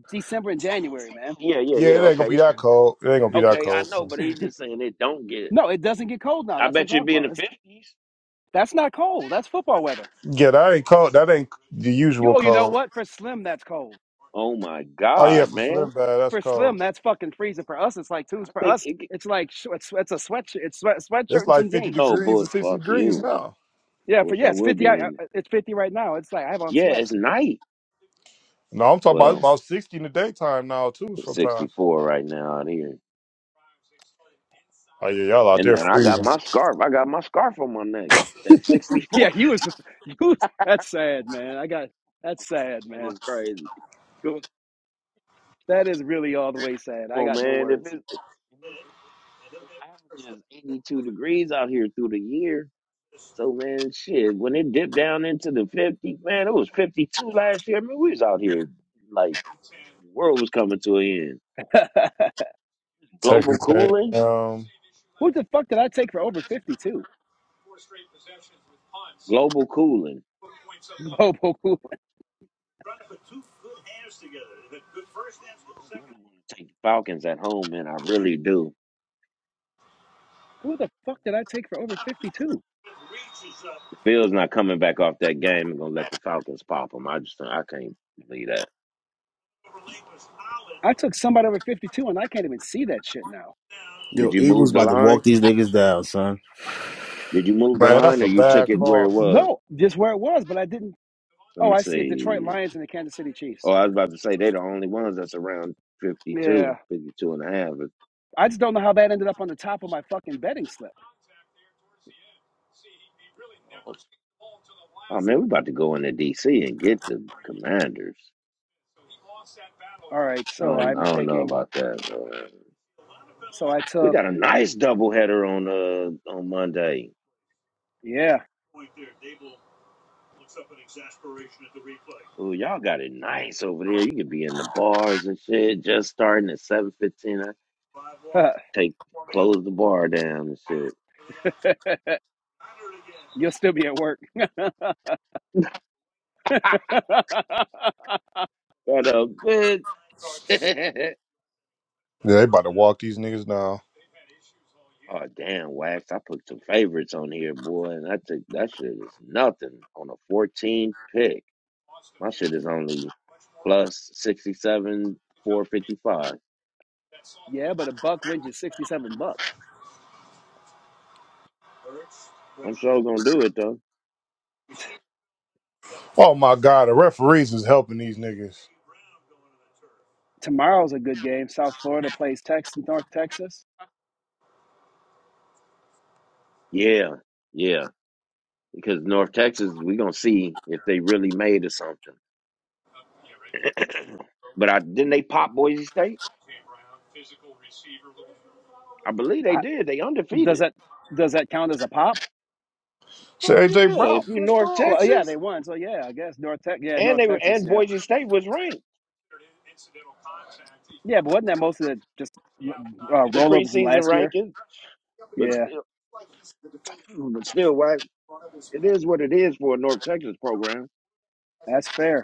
B: yeah, yeah,
D: yeah,
B: yeah.
D: it ain't gonna
B: Okay.
D: be that cold. It ain't gonna be that
B: Okay, I
D: cold. so.
B: know, but he's just saying it don't get it. I bet you it'd be in the fifties.
D: Yeah, that ain't cold. That ain't the usual cold.
B: Oh my
D: Oh yeah,
B: God,
D: for Slim
B: man!
D: Bad, that's cold.
B: I think it. Get,
D: It's like fifty
B: no,
D: degrees
B: but
D: and sixty
B: fuck
D: degrees
B: you.
D: now.
B: I wish I would be in. It. Yeah, it's night.
D: No, I'm talking about it's
B: Well,
D: about sixty in the daytime now too.
B: it's sixty
D: Sometimes.
B: four right now out here,
D: Oh yeah, y'all out
B: and
D: there
B: then I got
D: freezing.
B: my scarf. I got my scarf on my neck. At sixty four, sad is crazy. Come on, man. If it, if it averages eighty two degrees out here through the year, So man, shit, when it dipped down into the 50, man, it was 52 last year. I mean, we was out here like the world was coming to an end. Global
D: Texas
B: cooling,
D: A&M.
B: global cooling. I really want to take the Falcons at home, man. I really do. The Bills not coming back off that game and gonna let the Falcons pop them. I just I can't believe that. Did
A: Yo,
B: you move
A: Eagles
B: the
A: about to
B: line?
A: walk these niggas down, son.
B: Did you move the
D: Man, that's
B: line, or
D: a
B: you
D: bad
B: took it where
D: call.
B: it was? Let me see. Oh, I was about to say they're the only ones that's around 52, 52 and a half. Oh man, we about to go into DC and get the Commanders. I don't, I don't know about that. Uh, we got a nice doubleheader on uh on Monday. Ooh, y'all got it nice over there. You could be in the bars and shit. Just starting at seven fifteen. I take close the bar down and shit. What a bit.
D: Yeah, they about to walk these niggas down.
B: oh damn, wax! I put some favorites on here, boy, and I took that shit is nothing on a fourteen pick. My shit is only plus 67, 455. I'm sure gonna do it though.
D: Oh my God, the referees is helping these niggas.
B: Yeah, yeah. Because North Texas, we gonna see if they really made or something. but I didn't they pop Boise State? I believe they did. They undefeated. Fuck
D: Shit,
B: yeah.
D: AJ Brown
B: If you
D: pushed
B: North
D: off.
B: Texas and they were and Boise State was ranked. The preseason ranking, but still but still why it is what it is for a North Texas program.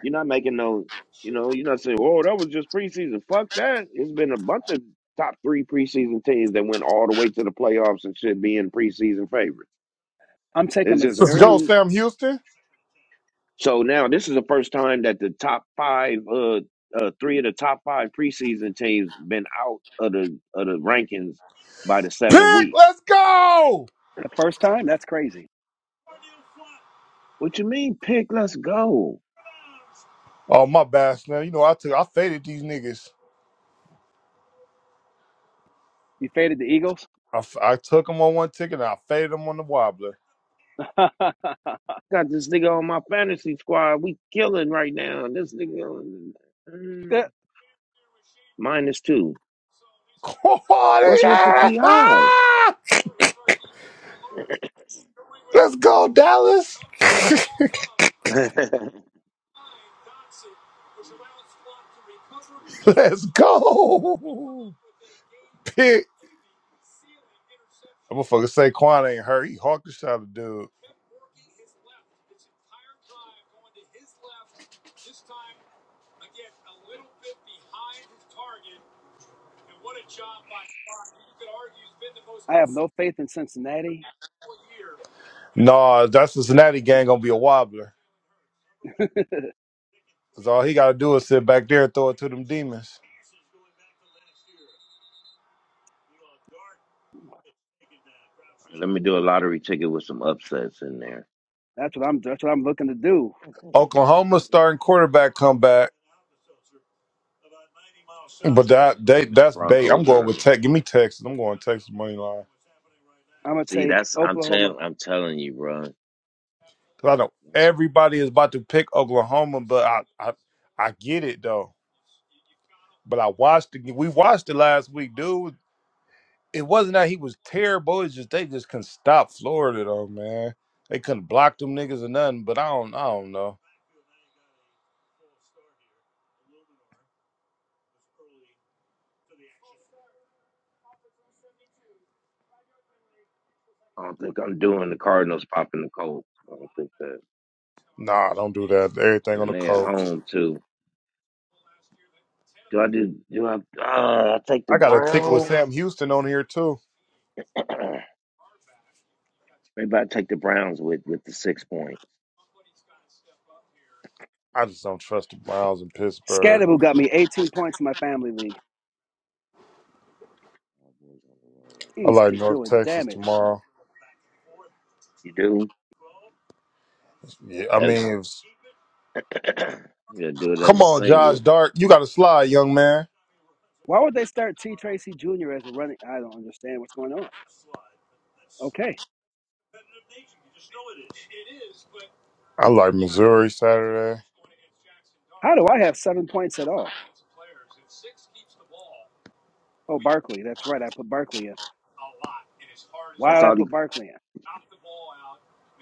B: You're not making no, you know, you're not saying, "Whoa, that was just preseason." Fuck that. It's been a bunch of top three preseason teams that went all the way to the playoffs and should be in preseason favorites. There's just a
D: Let's go,
B: few.
D: Sam Houston.
B: So now this is the first time that the top five, uh, uh three of the top five preseason teams been out of the of the rankings by the seventh
D: Pick,
B: week.
D: let's go.
B: What you mean, pick? Let's go.
D: Oh my bad, man. You know I took, I faded these niggas. I, f- I took them on one ticket and I faded them on the wobbler.
B: Got this nigga on my fantasy squad. We killing right now. This nigga on- Mm. minus two.
D: Corny
B: What's with the
D: ass.
B: PI?
D: Ah! Let's go, Dallas. let's go. Pick. That motherfucker Saquon ain't hurt. He hawked the shot a dude. Nah, that Cincinnati gang gonna be a wobbler. Cause all he gotta do is sit back there and throw it to them demons.
B: Let me do a lottery ticket with some upsets in there. I
D: Oklahoma starting quarterback comeback, but
B: still don't
D: that they
B: believe in the
D: that's bait. I'm
B: Broncos
D: going with
B: early.
D: Tech. Give me Texas. I'm going Texas money line.
B: See, that's I'm telling I'm telling you, bro.
D: Cause I know
B: That's,
D: everybody is about to pick Oklahoma, but I I, I get it though. But I watched it. We watched it last week, dude. it wasn't that he was terrible. It's just they just couldn't stop Florida though, man. They couldn't block them niggas or nothing. But I don't, I don't know.
B: I don't think I'm doing the Cardinals popping the Colts. I don't think that.
D: Nah, don't do that. Everything on
B: And
D: the
B: they at
D: Colts.
B: home too. Do I do? Do I? Uh, I take the
D: I got a ticket with
B: Browns.
D: Sam Houston on here too.
B: Maybe I take the Browns with with the six points.
D: I just don't trust the Browns in Pittsburgh. I like North Texas tomorrow.
B: You do?
D: Yeah, I
B: As,
D: mean, it was-
B: yeah, do it as
D: come
B: a
D: on,
B: single.
D: Josh Dark, you got to slide, young man. I like Missouri Saturday.
B: That's all the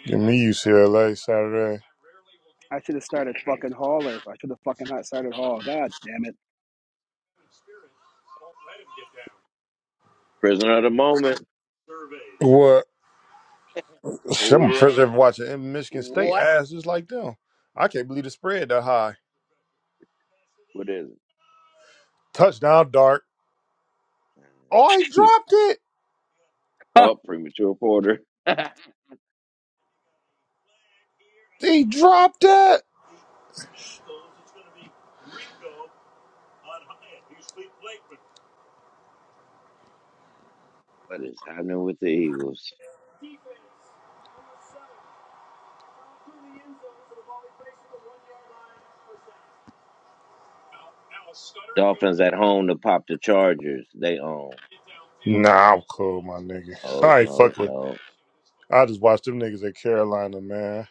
D: Give me UCLA Saturday.
B: prisoner of the moment.
D: What? Shit, I'm impressed
B: What?
D: ever watching and Michigan State
B: What?
D: ass just like them. I can't believe the spread that high.
B: What is
D: Touchdown, Dart.
B: it?
D: Oh, he dropped it.
B: Oh, premature Porter.
D: He dropped it.
B: What is happening with the Eagles? Dolphins at home to pop the Chargers. They own.
D: Nah, I'm cool, my nigga.
B: Oh
D: I ain't
B: no,
D: fuck with.
B: no.
D: I just watched them niggas at Carolina, man.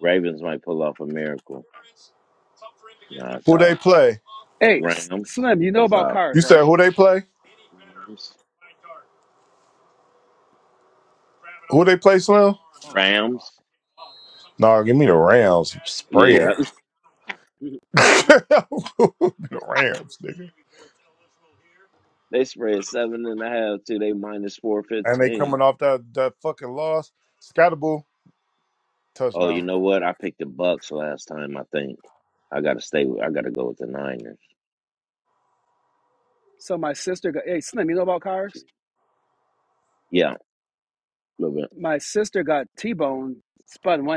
B: Ravens might pull off a miracle. No, it's
D: Who they
B: out.
D: play?
B: Rams. That's out.
D: You said who they play?
B: Rams.
D: Who they play, Slim?
B: Rams.
D: Nah, give me the Rams. Spread.
B: Yeah,
D: the Rams, nigga.
B: they spread seven and a half to they minus four
D: And they
B: fifteen.
D: coming off that that fucking loss. Scatterboo
B: Oh,
D: touchdown.
B: you know what? I picked the Bucks last time. I think I got to stay. With, I got to go with the Niners. Yeah, a little bit.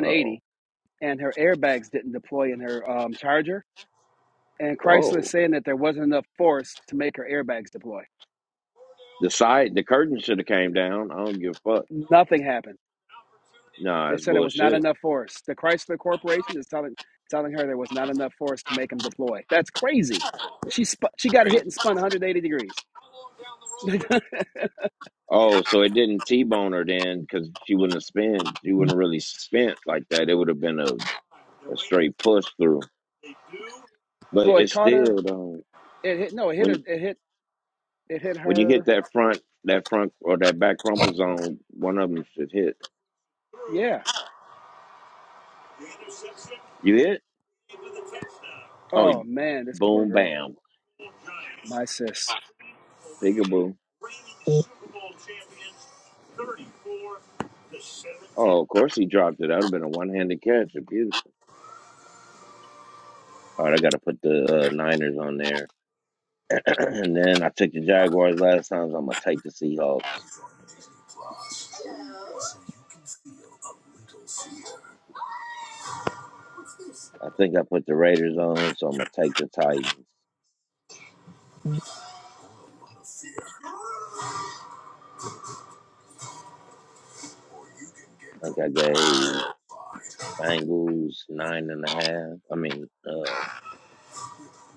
B: Uh oh. Whoa. The side, the curtain should have came down. I don't give a fuck. Nah, it's bullshit. Crazy. Oh, so it didn't T-bone her then because she wouldn't have spent. She wouldn't have really spent like that. It would have been a, a straight push through. But it's still though when when you hit that front that front or that back crumple zone, one of them should hit. You hit? Oh, boom, bam, peekaboo. Oh, of course he dropped it. That would have been a one-handed catch. All right, I got to put the uh, Niners on there. and then I took the Jaguars last time, so I'm going to take the Seahawks. I think I put the Raiders on, so I'm going to take the Titans. I think I gave Bengals nine and a half. I mean, uh,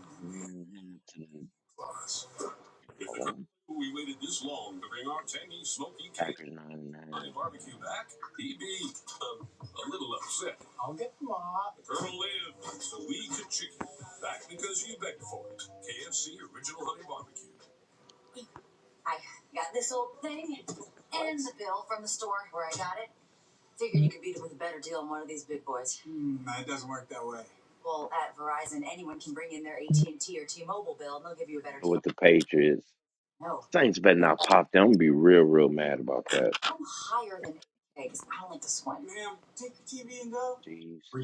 B: nine and a half to the oh, Packers nine and a half. Go with the Patriots. Saints better not pop them. I'm going to be real, real mad about that. Chiefs,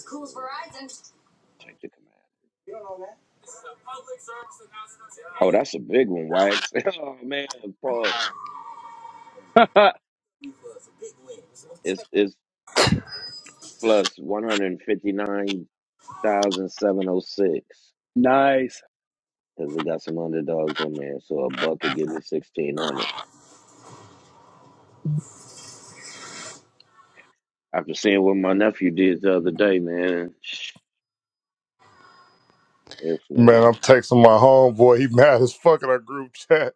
B: uh, take the command. Oh, that's a big one, Wax. oh, man, Paul. It's it's plus one hundred fifty nine thousand seven hundred six because it got some underdogs on there. So a buck could give me sixteen hundred. After seeing what my nephew did the other day, man, this nigga.
D: Man, I'm texting my homeboy. He mad as fuck in our group chat.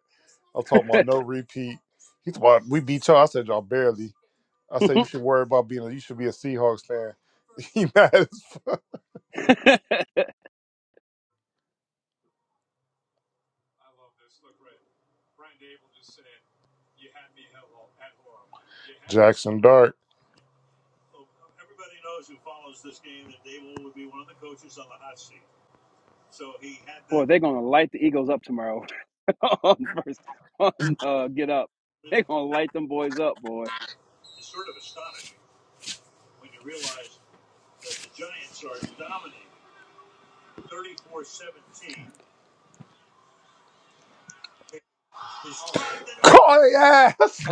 D: I'm talking about no repeat. He's about we beat y'all. I said y'all barely. I said you should worry about being. A, you should be a Seahawks fan. He mad as fuck. Jackson Dart. Call their ass.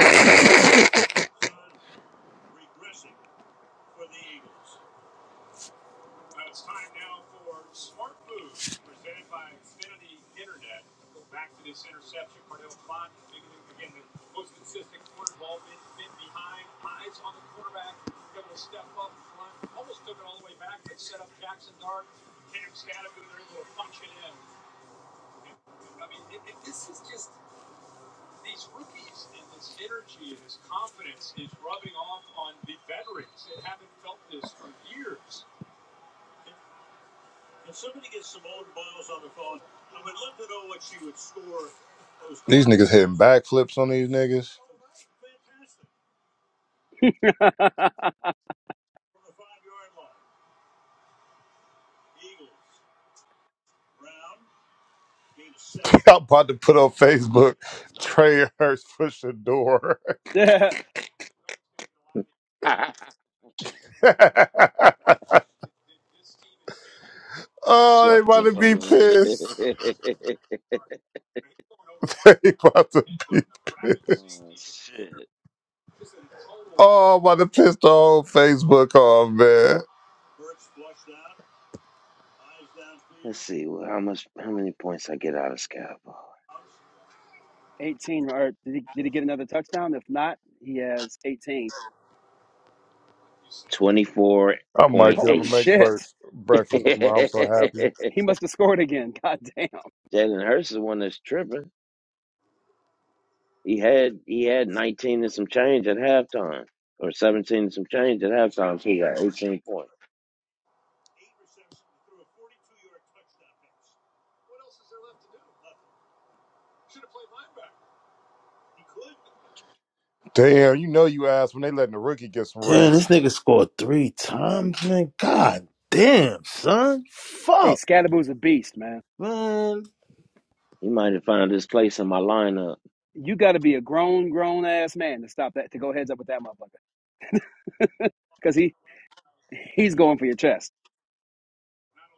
D: These niggas hitting backflips on these niggas. I'm about to put on Facebook. Trey Hurts push the door.
B: That's
D: oh, they
B: fucked
D: about
B: up,
D: to be
B: man.
D: pissed. He about to be pissed.
B: oh, shit.
D: Oh, I'm about to piss the whole Facebook off, man.
B: Let's see well, how much, how many points I get out of Scalpel.
D: I might be able to
B: 24.8.
D: make break- breakfast tomorrow. I'm so happy.
B: Jalen Hurts is the one that's tripping. He had he had 19 and some change at halftime, or 17 and some change at halftime, so he got 18 points.
D: Damn, you know you asked when they letting the rookie get some
A: Damn,
D: rest.
A: this nigga scored three times, man. God damn, son. Fuck, man.
B: He might have found his place in my lineup.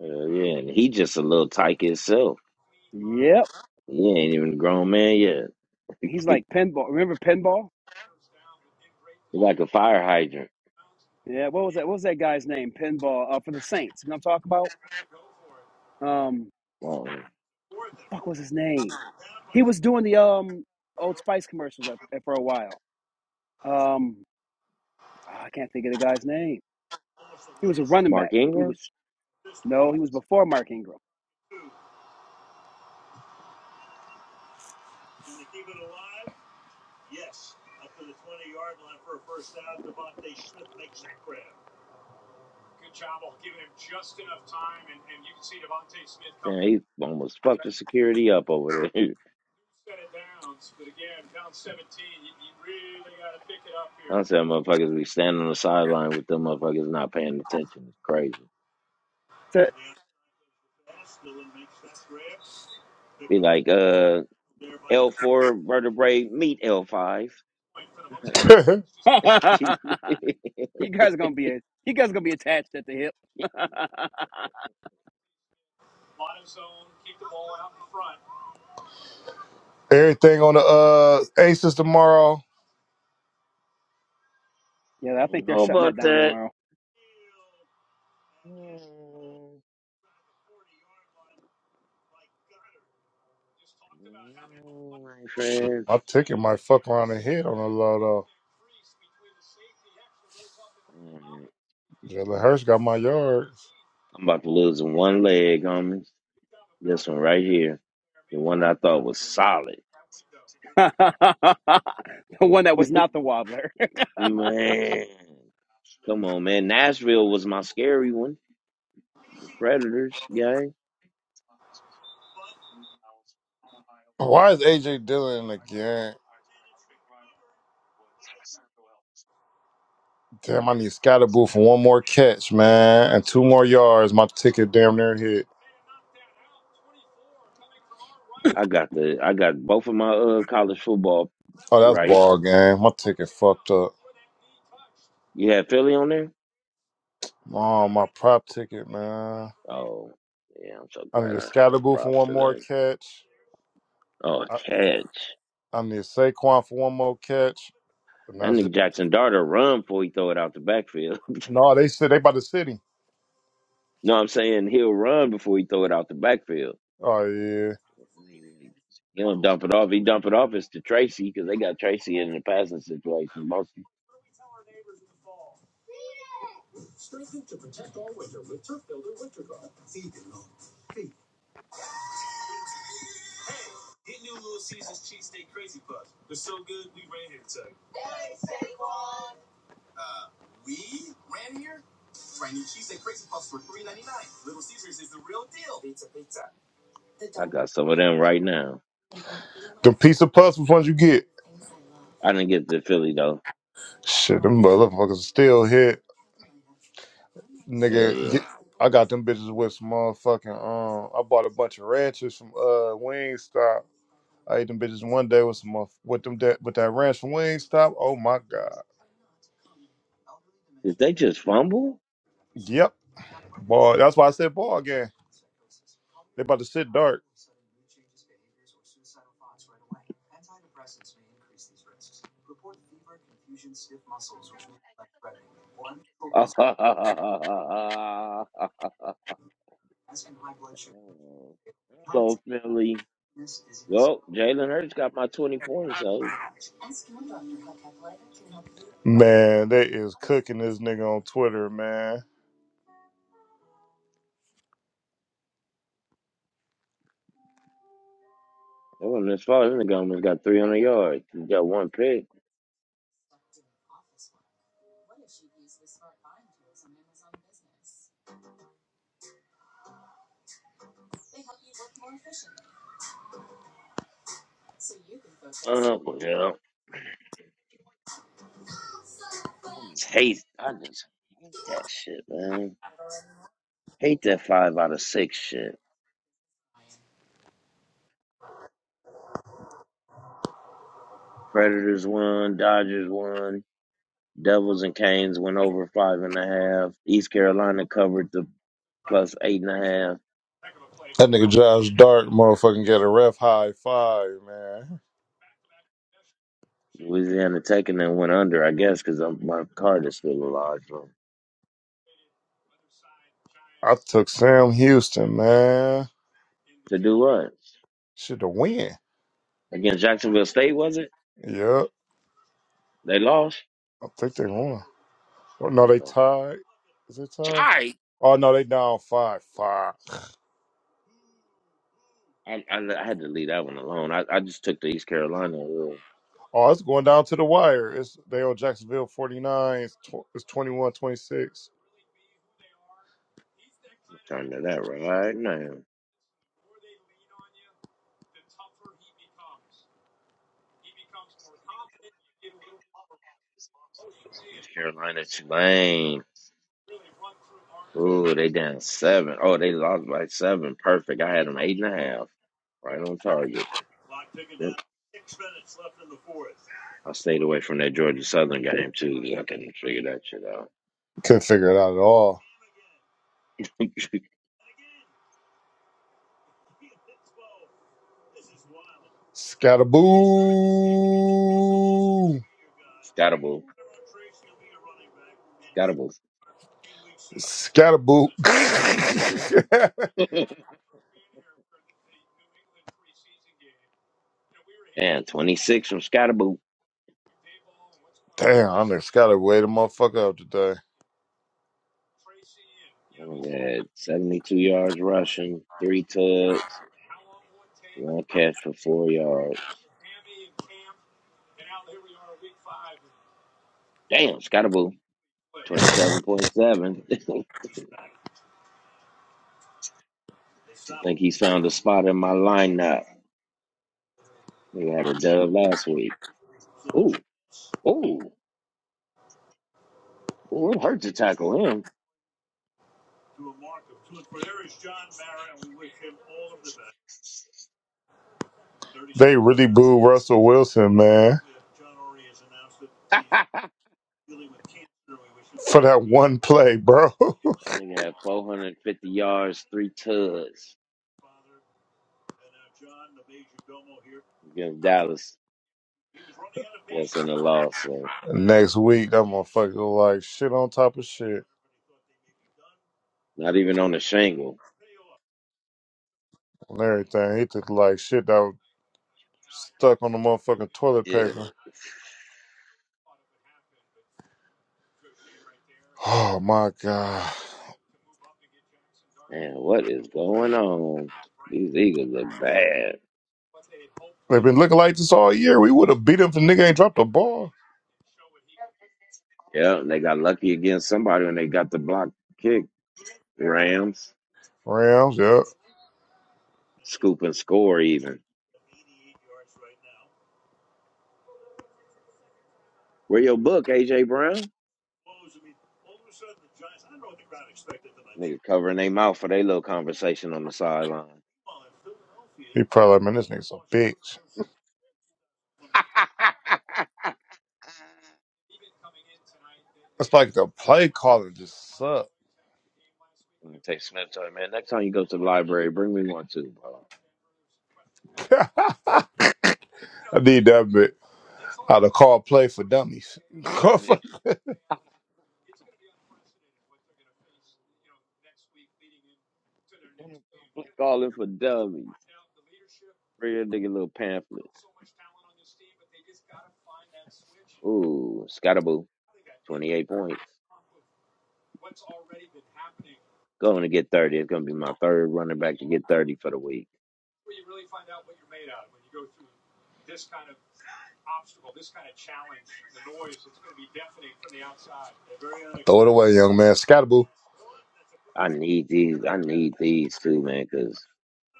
B: Uh, yeah, and he just a little tyke himself. He ain't even a grown man yet. He's like a fire hydrant. Um, Mark Ingram, damn, he almost fucked the security up over there. I said motherfuckers be standing on the sideline with them motherfuckers not paying attention. It's crazy. Be like, uh, L four vertebrae meet L five. I
D: Everything on the uh Aces tomorrow.
B: don't know about that. Mm, No, my friend.
D: My ticket might fuck around and hit on a lot of.
B: Mm,
D: Jalen Hurst got my yards.
B: I'm about to lose one leg, homies. This one right here. The one I thought man. Oh man, Nashville, right? Yeah.
D: Why is AJ Dillon again? Damn, I need Scatterboo for one more catch, man, and two more yards. My ticket damn near hit.
B: I got the I got both of my uh college football
D: Oh, that's
B: right.
D: ball game. My ticket fucked up.
B: You had Philly on there?
D: Oh, my prop ticket, man.
B: Oh, yeah, I'm so
D: I
B: glad
D: need a
B: I don't have no
D: Scatterboo for
B: props
D: one more
B: today.
D: catch.
B: Oh, a
D: I,
B: catch.
D: I need Saquon for one more catch, and
B: That
D: that's
B: nigga
D: it.
B: Jackson Dart will run before he throw it out the backfield.
D: No, they said they by the city.
B: no, I'm saying he'll run before he throw it out the backfield.
D: Oh yeah,
B: He don't dump it off. He dump it off. It's to Tracy because they got Tracy in the passing situation mostly. I got some of them right now.
D: the piece of puzzles ones you get.
B: I didn't get to Philly though.
D: Shit, them motherfuckers still hit,
B: Oh, Yeah,
D: nigga.
B: yeah.
D: Get, I got them bitches with some motherfucking. Um, I bought a bunch of ranches from uh Wingstop. I ate them bitches one day with some of, with them that with that ranch from Wingstop. Oh my god.
B: Did they just fumble?
D: Yep. Boy, that's why I said ball again. They about to sit dark.
B: Hello, Philly. Well, Jalen Hurts got my 20 points, so
D: Man, they is cooking this nigga on Twitter, man.
B: that wasn't as far. This nigga almost got 300 yards. He got one pick. Uh, yeah. I just hate, I just hate that shit, man. Hate that five out of six shit. Predators won, Dodgers won, Devils and Canes went over five and a half. East Carolina covered the plus eight and a half.
D: That nigga Josh Dark motherfucking get a ref high five, man.
B: Louisiana Tech and then went under, I guess, because my card is still alive. So.
D: I took Sam Houston, man.
B: To do what?
D: Should have win.
B: Against Jacksonville State, was it?
D: Yeah,
B: They lost?
D: I think they won. Oh, no, they tied. Is it tied?
B: Sorry.
D: Oh no, they down five five.
B: I, I, I had to leave that one alone. I, I just took the East Carolina. Ooh,
D: Oh, it's going down to the wire. It's they owe Jacksonville 49. It's, tw- it's twenty 26.
B: I'm turning to that right now. East Carolina, Tulane. Ooh, they down seven. Oh, they lost by seven. Perfect. I had them eight and a half. Right on target. Yep. I stayed away from that Georgia Southern game too. 'cause I couldn't figure that shit out.
D: Couldn't figure it out at all. Scatterboo.
B: Scottable. Scottable.
D: Scatterboo.
B: And 26 from Scottable.
D: Damn, I done scattered way the motherfucker up today.
B: We had 72 yards rushing, three tugs, one catch for four yards. Damn, Scottaboo, 27.7. I think he's found a spot in my lineup. They had a dub last week. Ooh, ooh, ooh, it hurt to tackle him.
D: They really booed Russell Wilson, man.
B: I
D: for that one play, bro.
B: think had 450 yards, three tugs against Dallas. That's in a loss, so
D: Next week, that motherfucker look like shit on top of shit
B: not even on a shingle.
D: and everything. He took like shit that was stuck on the motherfucking toilet
B: Yeah.
D: paper. Oh my god,
B: Man, what is going on? These Eagles look bad.
D: they've been looking like this all year. We would have beat him if the nigga ain't dropped the ball.
B: Yeah, and they got lucky against somebody when they got the block kick. Rams
D: Rams, yeah.
B: scoop and score even. Where your book, AJ Brown? Nigga covering their mouth for their little conversation on the sideline.
D: He probably like, man, this nigga's a bitch. It's like the play calling just suck.
B: I'm gonna take Smith to it, man. Next time you go to the library, bring me one too, bro.
D: I need that bit. How to call play for dummies.
B: Yeah, calling for dummies. Bring that nigga little pamphlet. Ooh, Scottaboo, 28 points. Going to get 30. It's gonna be my third running back to get 30 for the week.
D: They're Throw it unexpected. away, young man. Scataboo.
B: I need these. I need these too, man. Because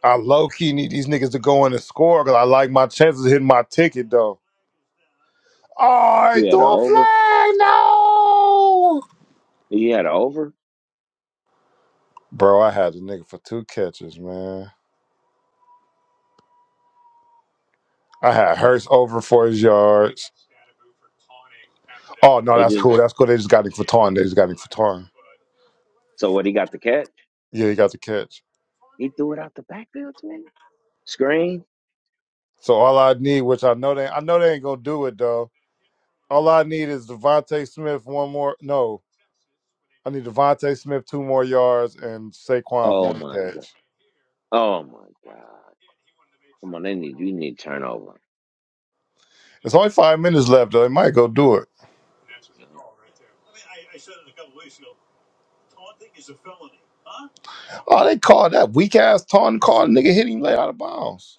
D: I low key need these niggas to go in and score because I like my chances of hitting my ticket though. All
B: if you
D: right, throw
B: had an
D: a
B: over,
D: flag, no.
B: if you had an over,
D: Bro, I had the nigga for two catches, man. I had Hurst over for his yards. Oh no,
B: they
D: that's
B: just
D: cool. That's cool. They just got him for tarn. They just got him for tarn.
B: so what he got the catch.
D: Yeah, he got the catch.
B: He threw it out the backfield to me. Screen.
D: So all I need, which I know they, I know they ain't gonna do it though. All I need is Devonte Smith one more. No, I need Devonte Smith two more yards and Saquon
B: Oh
D: one
B: my god.
D: catch.
B: Oh my God! Come on, they need we need turnover.
D: It's only five minutes left though. They might go do it.
B: Yeah.
D: Oh, they called that weak ass Taunton call. Nigga hit him late out of bounds.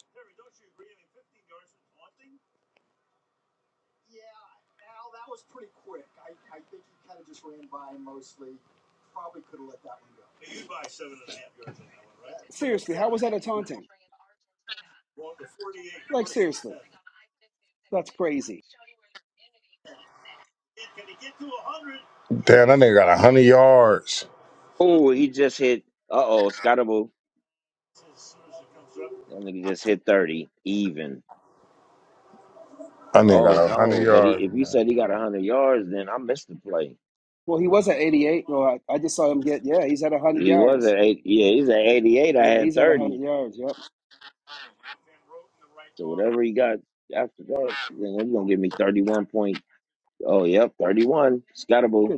D: Damn, that nigga got a hundred yards.
B: Oh, he just hit. Uh oh, Scottable. That nigga just hit thirty even.
D: That nigga
B: Oh
D: got a hundred
B: no! But he,
D: yards.
B: if you
D: Man.
B: said he got hundred yards, then I missed the play. He was at eight. Yeah, he's at eighty-eight. I had thirty. So whatever he got after that, then he's gonna give me thirty-one point. Oh yep, thirty-one. Scottable.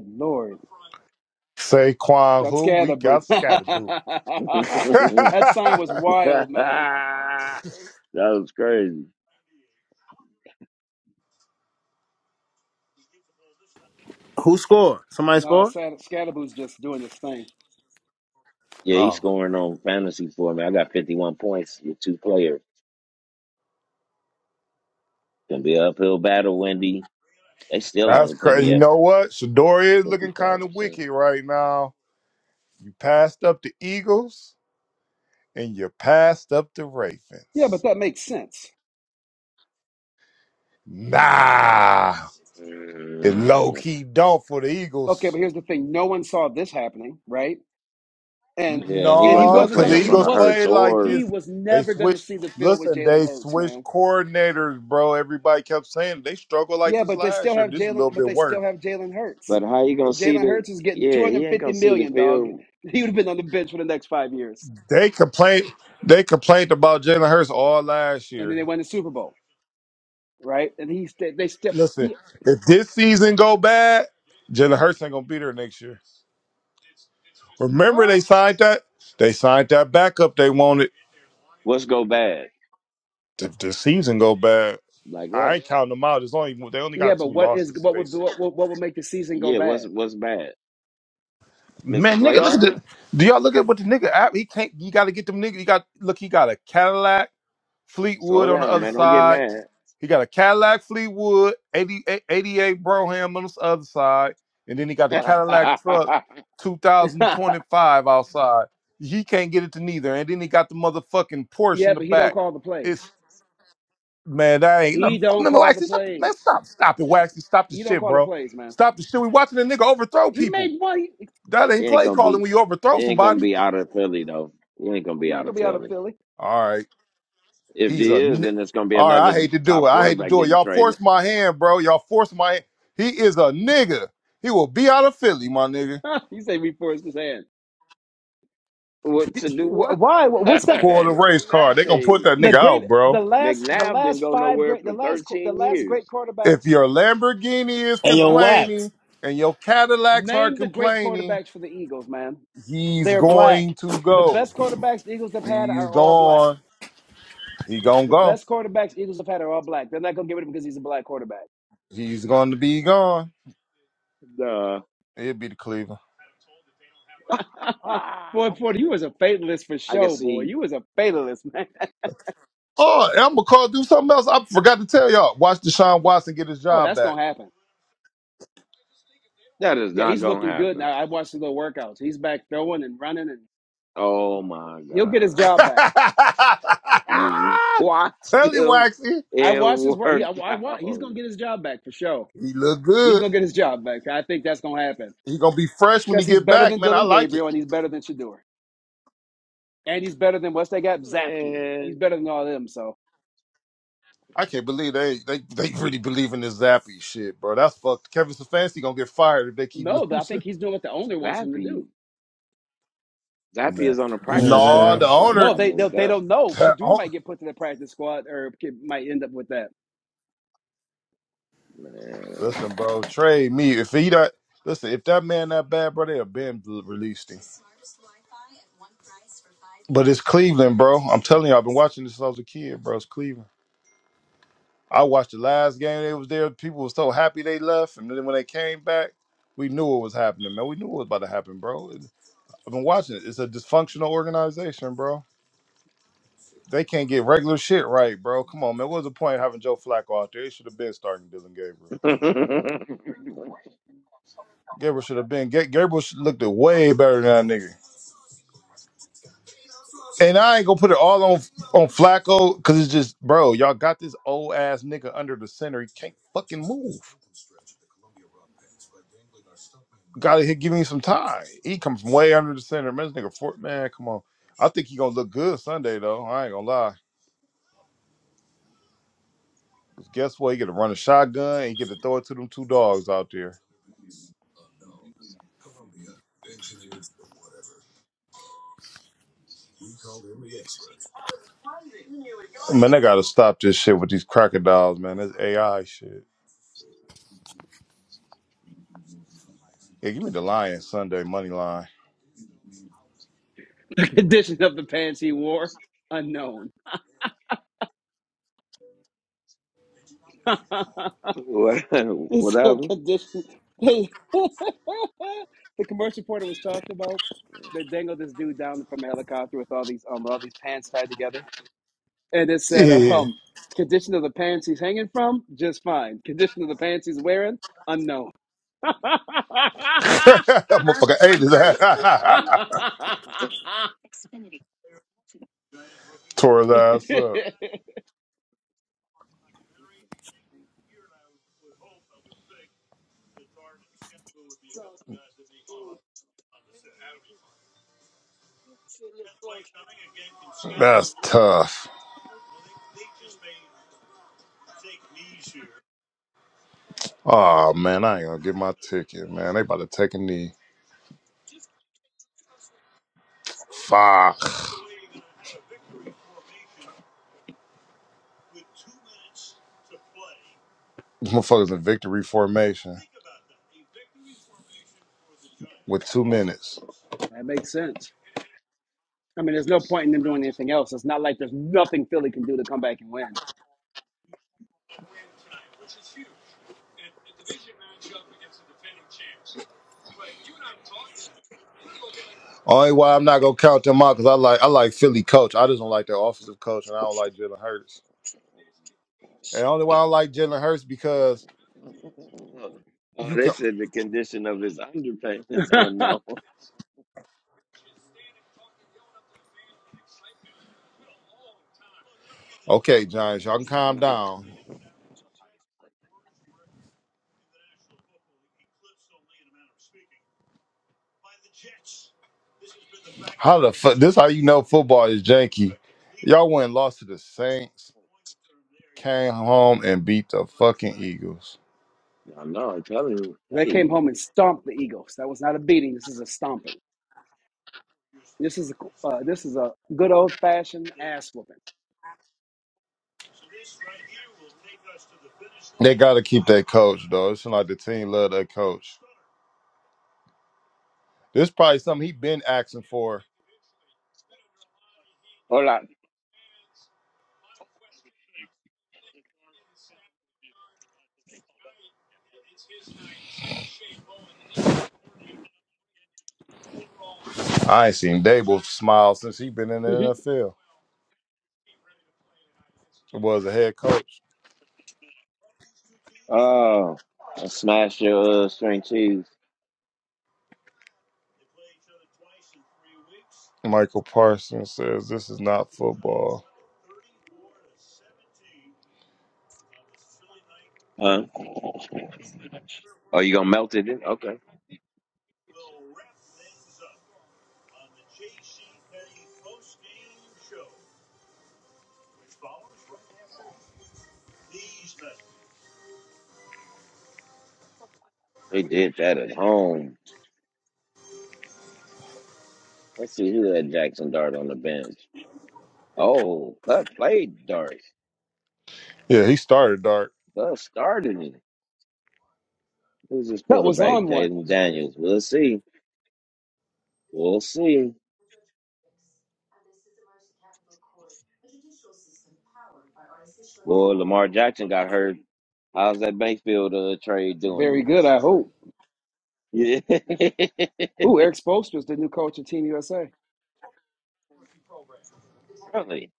D: Saquon, who we got scatterboo.
B: that was crazy.
A: Who scored? Somebody scored?
B: Yeah, he's
A: Oh.
B: scoring on fantasy for me. I got fifty-one points with two players. Gonna be an uphill battle, Wendy. They still
D: That's
B: only put
D: crazy.
B: me
D: You
B: at
D: know what? Shador is
B: fifty
D: looking
B: five
D: kind of
B: percent.
D: wicked right now. You passed up the Eagles and you passed up the Ravens. Nah, it low key don't for the Eagles.
B: And he wasn't
D: No,
B: gonna
D: because
B: play
D: the
B: in front
D: Eagles
B: of Hurts
D: play like
B: or
D: this. They switched. Listen, they switched coordinators, bro. Everybody kept saying they struggled like this last year. This is a little bit worse.
B: but how you gonna see the yeah, he ain't gonna see the field.
D: They complained. They complained about Jalen Hurts all last year. Listen, if this season go bad, Jalen Hurts ain't gonna be there next year. Remember they
B: What?
D: signed that they signed that backup they wanted.
B: What's go bad?
D: If the season go bad,
B: Like
D: I
B: what?
D: ain't counting them out. It's only they only got two losses. They
B: Yeah, what's what's bad? Miss the
D: man, nigga, look at
B: playoffs?
D: the. Do y'all look at what the nigga? app- He can't. You got to get them nigga. He got look. He got a Cadillac
B: Slow
D: Fleetwood on the
B: down,
D: other
B: man. Don't get
D: side.
B: mad.
D: He got a Cadillac Fleetwood eighty eighty eight Broham on the other side, and then he got the Cadillac truck 2025 outside. He can't get it to neither, and then he got the motherfucking Porsche in the back. It's Man, that ain't no, fuck, man, Waxy. Stop, man, stop, stop it, Waxy. Stop the shit, bro. Stop the shit. We watching a nigga overthrow people. That
B: he
D: ain't
B: ain't
D: play
B: gonna
D: calling
B: be
D: when you
B: he
D: overthrow
B: ain't gonna
D: somebody.
B: be out of Philly though. He ain't gonna be out of Philly.
D: All right,
B: If
D: he's
B: he
D: a.
B: is,
D: ni-
B: then it's gonna be
D: All right, I
B: another
D: hate to do
B: top
D: it. I hate to
B: quarterback
D: do it.
B: getting
D: Y'all
B: traded.
D: forced my hand, bro. Y'all forced my. hand. He is a nigga. He will be out of Philly, my nigga.
B: What to do what? what does
D: To pull the race car,
B: that
D: they gonna put
B: mean?
D: that nigga out, bro.
B: McNabb didn't go nowhere for 13 years.
D: If your Lamborghini is
A: And your Wax.
D: complaining and your Cadillacs are complaining, he's going to go. He's gone. He gonna go. He's going to be gone.
B: Duh.
D: It'll be the Cleveland.
B: I can see
D: Oh, and I'm gonna call do something else. I forgot to tell y'all. Watch Deshaun Watson get his job back.
B: that is not going to happen. Oh my God. You watched
D: tell you,
B: him
D: Waxy,
B: in workout.
D: he look good. He gonna be fresh when he get back, man. I like it.
B: Man.
D: I can't believe they they, they really believe in this Zappy shit, bro. That's fucked. Kevin Stefanski gonna get fired if they keep losing.
B: Zappy. Zappy
D: Man,
B: is on the practice
D: no,
B: squad.
D: the
A: Man.
B: That's why he
D: owner.
B: got moved up. Man.
D: Listen, bro, trade me. If he not listen, if that man that bad, bro, they have been released him. But it's Cleveland, bro. I'm telling you, I've been watching this since I was a kid, bro. It's Cleveland. I watched the last game they was there. People were so happy they left, and then when they came back, we knew what was happening, man. We knew what was about to happen, bro. It- I've been watching it. It's a dysfunctional organization, bro. They can't get regular shit right, bro. Come on, man. What was the point of having Joe Flacco out there? It should have been starting Dylan Gabriel. Gabriel should have been. Ga- Gabriel should looked way better than that nigga. And I ain't gonna put it all on on Flacco because it's just, bro, y'all got this old ass nigga under the center. He can't fucking move. Gotta hit, give me some time. He comes from way under the center. Man, this nigga, Fort, man, come on. I think he gonna look good Sunday though. I ain't gonna lie. 'Cause guess what? He get to run a shotgun. And he get to throw it to them two dogs out there. Man, they gotta stop this shit with these crocodiles, man. This AI shit. Yeah, give me the Lions Sunday money line.
B: Whatever.
D: Yeah. That Motherfucker ate his ass. Tore his ass up. That's tough. Oh man, I ain't gonna get my ticket, man. They about to take a knee. Fuck. Motherfuckers in victory formation with two minutes. Only why I'm not gonna count them out because I like I like Philly coach. I just don't like their offensive coach, and I don't like Jalen Hurts. And only why I like Jalen Hurts because
B: Oh,
D: you
B: they
D: can.
B: said the condition of his underpants unknown.
D: Okay, Giants, y'all can calm
B: Hey,
D: down. How the fuck? This how you know football is janky. Y'all went and lost to the Saints, came home and beat the fucking Eagles.
B: I know, I'm telling you. Hey,
D: They got to keep that coach though. It's like the team love that coach. This probably something he been asking for.
B: hold on.
D: I ain't seen Dable smile since he been in the NFL. Was a head coach.
B: Oh, I smashed your uh, string cheese.
D: Michael Parsons says this is not football.
B: Huh? Oh, you gonna melt it in? Okay. They did that at home. Let's see who had Jackson Dart on the bench. Oh, Cut played Dart.
D: Yeah, he started dark.
B: Cut started it. Who's his quarterback? Jaden Daniels. We'll see. We'll see. Boy, Lamar Jackson got hurt. How's that Bankfield uh, trade doing you? Yeah, really.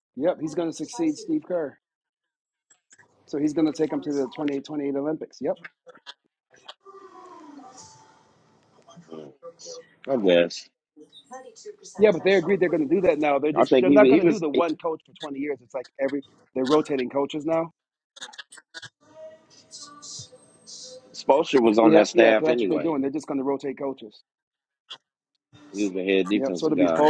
B: Mm, I guess. I think he he was Spoelstra was on that staff anyway. He was the head defensive guy.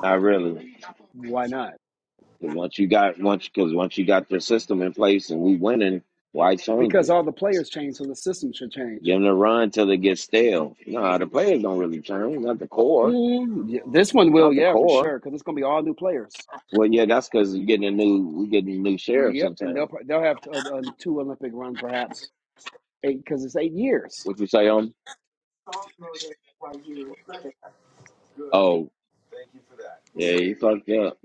B: Not really. 'Cause once you got once because once you got their system in place and we winning, why change it? Give them a run till they get stale. Nah, the players don't really change. Not the core. Not the core. Well, yeah, that's because you're getting a new we getting new sheriffs in town. What you say on? Oh. Yeah, he fucked up.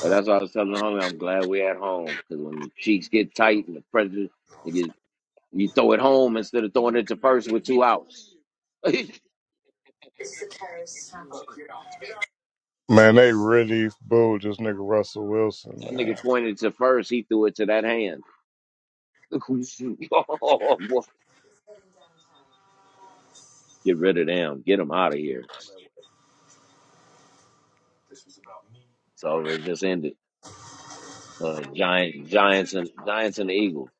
B: But that's why I was telling the homie, I'm glad we're at home. Because when the cheeks get tight and the pressure, you, get, you throw it home instead of throwing it to first. that
D: Man, they really booed this nigga Russell Wilson, man.
B: nigga pointed to first, he threw it to that hand. get rid of them. Get them out of here. So it just ended. Uh, Giant, Giants and Giants and the Eagles.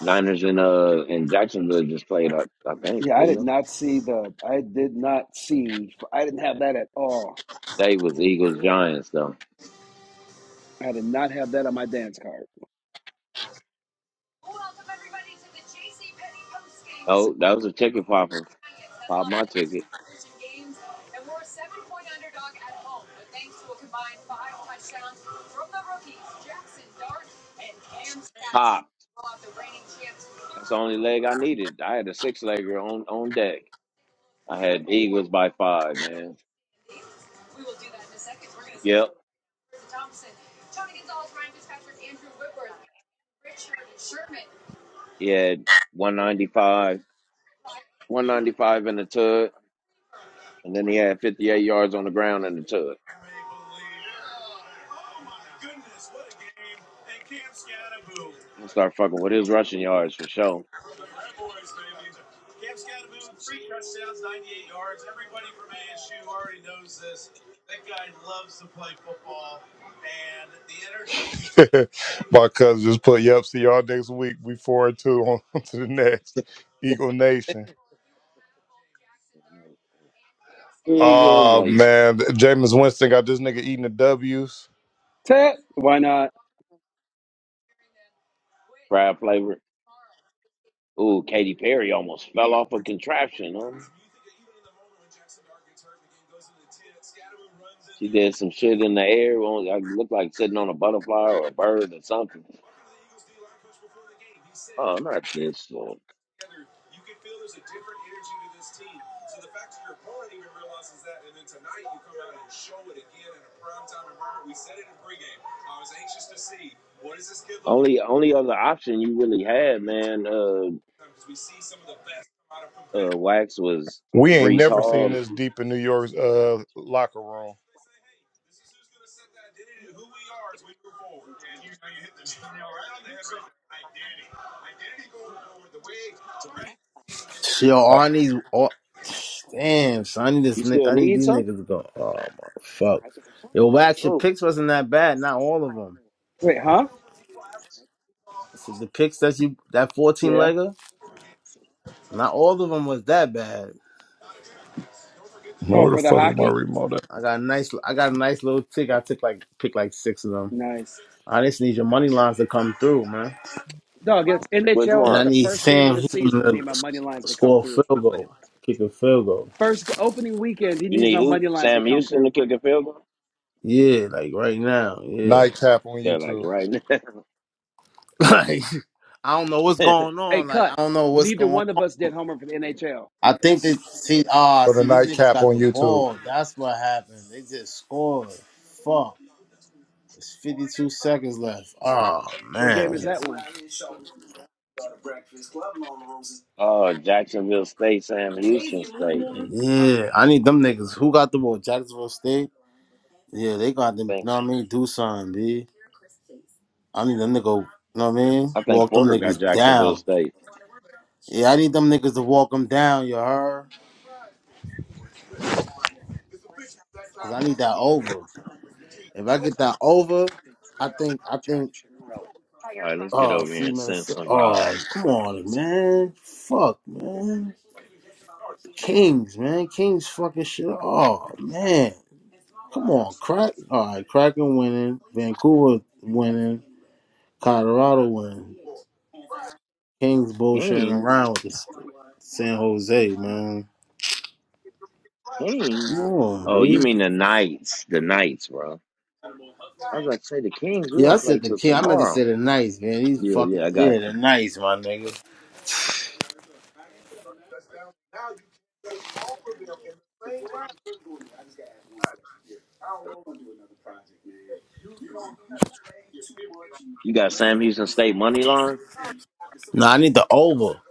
B: Niners and uh and Jacksonville just played. I, I think didn't they? They was Eagles Giants though. Oh, that was a ticket popper. Pop my ticket. Pop. That's the only leg I needed. I had a six legger on on deck. I had Eagles by five, man. Yep. He had one ninety five. One ninety five in the tug, and then he had fifty eight yards on the ground in the tug. I'm gonna start fucking with his rushing yards for sure.
D: My cousin just put, yep, see y'all next week. We four and two on to the next. Eagle Nation.
B: Eagle,
D: Oh
B: nice.
D: man. Jameis Winston got this nigga eating the W's.
B: Crab flavor. Ooh, Katy Perry almost fell off a contraption. Huh? She did some shit in the air. Well, I looked like sitting on a butterfly or a bird or something. Oh, not this. one. Only only other option you really had, man, uh uh Wax was
D: We ain't
B: Brees
D: never seen
B: Hall.
D: this deep in New York's uh locker room.
A: Shit, Yo, all these. All, damn, son. I need, this,
B: You
A: nigga.
B: still
A: I need
B: need
A: these
B: something?
A: niggas to go. Oh, my fuck. Yo, Wax, your picks wasn't that bad. Not all of them. I said, the picks that you, that 14 legger, not all of them was that bad.
D: Man, where the fuck is my remote at?
A: I got a nice, I got a nice little tick. I took like, pick like six of them. I just need your money lines to come through, man.
B: Which
A: And I
B: one?
A: need Sam Houston to s- score a field goal, kick a field goal.
B: You need who? Sam Houston to kick a field goal?
A: Yeah, like right now. Yeah,
D: Nightcap on
B: They're like
D: YouTube.
B: right
A: like I don't know
B: now.
A: what's going on. Like I don't know what's going. on. I think that see ah
D: For the
A: see these niggas
D: nightcap
A: got
D: on
A: the
D: YouTube.
A: ball. That's what happened. They just scored. Fuck. It's 52 seconds left. Oh man.
B: oh, Jacksonville State, Sam Houston State. I
A: Yeah, I need them niggas. Who got the ball? Jacksonville State. Yeah, they got them.
B: think
A: Know what I mean? Do something, B. I need them to go, you know what I mean?
B: I think
A: Walk them
B: Porter got
A: niggas
B: Jacksonville
A: down.
B: State.
A: Yeah, I need them niggas to walk them down, you heard? Because I need that over. If I get that over, I think, I think, oh, see,
B: Then
A: Minnesota.
B: like
A: Oh, come on, man. Fuck, man. Kings, man. Kings fucking shit. Oh, man. Come on, crack. All right, Kraken winning. Vancouver winning. Colorado winning. Kings bullshitting
B: Kings.
A: around with this San Jose, man. Come
B: Kings.
A: on,
B: Oh, you
A: B.
B: mean the Knights. The Knights, bro. I was gonna say the Kings, we
A: Yeah, I
B: don't play
A: said the
B: till
A: king. I meant to say
B: tomorrow.
A: the nice man. He's
B: Yeah,
A: fucking
B: yeah, I got
A: yeah, the
B: you.
A: nice my nigga.
B: You got Sam Houston State money line?
A: No, I need the over.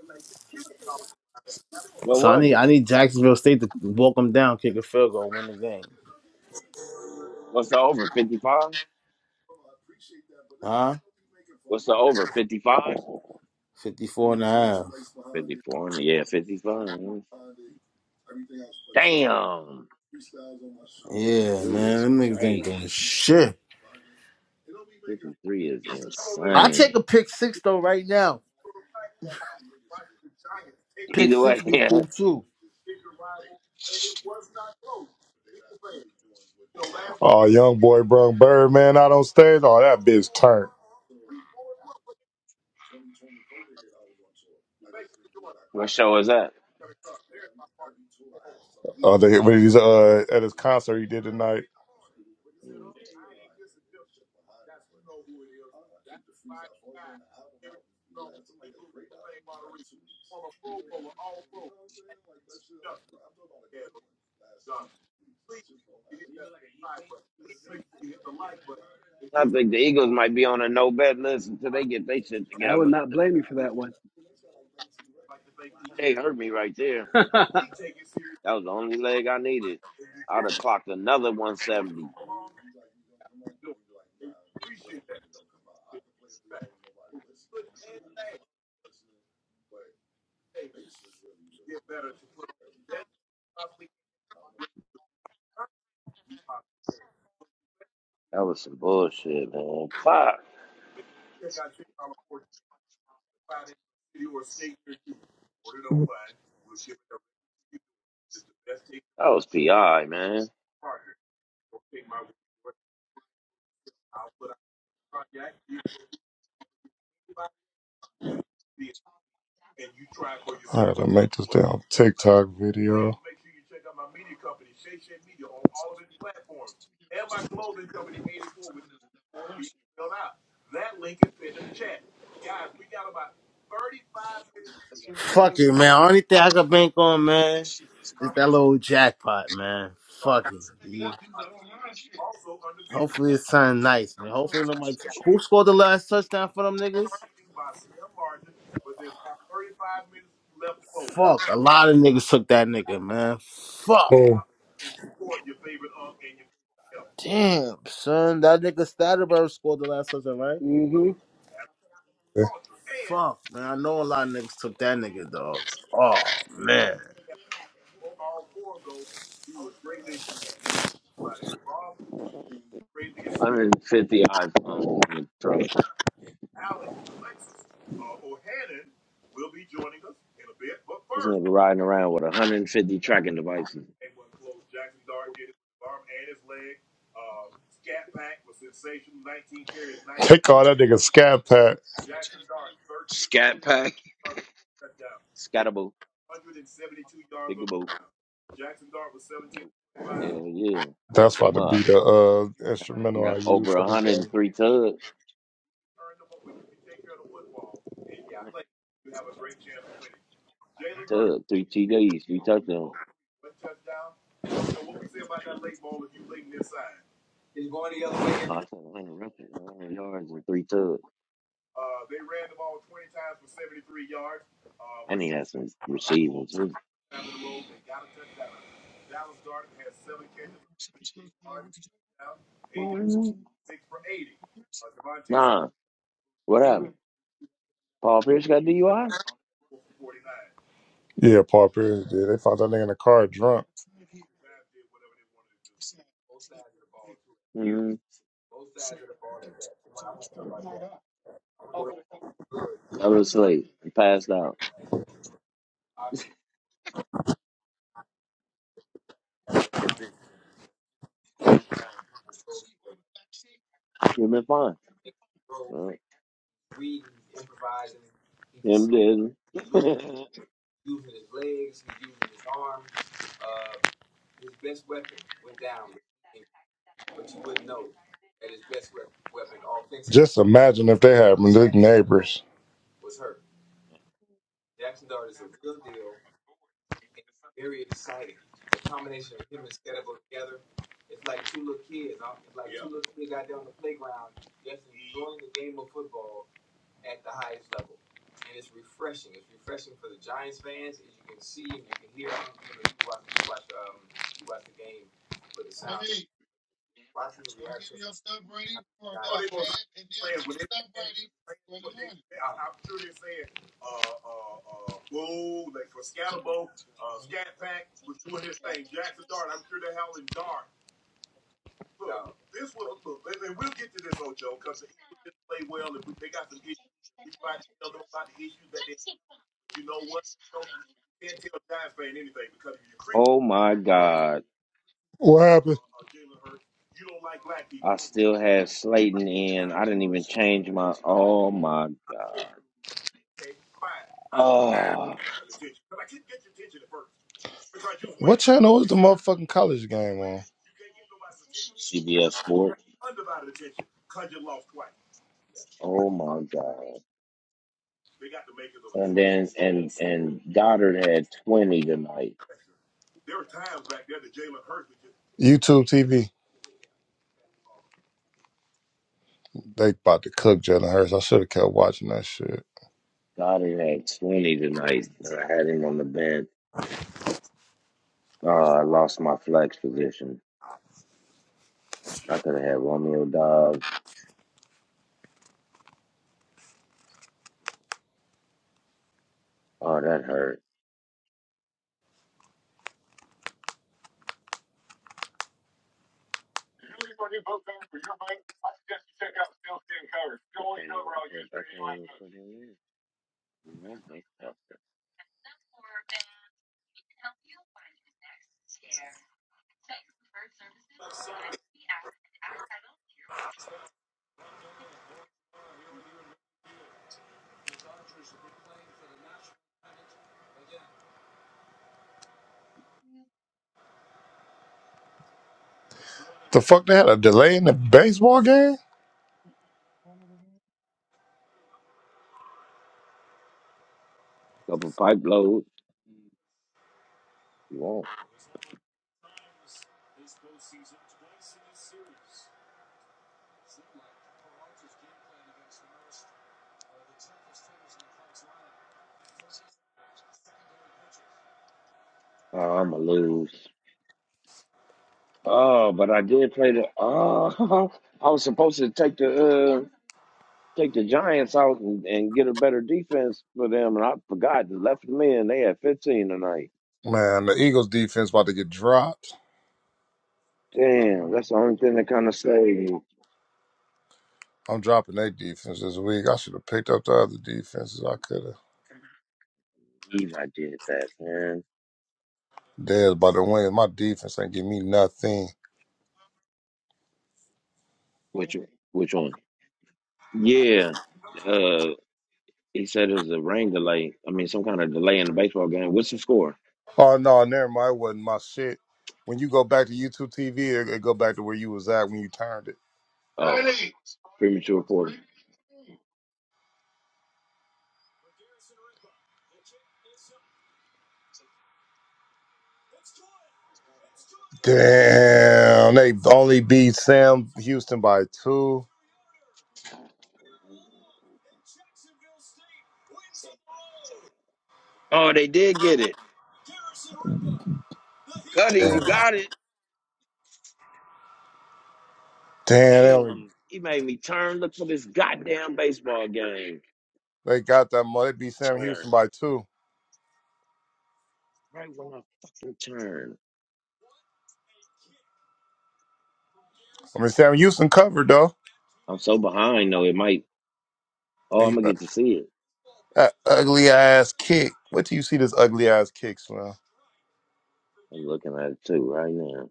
B: What
A: So I
B: was
A: need
B: it?
A: I need Jacksonville State to walk them down, kick a field goal, win the game.
B: What's the over? 55?
A: Huh?
B: What's the over? 55?
A: 54 and a half.
B: 54. Yeah, 55. Damn.
A: Yeah,
B: 53
A: man.
B: is
A: Them niggas ain't
B: crazy.
A: doing shit.
B: 53 is
A: I take
B: insane.
A: a pick six though right now. Pick
B: Either
A: six
B: way,
A: be
B: yeah,
A: cool too.
D: Oh, young boy brung Birdman out on stage. Oh, that bitch turned.
B: what show is that?
D: Oh, they, when he's uh at his concert he did tonight.
B: Hmm. I think the Eagles might be on a no bet list until they get their shit together. They hurt me right there. That was the only leg I needed. I'd have clocked another 170. That was some bullshit, man. Fuck. That was PI, man.
D: I got to make this damn TikTok video.
A: Fuck it, man. Only thing I can bank on, man, is that little jackpot, man. Fuck it. B. Hopefully it's something nice, man. Hopefully nobody. who scored the last touchdown for them niggas? Fuck, a lot of niggas took that nigga, man. Fuck. Damn, son. That nigga Statterberg scored the last touchdown, right? Fuck, man. I know a lot of niggas took that nigga, dog. Oh.
B: 150 iPhones in the truck. This nigga riding around with 150 tracking devices.
D: Take all that nigga scat pack.
B: Scat, scatable, bigaboo. Hell yeah, fuck
D: That's about
B: them
D: to be
B: up.
D: the uh, instrumental I use
B: Over
D: for this game.
B: 103 tugs, Tug tugs, three TDs, three touchdowns. No, I said 100 yards, and three tugs. And he has some receiving too. Nah, what? Paul Pierce got DUI?
D: Yeah, Paul Pierce did. They found that nigga in the car drunk.
B: Mm, pass. You've been fine. Uh, him didn't.
D: Just imagine if they had been neighbors.
B: oh my God.
D: What happened?
B: I still had Slayton in. I didn't even change my. Oh my god. Oh
D: What channel was the motherfucking college game on?
B: yes. Oh my god. And then and and Goddard had twenty tonight.
D: YouTube TV. They about to cook Jalen Hurts. I should have kept watching that shit.
B: Goddard had twenty tonight. And I had him on the bench. Uh, I lost my flex position. I could have had Romeo Dobbs. Oh, that hurt.
D: The fuck they had a delay in the baseball game?
B: Couple pipe load. You won't. Oh, I'ma lose. Oh, but I did play the. Oh, I was supposed to take the take the Giants out and, and get a better defense for them. And I forgot the left men they had 15 tonight.
D: Man, the Eagles defense about to get dropped.
B: Damn, that's the only thing that kind of saved.
D: I'm dropping their defense this week. I should have picked up the other defenses. I could have.
B: me. I did that, man.
D: Dead about to win. My defense ain't give me nothing.
B: Which which one? Yeah, uh, he said it was a rain delay. I mean, some kind of delay in the baseball game. What's the score?
D: Oh no, never mind. It wasn't my shit. When you go back to YouTube TV, it, it go back to where you was at when you turned it.
B: premature quarter.
D: Damn, they only beat Sam Houston by two.
B: Oh, they did get it. Cuddy,
D: Damn,
B: you got it.
D: Damn they only
B: Damn, he made me turn. Look for this goddamn baseball game.
D: They got that money. They beat Sam Houston
B: Turn
D: by two.
B: right when I fucking turn.
D: I mean, Sam Houston covered though.
B: I'm so behind though. It might. Oh, I'm
D: He-
B: gonna get to see it.
D: That ugly ass kick. Wait till you see this ugly ass kick, man.
B: I'm looking at it too right now.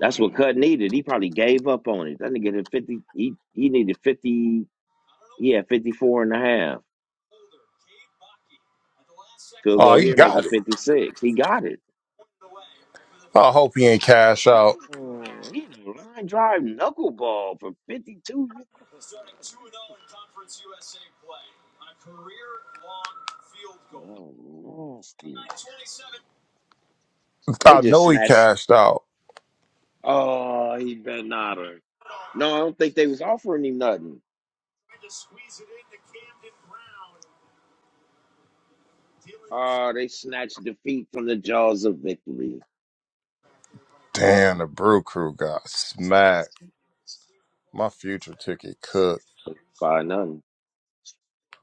B: That's what Cut needed. He probably gave up on it. That nigga did 50. He he needed 50. He had 54 and a half. Field
D: Oh,
B: goal
D: he
B: here,
D: got
B: making
D: it.
B: 56. He got it.
D: I hope he ain't cash out.
B: Ooh, he the line drive knuckleball for 52 yards. Oh, nasty. They
D: I
B: just
D: know he
B: snatched.
D: cashed out.
B: Oh, he bet not. her. No, I don't think they was offering him nothing. Ah, they snatched defeat from the jaws of victory
D: Damn, the Brew Crew got smacked. My future ticket cooked.
B: by none.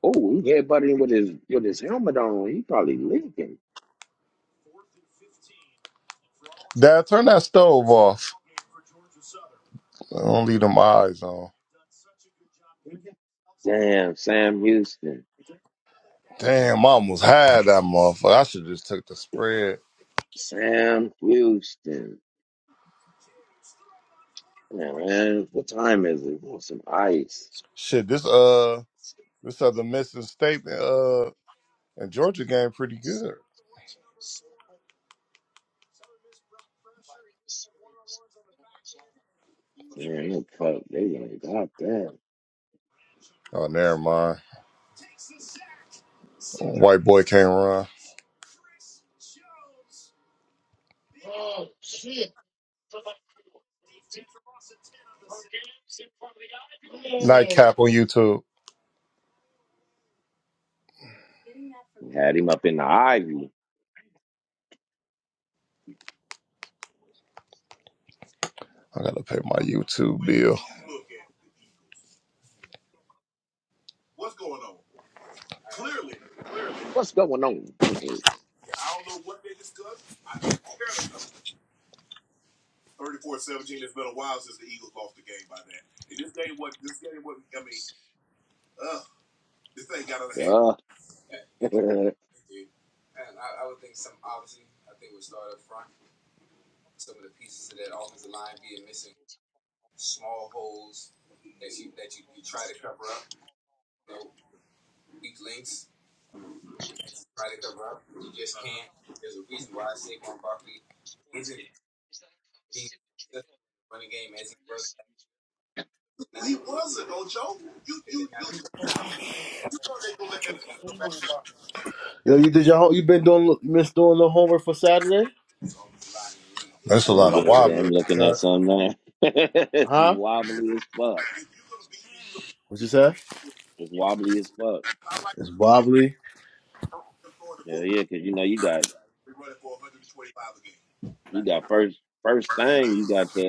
B: Oh, he headbutting with his with his helmet on. He probably leaking.
D: Dad, turn that stove off. don't leave them eyes on.
B: Damn, Sam Houston.
D: Damn, I almost had that motherfucker. I should just took the spread.
B: Sam Houston. Yeah, man, what time is it? want some ice.
D: Shit, this uh This other missing statement. Uh, and Georgia game pretty good.
B: Fuck, they like, God damn.
D: Oh, never mind. White boy can't run. Nightcap on YouTube.
B: Had him up in the ivy.
D: I gotta pay my YouTube bill.
B: What's going on? Uh, and
A: Yo, you did your home you been doing you been doing the homework for Saturday?
D: That's a
B: I'm,
D: lot of
B: just, I'm
D: wobblers.
B: looking at
D: huh?
B: something now. it's
A: Huh?
B: wobbly as fuck.
A: What you say?
B: It's wobbly as fuck.
A: It's wobbly.
B: Yeah, yeah, because you know you got you got first first thing you got the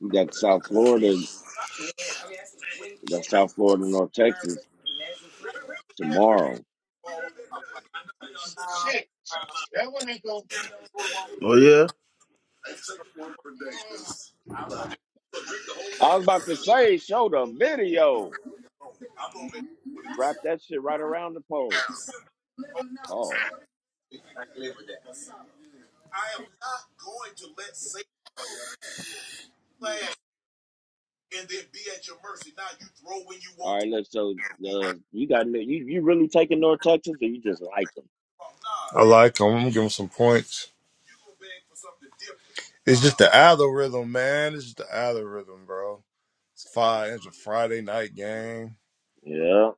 B: you got South Florida, you got South Florida, North Texas tomorrow. Shit, that one ain't going.
A: Oh yeah?
B: I was about to say, show the video. Wrap that shit right around the pole. Oh, all right. Let's so uh, you got you you really taking North Texas, or you just like them?
D: I like them. I'm gonna give them some points. It's just the algorithm, man. It's just the algorithm, bro. It's five. It's a Friday night game.
B: Yeah,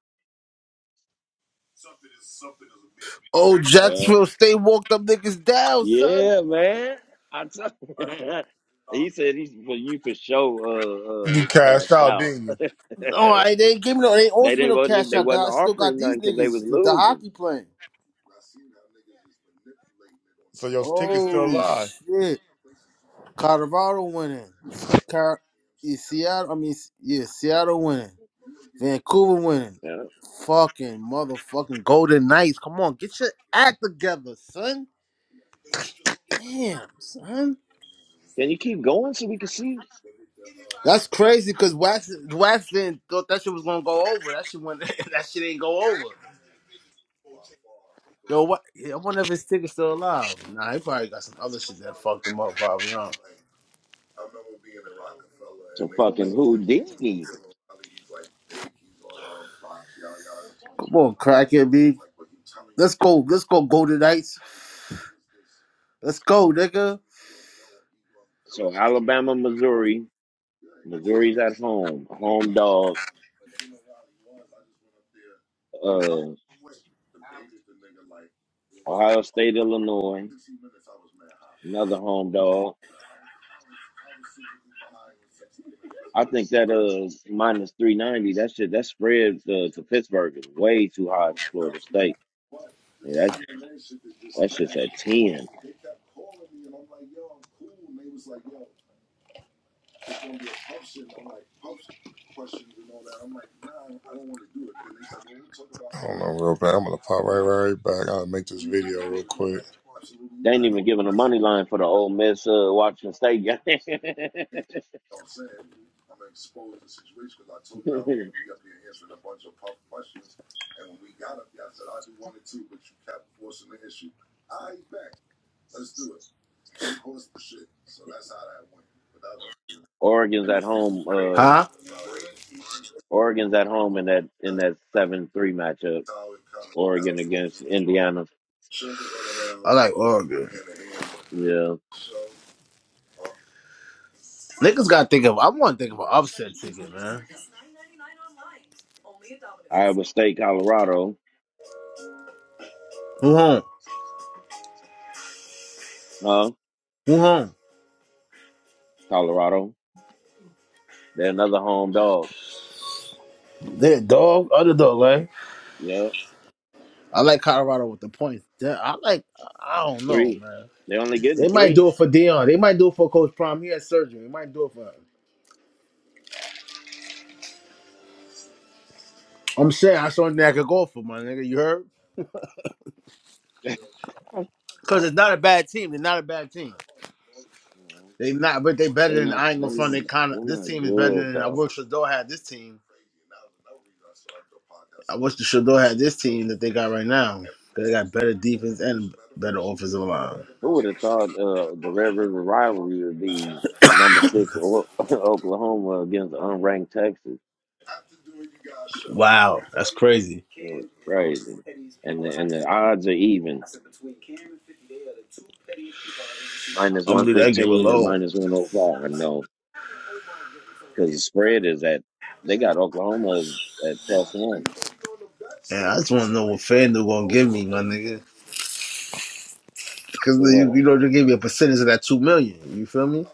A: Oh,
B: yeah.
A: Jacksonville State walked up niggas down, son.
B: Yeah, man. I told he said he's for you for sure uh,
D: You
B: uh,
D: cashed
B: cast
D: out,
B: out.
D: didn't you?
B: they
A: All right, they ain't give me no, they ain't offer me
B: didn't
A: no
B: wasn't
A: cash
B: they
A: out.
B: wasn't
A: 'cause I still got
B: offering
A: these
B: nothing because they was
A: niggas, the, the
B: losing.
A: hockey playing.
D: So your ticket's still
A: Oh
D: alive.
A: shit! Colorado winning. Car- yeah, Seattle, I mean, yeah, Seattle winning. Vancouver winning.
B: Yeah.
A: Fucking motherfucking Golden Knights. Come on, get your act together, son. Damn, son.
B: Can you keep going so we can see
A: That's crazy because Wax, Wax didn't thought that shit was gonna go over. That shit went. that shit ain't go over. Yo, what? yeah, I wonder if his ticket's still alive. Nah, he probably got some other shit that fucked him up. Probably, huh?
B: some fucking
A: do
B: Houdini?
A: Come on, crackhead, B. Let's go. Let's go, Golden Knights. Let's go, nigga.
B: So Alabama, Missouri, Missouri's at home, a home dog. Uh, Ohio State, Illinois, another home dog. I think that uh minus three ninety. That shit that spread uh, to Pittsburgh is way too high for Florida State. Yeah, that's that's just at ten.
D: I don't know, real bad. I'm gonna pop right, right back. I'll make this video real quick.
B: They ain't even giving a money line for the Ole Miss uh, Washington State game. Oregon's at home. Uh,
A: Huh?
B: Oregon's at home in that in that seven three matchup. Oregon against Indiana.
A: I like Oregon.
B: Yeah,
A: Niggas gotta think of. I want to think of an upset ticket, man.
B: Iowa State, Colorado.
A: Who home?
B: Huh?
A: Who home?
B: Colorado. They're another home dog.
A: They dog, underdog, right?
B: Yeah,
A: I like Colorado with the points. Damn, I like. I don't know,
B: three.
A: man.
B: They They're only getting
A: They might
B: three.
A: do it for Dion. They might do it for Coach Prime. He had surgery. They might do it for I'm saying that's something I could go for, my nigga. You heard?
B: They're
A: Because it's not a bad team. They're not a bad team. They not, but they better than
B: not.
A: I ain't gonna
B: They're
A: front.
B: not.
A: They kind of
B: They're
A: this
B: not
A: team is better
B: good
A: than I
B: though.
A: wish Shador had this team. I wish the Shador had this team that they got right now. 'Cause They got better defense and better offensive line.
B: Who would have thought uh, the Red River rivalry would be number six O- Oklahoma against unranked Texas?
A: Wow, that's crazy.
B: It was crazy, and the, and the odds are even minus
A: I'm gonna
B: one
A: do that game
B: fifteen and
A: alone.
B: minus one hundred five. I know because the spread is at they got Oklahoma at plus one.
A: And I just want to know what fan they're gonna give me, my nigga. Because
B: So what?
A: you, you know they gave me a percentage of that two million. You feel me?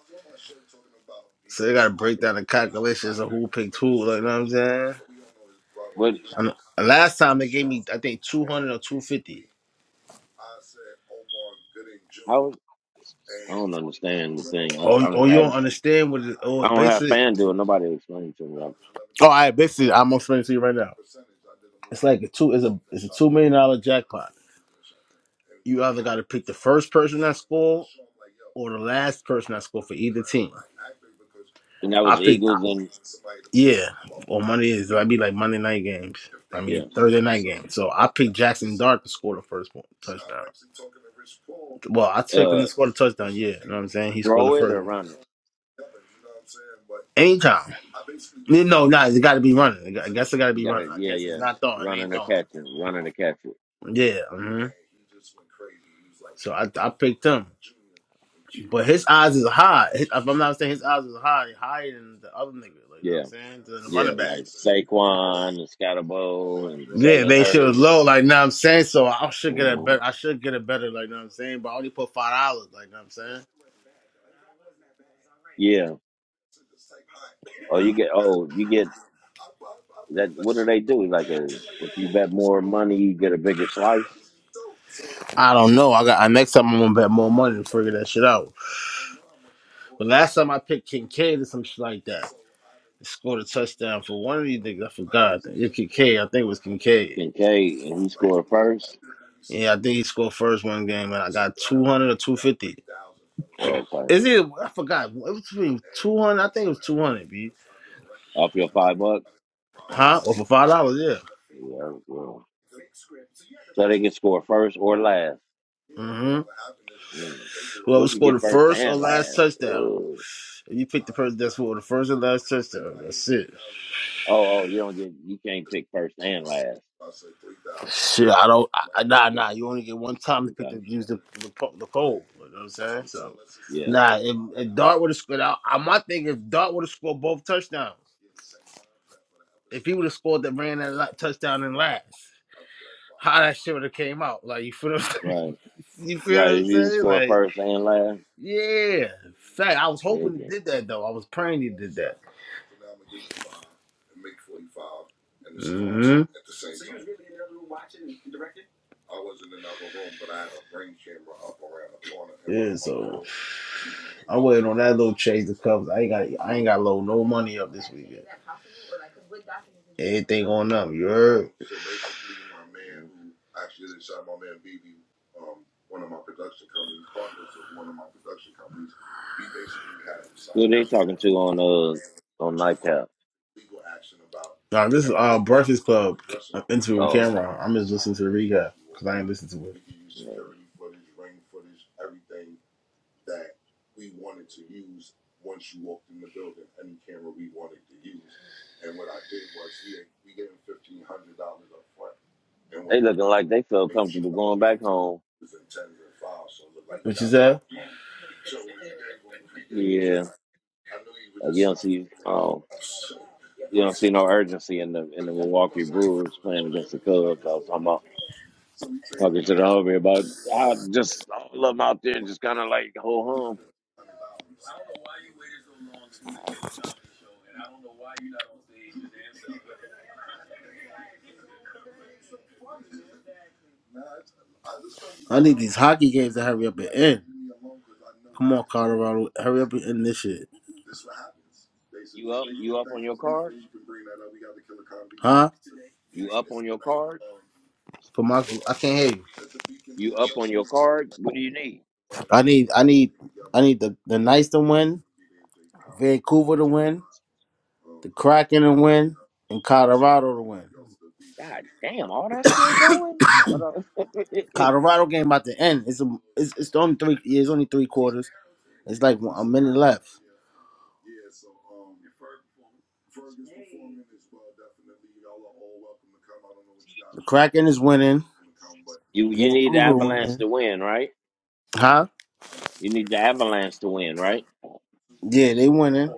A: So they gotta break down the calculations of who picked who. Like, you know what I'm saying?
B: What?
A: And last time they gave me, I think, two hundred or two fifty.
B: How? I don't understand the thing. I,
A: Oh,
B: I
A: oh,
B: don't
A: you don't
B: have
A: understand what? It,
B: I
A: oh,
B: don't have
A: basically.
B: FanDuel. Nobody explained to me. I,
A: Oh, I basically, I'm gonna explain it to you right now. It's like a two. It's a it's a two million dollar jackpot. You either gotta pick the first person that scored or the last person that scored for either team.
B: and that
A: I
B: was
A: think,
B: Eagles and
A: yeah, on Monday is that'd be like Monday night games. I
B: yeah,
A: mean Thursday night games. So I picked Jackson Dart to score the first one, touchdown. Well, I took him
B: uh,
A: to score the touchdown. Yeah, you know what I'm saying. He scored the
B: throw it
A: first
B: or
A: one.
B: run it.
A: Anytime. No, no, nah, it got to be running. It got- I guess it got to
B: You
A: be
B: gotta,
A: running. I
B: yeah,
A: guess it's
B: yeah.
A: not throwing. It ain't
B: Running or
A: throwing.
B: catching, running or catching.
A: Yeah. hmm So I I picked him, but his odds is high. His- if I'm not saying his odds is high, higher than the other nigga. Like you know what I'm
B: Yeah,
A: saying, than the
B: yeah.
A: running back.
B: Like Saquon and Scotty Bowl and
A: Yeah,
B: Jalen
A: they shit was low,
B: Hurts. And,
A: like know what I'm saying. So I should get it
B: mhm.
A: better. I should get it better, like know what I'm saying. But I only put five dollars, like know what I'm saying.
B: yeah. Oh, you get. Oh, you get that. What do they do? Like a, if you bet more money, you get a bigger slice.
A: I don't know. I got I, next time I'm gonna bet more money and figure that shit out. But last time I picked Kincaid or some shit like that, scored a touchdown for one of these niggas. I forgot. It Kincaid, I think it was Kincaid.
B: Kincaid and he scored first.
A: Yeah, I think he scored first one game, and I got two hundred or two fifty.
B: Well, okay.
A: Is it? I forgot. It was between two hundred. I think it was two hundred. B.
B: Off your five bucks.
A: Huh? Or for five dollars? Yeah.
B: Yeah. Well, so they can score first or last.
A: Mm-hmm.
B: Mm. What
A: Whoever
B: if you
A: scored the
B: get first
A: first or
B: and
A: last
B: last? Ugh.
A: touchdown. You picked the person that's for the first and last touchdown. That's it.
B: Oh, oh, you don't get. You can't pick first and last.
A: Shit, I don't. I, nah, nah. You only get one time to pick
B: Okay.
A: the use the the, po- the pole. You know what I'm saying?
B: You got
A: So
B: it. Yeah,
A: nah. If, if Dart would have scored out, I, my thing if Dart would have scored both touchdowns. If he would have scored that ran that la- touchdown in last, how that shit would have came out? Like you feel what I'm saying?
B: right,
A: You feel what
B: right.
A: I'm
B: If you
A: saying?
B: score
A: Like
B: first and last,
A: yeah. Fact, I was
B: they
A: hoping he
B: just
A: did that though. I was praying he did that. hmm I'm waiting on that little change of covers. I ain't got I ain't got low no money up this weekend. going up. You heard?
B: cool. Who they talking to on uh on nightcap?
A: Nah, am
B: Oh,
A: camera. listened to it.
B: yeah. they looking like they feel comfortable going back home. Yeah, like you don't see oh you don't see no urgency in the in the Milwaukee Brewers playing against the Cubs. I was talking about talking to the homie about I just all of them out there just kind of like ho hum.
A: I need these hockey games to hurry up and end. Come on, Colorado, hurry up and end this shit.
B: You up? You up on your card?
A: Huh?
B: You up on your card?
A: For my, I can't hear you.
B: You up on your card? What do you need?
A: I need, I need, I need the the Knights to win, Vancouver to win, the Kraken to win, and Colorado to win.
B: God damn, all that's still going? Hold on.
A: Colorado game about to end. It's a, it's, it's the only three. yeah, It's only three quarters. It's like a minute left. The Kraken is winning.
B: you you need the
A: Vancouver
B: Avalanche
A: winning.
B: to win, right?
A: Huh?
B: You need the Avalanche to win, right?
A: Yeah, they winning.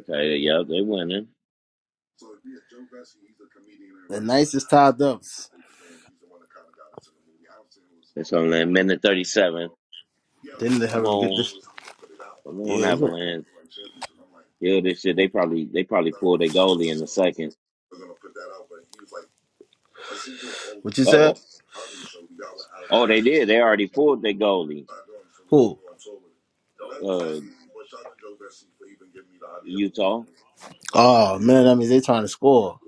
B: Okay, yeah, they're winning.
A: The nicest tied up.
B: It's only a minute thirty seven.
A: Then they
B: Come
A: have to get
B: on.
A: this.
B: Come
A: Yeah.
B: on,
A: it's
B: Avalanche. Yeah, this shit they probably they probably pulled their goalie in the second.
A: a- What you
B: Uh
A: said?
B: oh. Oh, they did. They already pulled their goalie.
A: Who?
B: Uh Utah.
A: Oh man, that means they trying to score.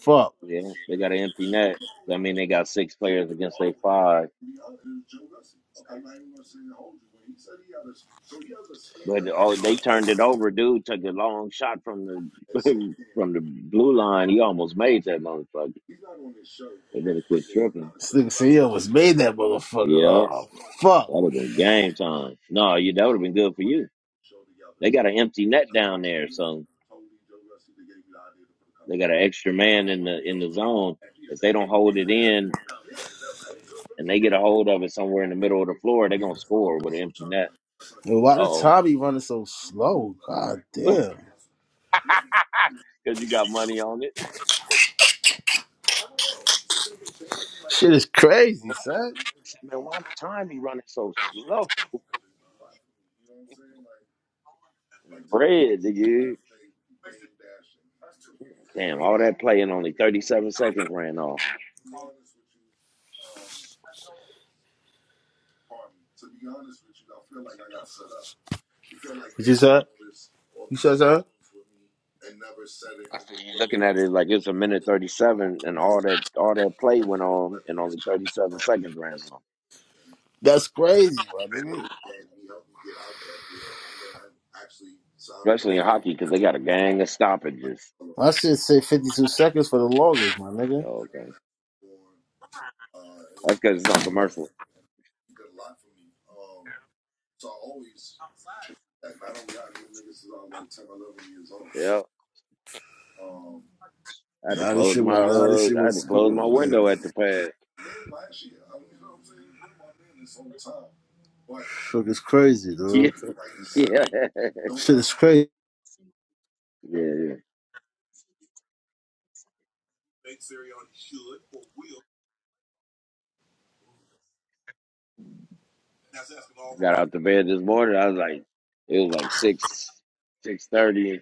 A: Fuck.
B: Yeah. They got an empty net. I mean they got six players against their five. But oh, they turned it over. Dude took a long shot from the from the blue line. He almost made that motherfucker. And then it quit tripping.
A: This nigga CEO was made that motherfucker.
B: Yeah,
A: Oh fuck.
B: that would have been game time. No, you that would have been good for you. They got an empty net down there, so they got an extra man in the in the zone. If they don't hold it in and they get a hold of it somewhere in the middle of the floor, they're gonna score with an empty net.
A: Yo, why
B: Uh
A: the
B: oh,
A: Tommy running so slow? God
B: because
A: damn.
B: you got money on it.
A: Shit is crazy, son.
B: Man, why the time he running so slow? Bread, nigga. Damn, all that play and only 37 seconds ran off.
A: What you said? You said that?
B: I see you looking at it like it's a minute 37, and all that all that play went on, and only 37 seconds ran off.
A: That's crazy, my nigga.
B: Especially in hockey, because they got a gang of stoppages.
A: My shit say 52 seconds for the longest, my nigga.
B: Yo, okay, that's because it's on commercial. Yeah, I had to
A: Now this
B: close
A: shit
B: my
A: what now this
B: uh,
A: shit
B: I had to
A: what's
B: close
A: going
B: my
A: on, man.
B: window at the pad.
A: Fuck is crazy, dude.
B: Yeah, yeah,
A: Shit is crazy.
B: yeah. yeah. I got out the bed this morning. I was like, it was like six six thirty.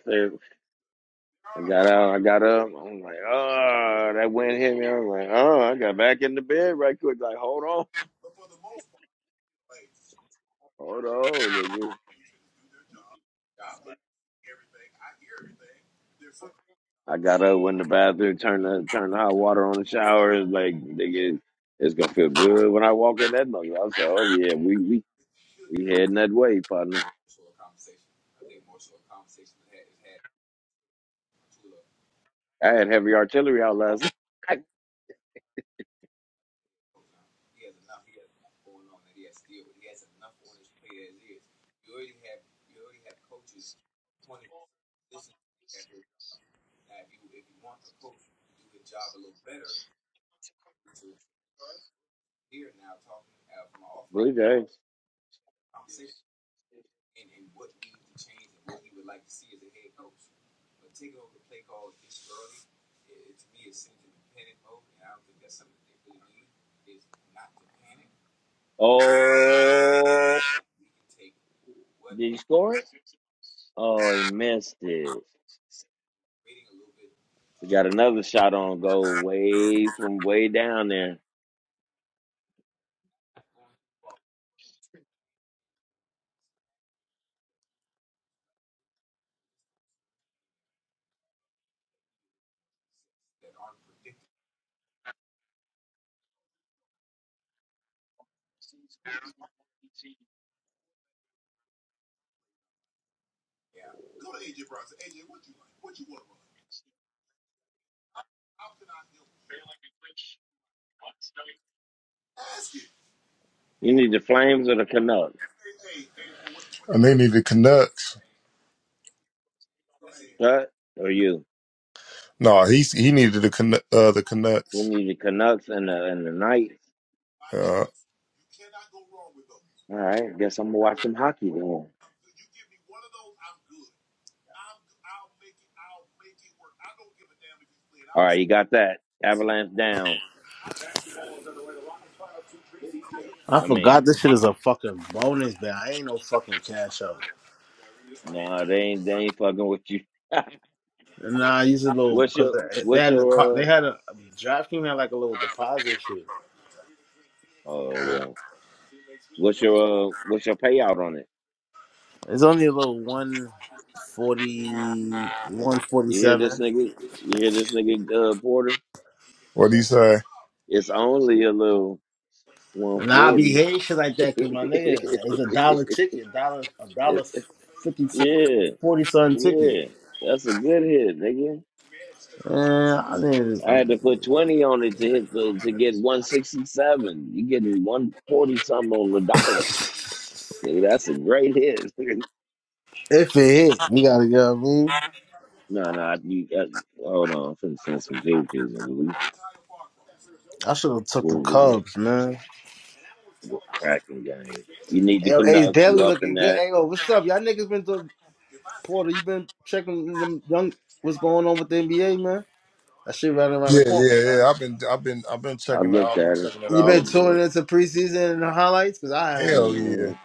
B: I got out, I got up, I'm like, oh, that wind hit me. I'm like, oh, I got back in the bed right quick, like, hold on, hold on, nigga. I got up, went in the bathroom, turned the turned the hot water on the shower, it's like, nigga, it's gonna feel good when I walk in that mother. I was like, oh yeah, we we we heading that way, partner. I had heavy artillery out last night. Blue Jays. Oh, did he score? Oh, he missed it. He got another shot on goal way from way down there. You need the Flames or the Canucks,
D: And they need the Canucks.
B: Cut or you?
D: No, he he needed the Canu- uh, the
B: You
D: Canucks.
B: need the Canucks and the and the Knights.
D: Uh,
B: All right, guess I'm gonna watch some hockey then. All right, you got that Avalanche down.
A: I
B: I
A: forgot
B: mean,
A: this shit is a fucking bonus man. I ain't no fucking cash out.
B: no, they ain't they ain't fucking with you.
A: Nah, I use a little
B: what's
A: because
B: your
A: they
B: what's
A: had a,
B: your uh,
A: they had a DraftKings had like a little deposit shit.
B: oh
A: So,
B: yeah what's your uh, what's your payout on it?
A: It's only a little one forty one forty
B: You hear this
A: seven. 147.
B: nigga? You hear this nigga uh, Porter?
D: what do you say?
B: It's only a little one
A: And i be
B: forty.
A: hating shit like that because my nigga is a dollar ticket, dollar a dollar fifty si-
B: yeah,
A: forty son ticket.
B: Yeah, that's a good hit, nigga.
A: Man, I didn't.
B: I had to put
A: I'm,
B: twenty on it to hit the to get one sixty seven. You getting one forty something on the dollars, nigga. That's a great hit.
A: if it hit, we gotta go. I mean,
B: no, no, I, you, I, hold on. I'm finna send some videos, nigga. We
A: I should have took the
B: we'll, we'll,
A: Cubs, man.
B: we'll cracking game. You need
A: Hey,
B: to
A: Yo, Ace
B: connote you
A: Daily
B: up in
A: looking good.
B: that.
A: Hey, yo, what's up? Y'all niggas been to Porter? You been checking them young? What's going on with the NBA, man? That shit right around the
D: Yeah,
A: corner,
D: yeah, yeah.
A: man.
D: I've been I've been I've been
B: I
D: checking it
B: looked
D: out. I've been
B: at it.
D: checking it
A: You
D: out.
B: Oh,
A: been
B: man.
A: tuning into preseason and the highlights? Cause I have.
D: Hell yeah,
B: Mhm.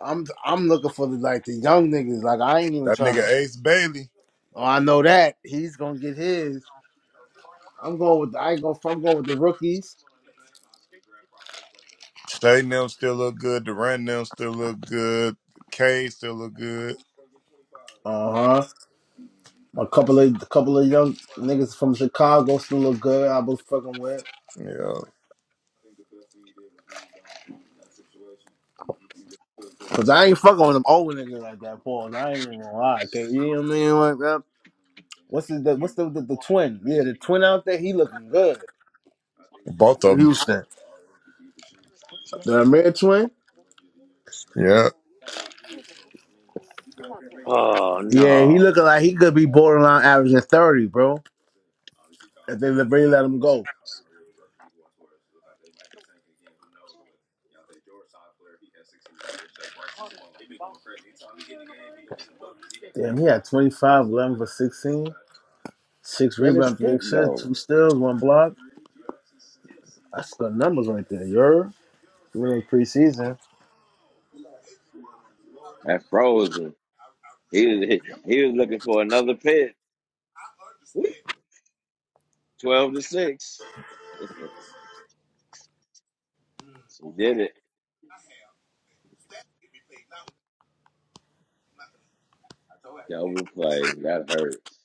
A: I'm I'm looking for the like the young niggas. Like I ain't even
D: that
A: trying
D: nigga
A: to.
D: Ace Bailey.
A: Oh, I know that he's gonna get his. I'm going with. I ain't going. I'm going with the rookies.
D: Shay and them still look good. Durant and them still look good. K still look good.
A: Uh huh. A couple of a couple of young niggas from Chicago still look good. I was fucking with.
D: Yeah,
A: Cause I ain't fucking with them old niggas like that, Paul. I ain't even gonna lie. Okay, you know what I mean? Like that. What's his- the what's the, the the twin? Yeah, the twin out there. He looking good
D: both
A: for
D: of them.
A: Houston. The Amir twin.
D: Yeah,
B: Oh,
A: Yeah, he
B: no,
A: looking like he could be borderline averaging thirty, bro. If they really let him go. Damn, he had 25, 11 for sixteen, six
B: let his
A: rebounds, three
B: stick
A: assists,
B: go.
A: two steals, one block. That's good numbers right there. You're really preseason.
B: That frozen. He was he was looking for another pit. 12 to 6. so did it. Double play. That hurts.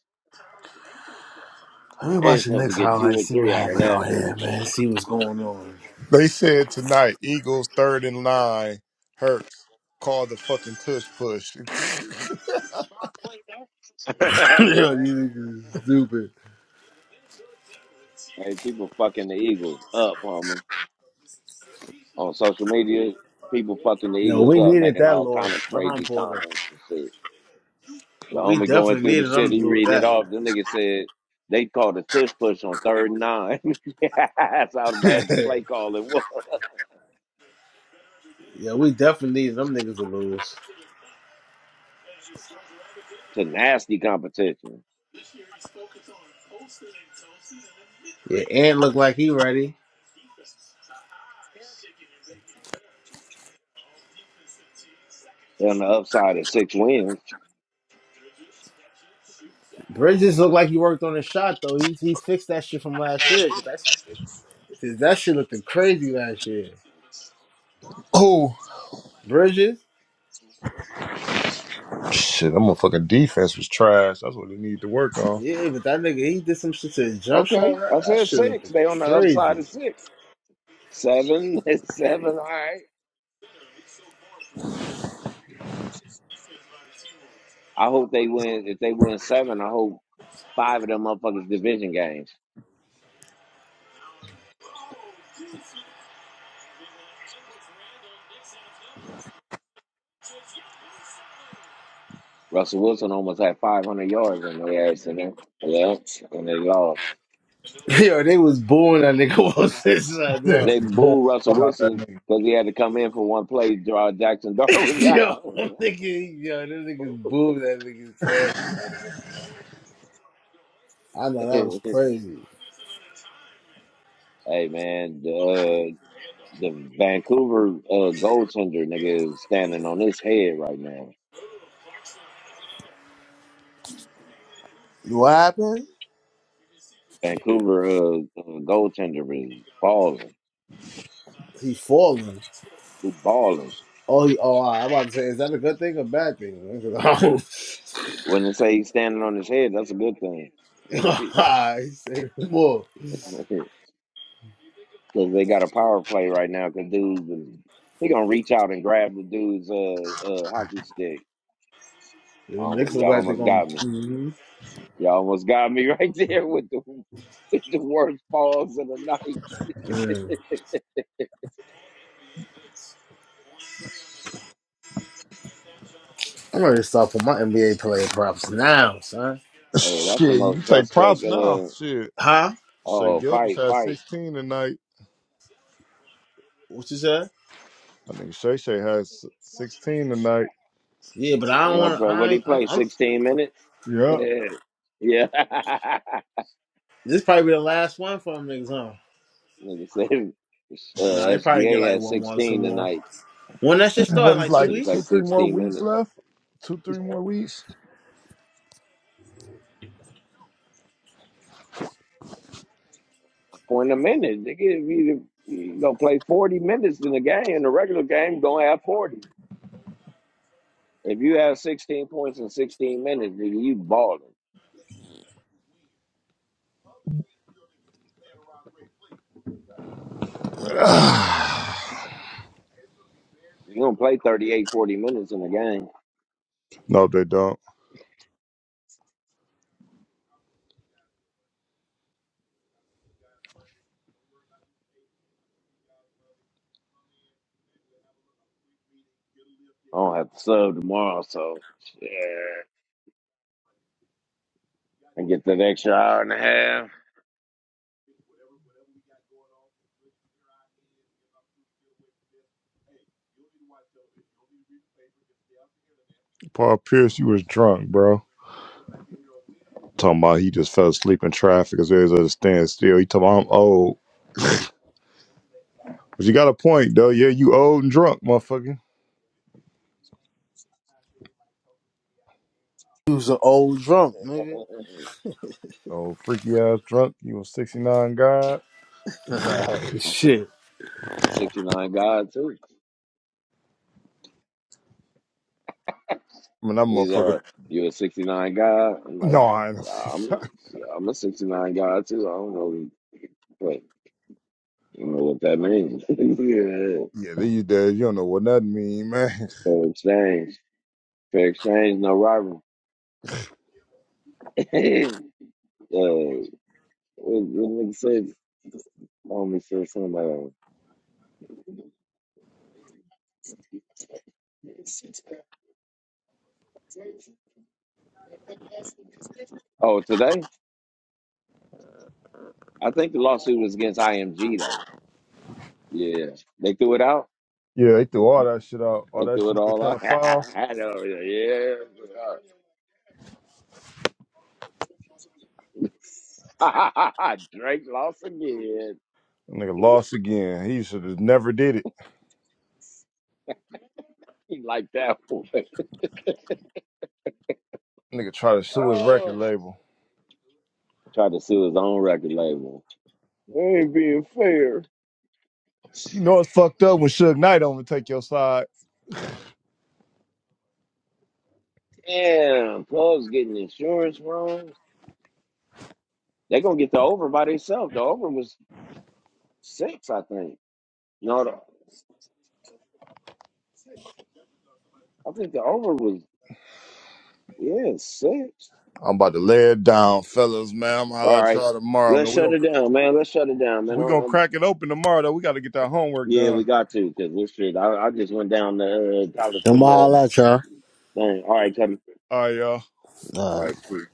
A: Let me
B: They're
A: watch the
B: supposed to
A: next
B: get
A: highlight,
B: two or
A: see what
B: three out of
A: happened
B: that.
A: out here, man. See what's going on.
D: they said tonight Eagles third in line. Hurts called the fucking tush push.
A: Yo, these niggas is stupid.
B: hey, people fucking the Eagles up, homie. On social media, people fucking the
A: Yo, we
B: Eagles up,
A: needed
B: making
A: that
B: all kind
A: loss
B: of
A: behind
B: crazy
A: Porter.
B: comments and shit. The
A: We
B: homie going
A: definitely
B: through the
A: needed them to
B: city
A: lose
B: reading it
A: that.
B: off. The nigga said they called a tush push on third and nine. That's how bad the play calling was.
A: yeah, we definitely needed them niggas to lose.
B: It's a nasty competition.
A: Yeah, Ant looked like he ready.
B: They're on the upside of six wins.
A: Bridges looked like he worked on his shot though. He he fixed that shit from last year. 'Cause That's 'Cause that shit looked crazy last year.
D: Oh
A: Bridges,
D: shit, that motherfucking defense was trash. That's what they need to work on.
A: yeah, but that nigga he did some shit to his jump
B: Okay,
A: shot. That,
B: I
A: that
B: said
A: shit looked
B: six. They on the upside
A: crazy.
B: of six. Seven, it's seven. All right. I hope they win. If they win seven, I hope five of them motherfuckers division games. Russell Wilson almost had 500 yards on their ass in there. Yeah, and they lost.
A: Yo, they was booing that nigga on this side, yo.
B: They booed Russell Wilson because he had to come in for one play. Draw Jackson Darwin was
A: Yo,
B: out.
A: that nigga, yo, them niggas booed that nigga, son. I know that was
B: hey
A: crazy.
B: man, the the Vancouver uh, goaltender nigga is standing on his head right now.
A: What happened?
B: Vancouver uh, uh, goaltender is balling.
A: He falling.
B: He balling.
A: Oh, he, oh, I- I'm about to say, is that a good thing or bad thing?
B: When they say he's standing on his head, that's a good thing.
A: Oh, he said more.
B: Because they got a power play right now. Because dude, is- he gonna reach out and grab the dude's uh, uh hockey stick.
A: The Knicks
B: Almost,
A: look
B: y'all
A: like they're
B: almost
A: gonna.
B: got me.
A: mm
B: Y'all almost got me right there with the with the worst pause of the night.
A: I'm ready to start for my NBA player props now, son.
B: Hey, that's the
D: Shit, you can
B: most
D: take
B: suspect.
D: props now.
B: Uh
D: Shit.
A: Huh?
D: Shay
B: oh,
D: Gill just
B: fight,
D: had
B: fight.
D: 16 tonight.
A: What you said?
D: I think Shay Shay has 16 tonight.
A: Yeah, but I don't
B: You know,
A: want to.
B: bro,
A: I
B: what he
A: ain't, I'm,
B: play?
A: I'm.
B: Sixteen minutes.
D: Yeah.
B: yeah.
A: This probably be the last one for them niggas, huh?
B: Nigga said uh,
A: Nah, they probably get
B: SGA
A: like
B: had
A: one more, two
B: 16
A: more.
B: tonight.
A: When that shit start,
D: What
A: in
D: is
A: like two
D: like
B: Nigga play
D: two,
A: weeks.
D: three more
B: 16
D: weeks
B: minutes.
D: left? Two, three more weeks?
B: For in a minute, nigga, if you, you gonna play 40 minutes in the game, in the regular game, gonna have 40. If you have 16 points in 16 minutes, nigga, you balling. You gonna play 38, 40 minutes in the game.
D: No, they don't.
B: I don't have to sub tomorrow, so yeah, and get that extra hour and a half.
D: Paul Pierce, you was drunk, bro. Talking about he just fell asleep in traffic because there's a standstill. He talking about I'm old. But you got a point, though. Yeah, you old and drunk, motherfucker.
A: He was an old drunk, nigga.
D: Oh, freaky ass drunk. You a 69 guy.
A: Shit.
B: I'm a 69 guy too.
D: I mean, that
B: He's uh,
D: motherfucker.
B: you're a 69 guy. I'm like,
D: No, I
B: yeah,
D: ain't.
B: I'm, yeah, I'm a 69 guy too. I don't know, but I don't know what that means. yeah.
D: Yeah, these days you don't know what nothing mean, man.
B: Fair exchange, fair exchange, no rival. uh, what, what nigga said? Homie said something like, oh, today? I think the lawsuit was against IMG though. Yeah, they threw it out.
D: Yeah, they threw all that shit out. All
B: And
D: that
B: threw
D: shit
B: it
D: he was
B: all
D: trying
B: out.
D: to file.
B: I know, yeah. yeah. Drake lost again.
D: Nigga lost again. He should have never did it.
B: He liked that one.
D: Nigga tried to sue his record label.
B: Tried to sue his own record label. They ain't being fair.
D: You know it's fucked up when Suge Knight don't even take your side.
B: Damn, Club's getting insurance wrong. They gonna get the over by themselves. The over was six, I think. No, the, I think the over was yeah six.
D: I'm about to lay it down, fellas, man. I'm gonna holler
B: All
D: at
B: right,
D: y'all tomorrow,
B: let's
D: man. We
B: shut
D: gonna
B: it down, man. Let's shut it down,
D: we gonna
B: man.
D: crack it open tomorrow though. We gotta get that homework
B: Yeah, we
D: done.
B: got to because we shit. I, I just went down the uh, college
A: I'm
B: football
A: all at y'all.
B: thing. All right, Cutty.
D: All right, y'all.
A: All right.
B: All right, see.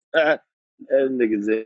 B: that niggas.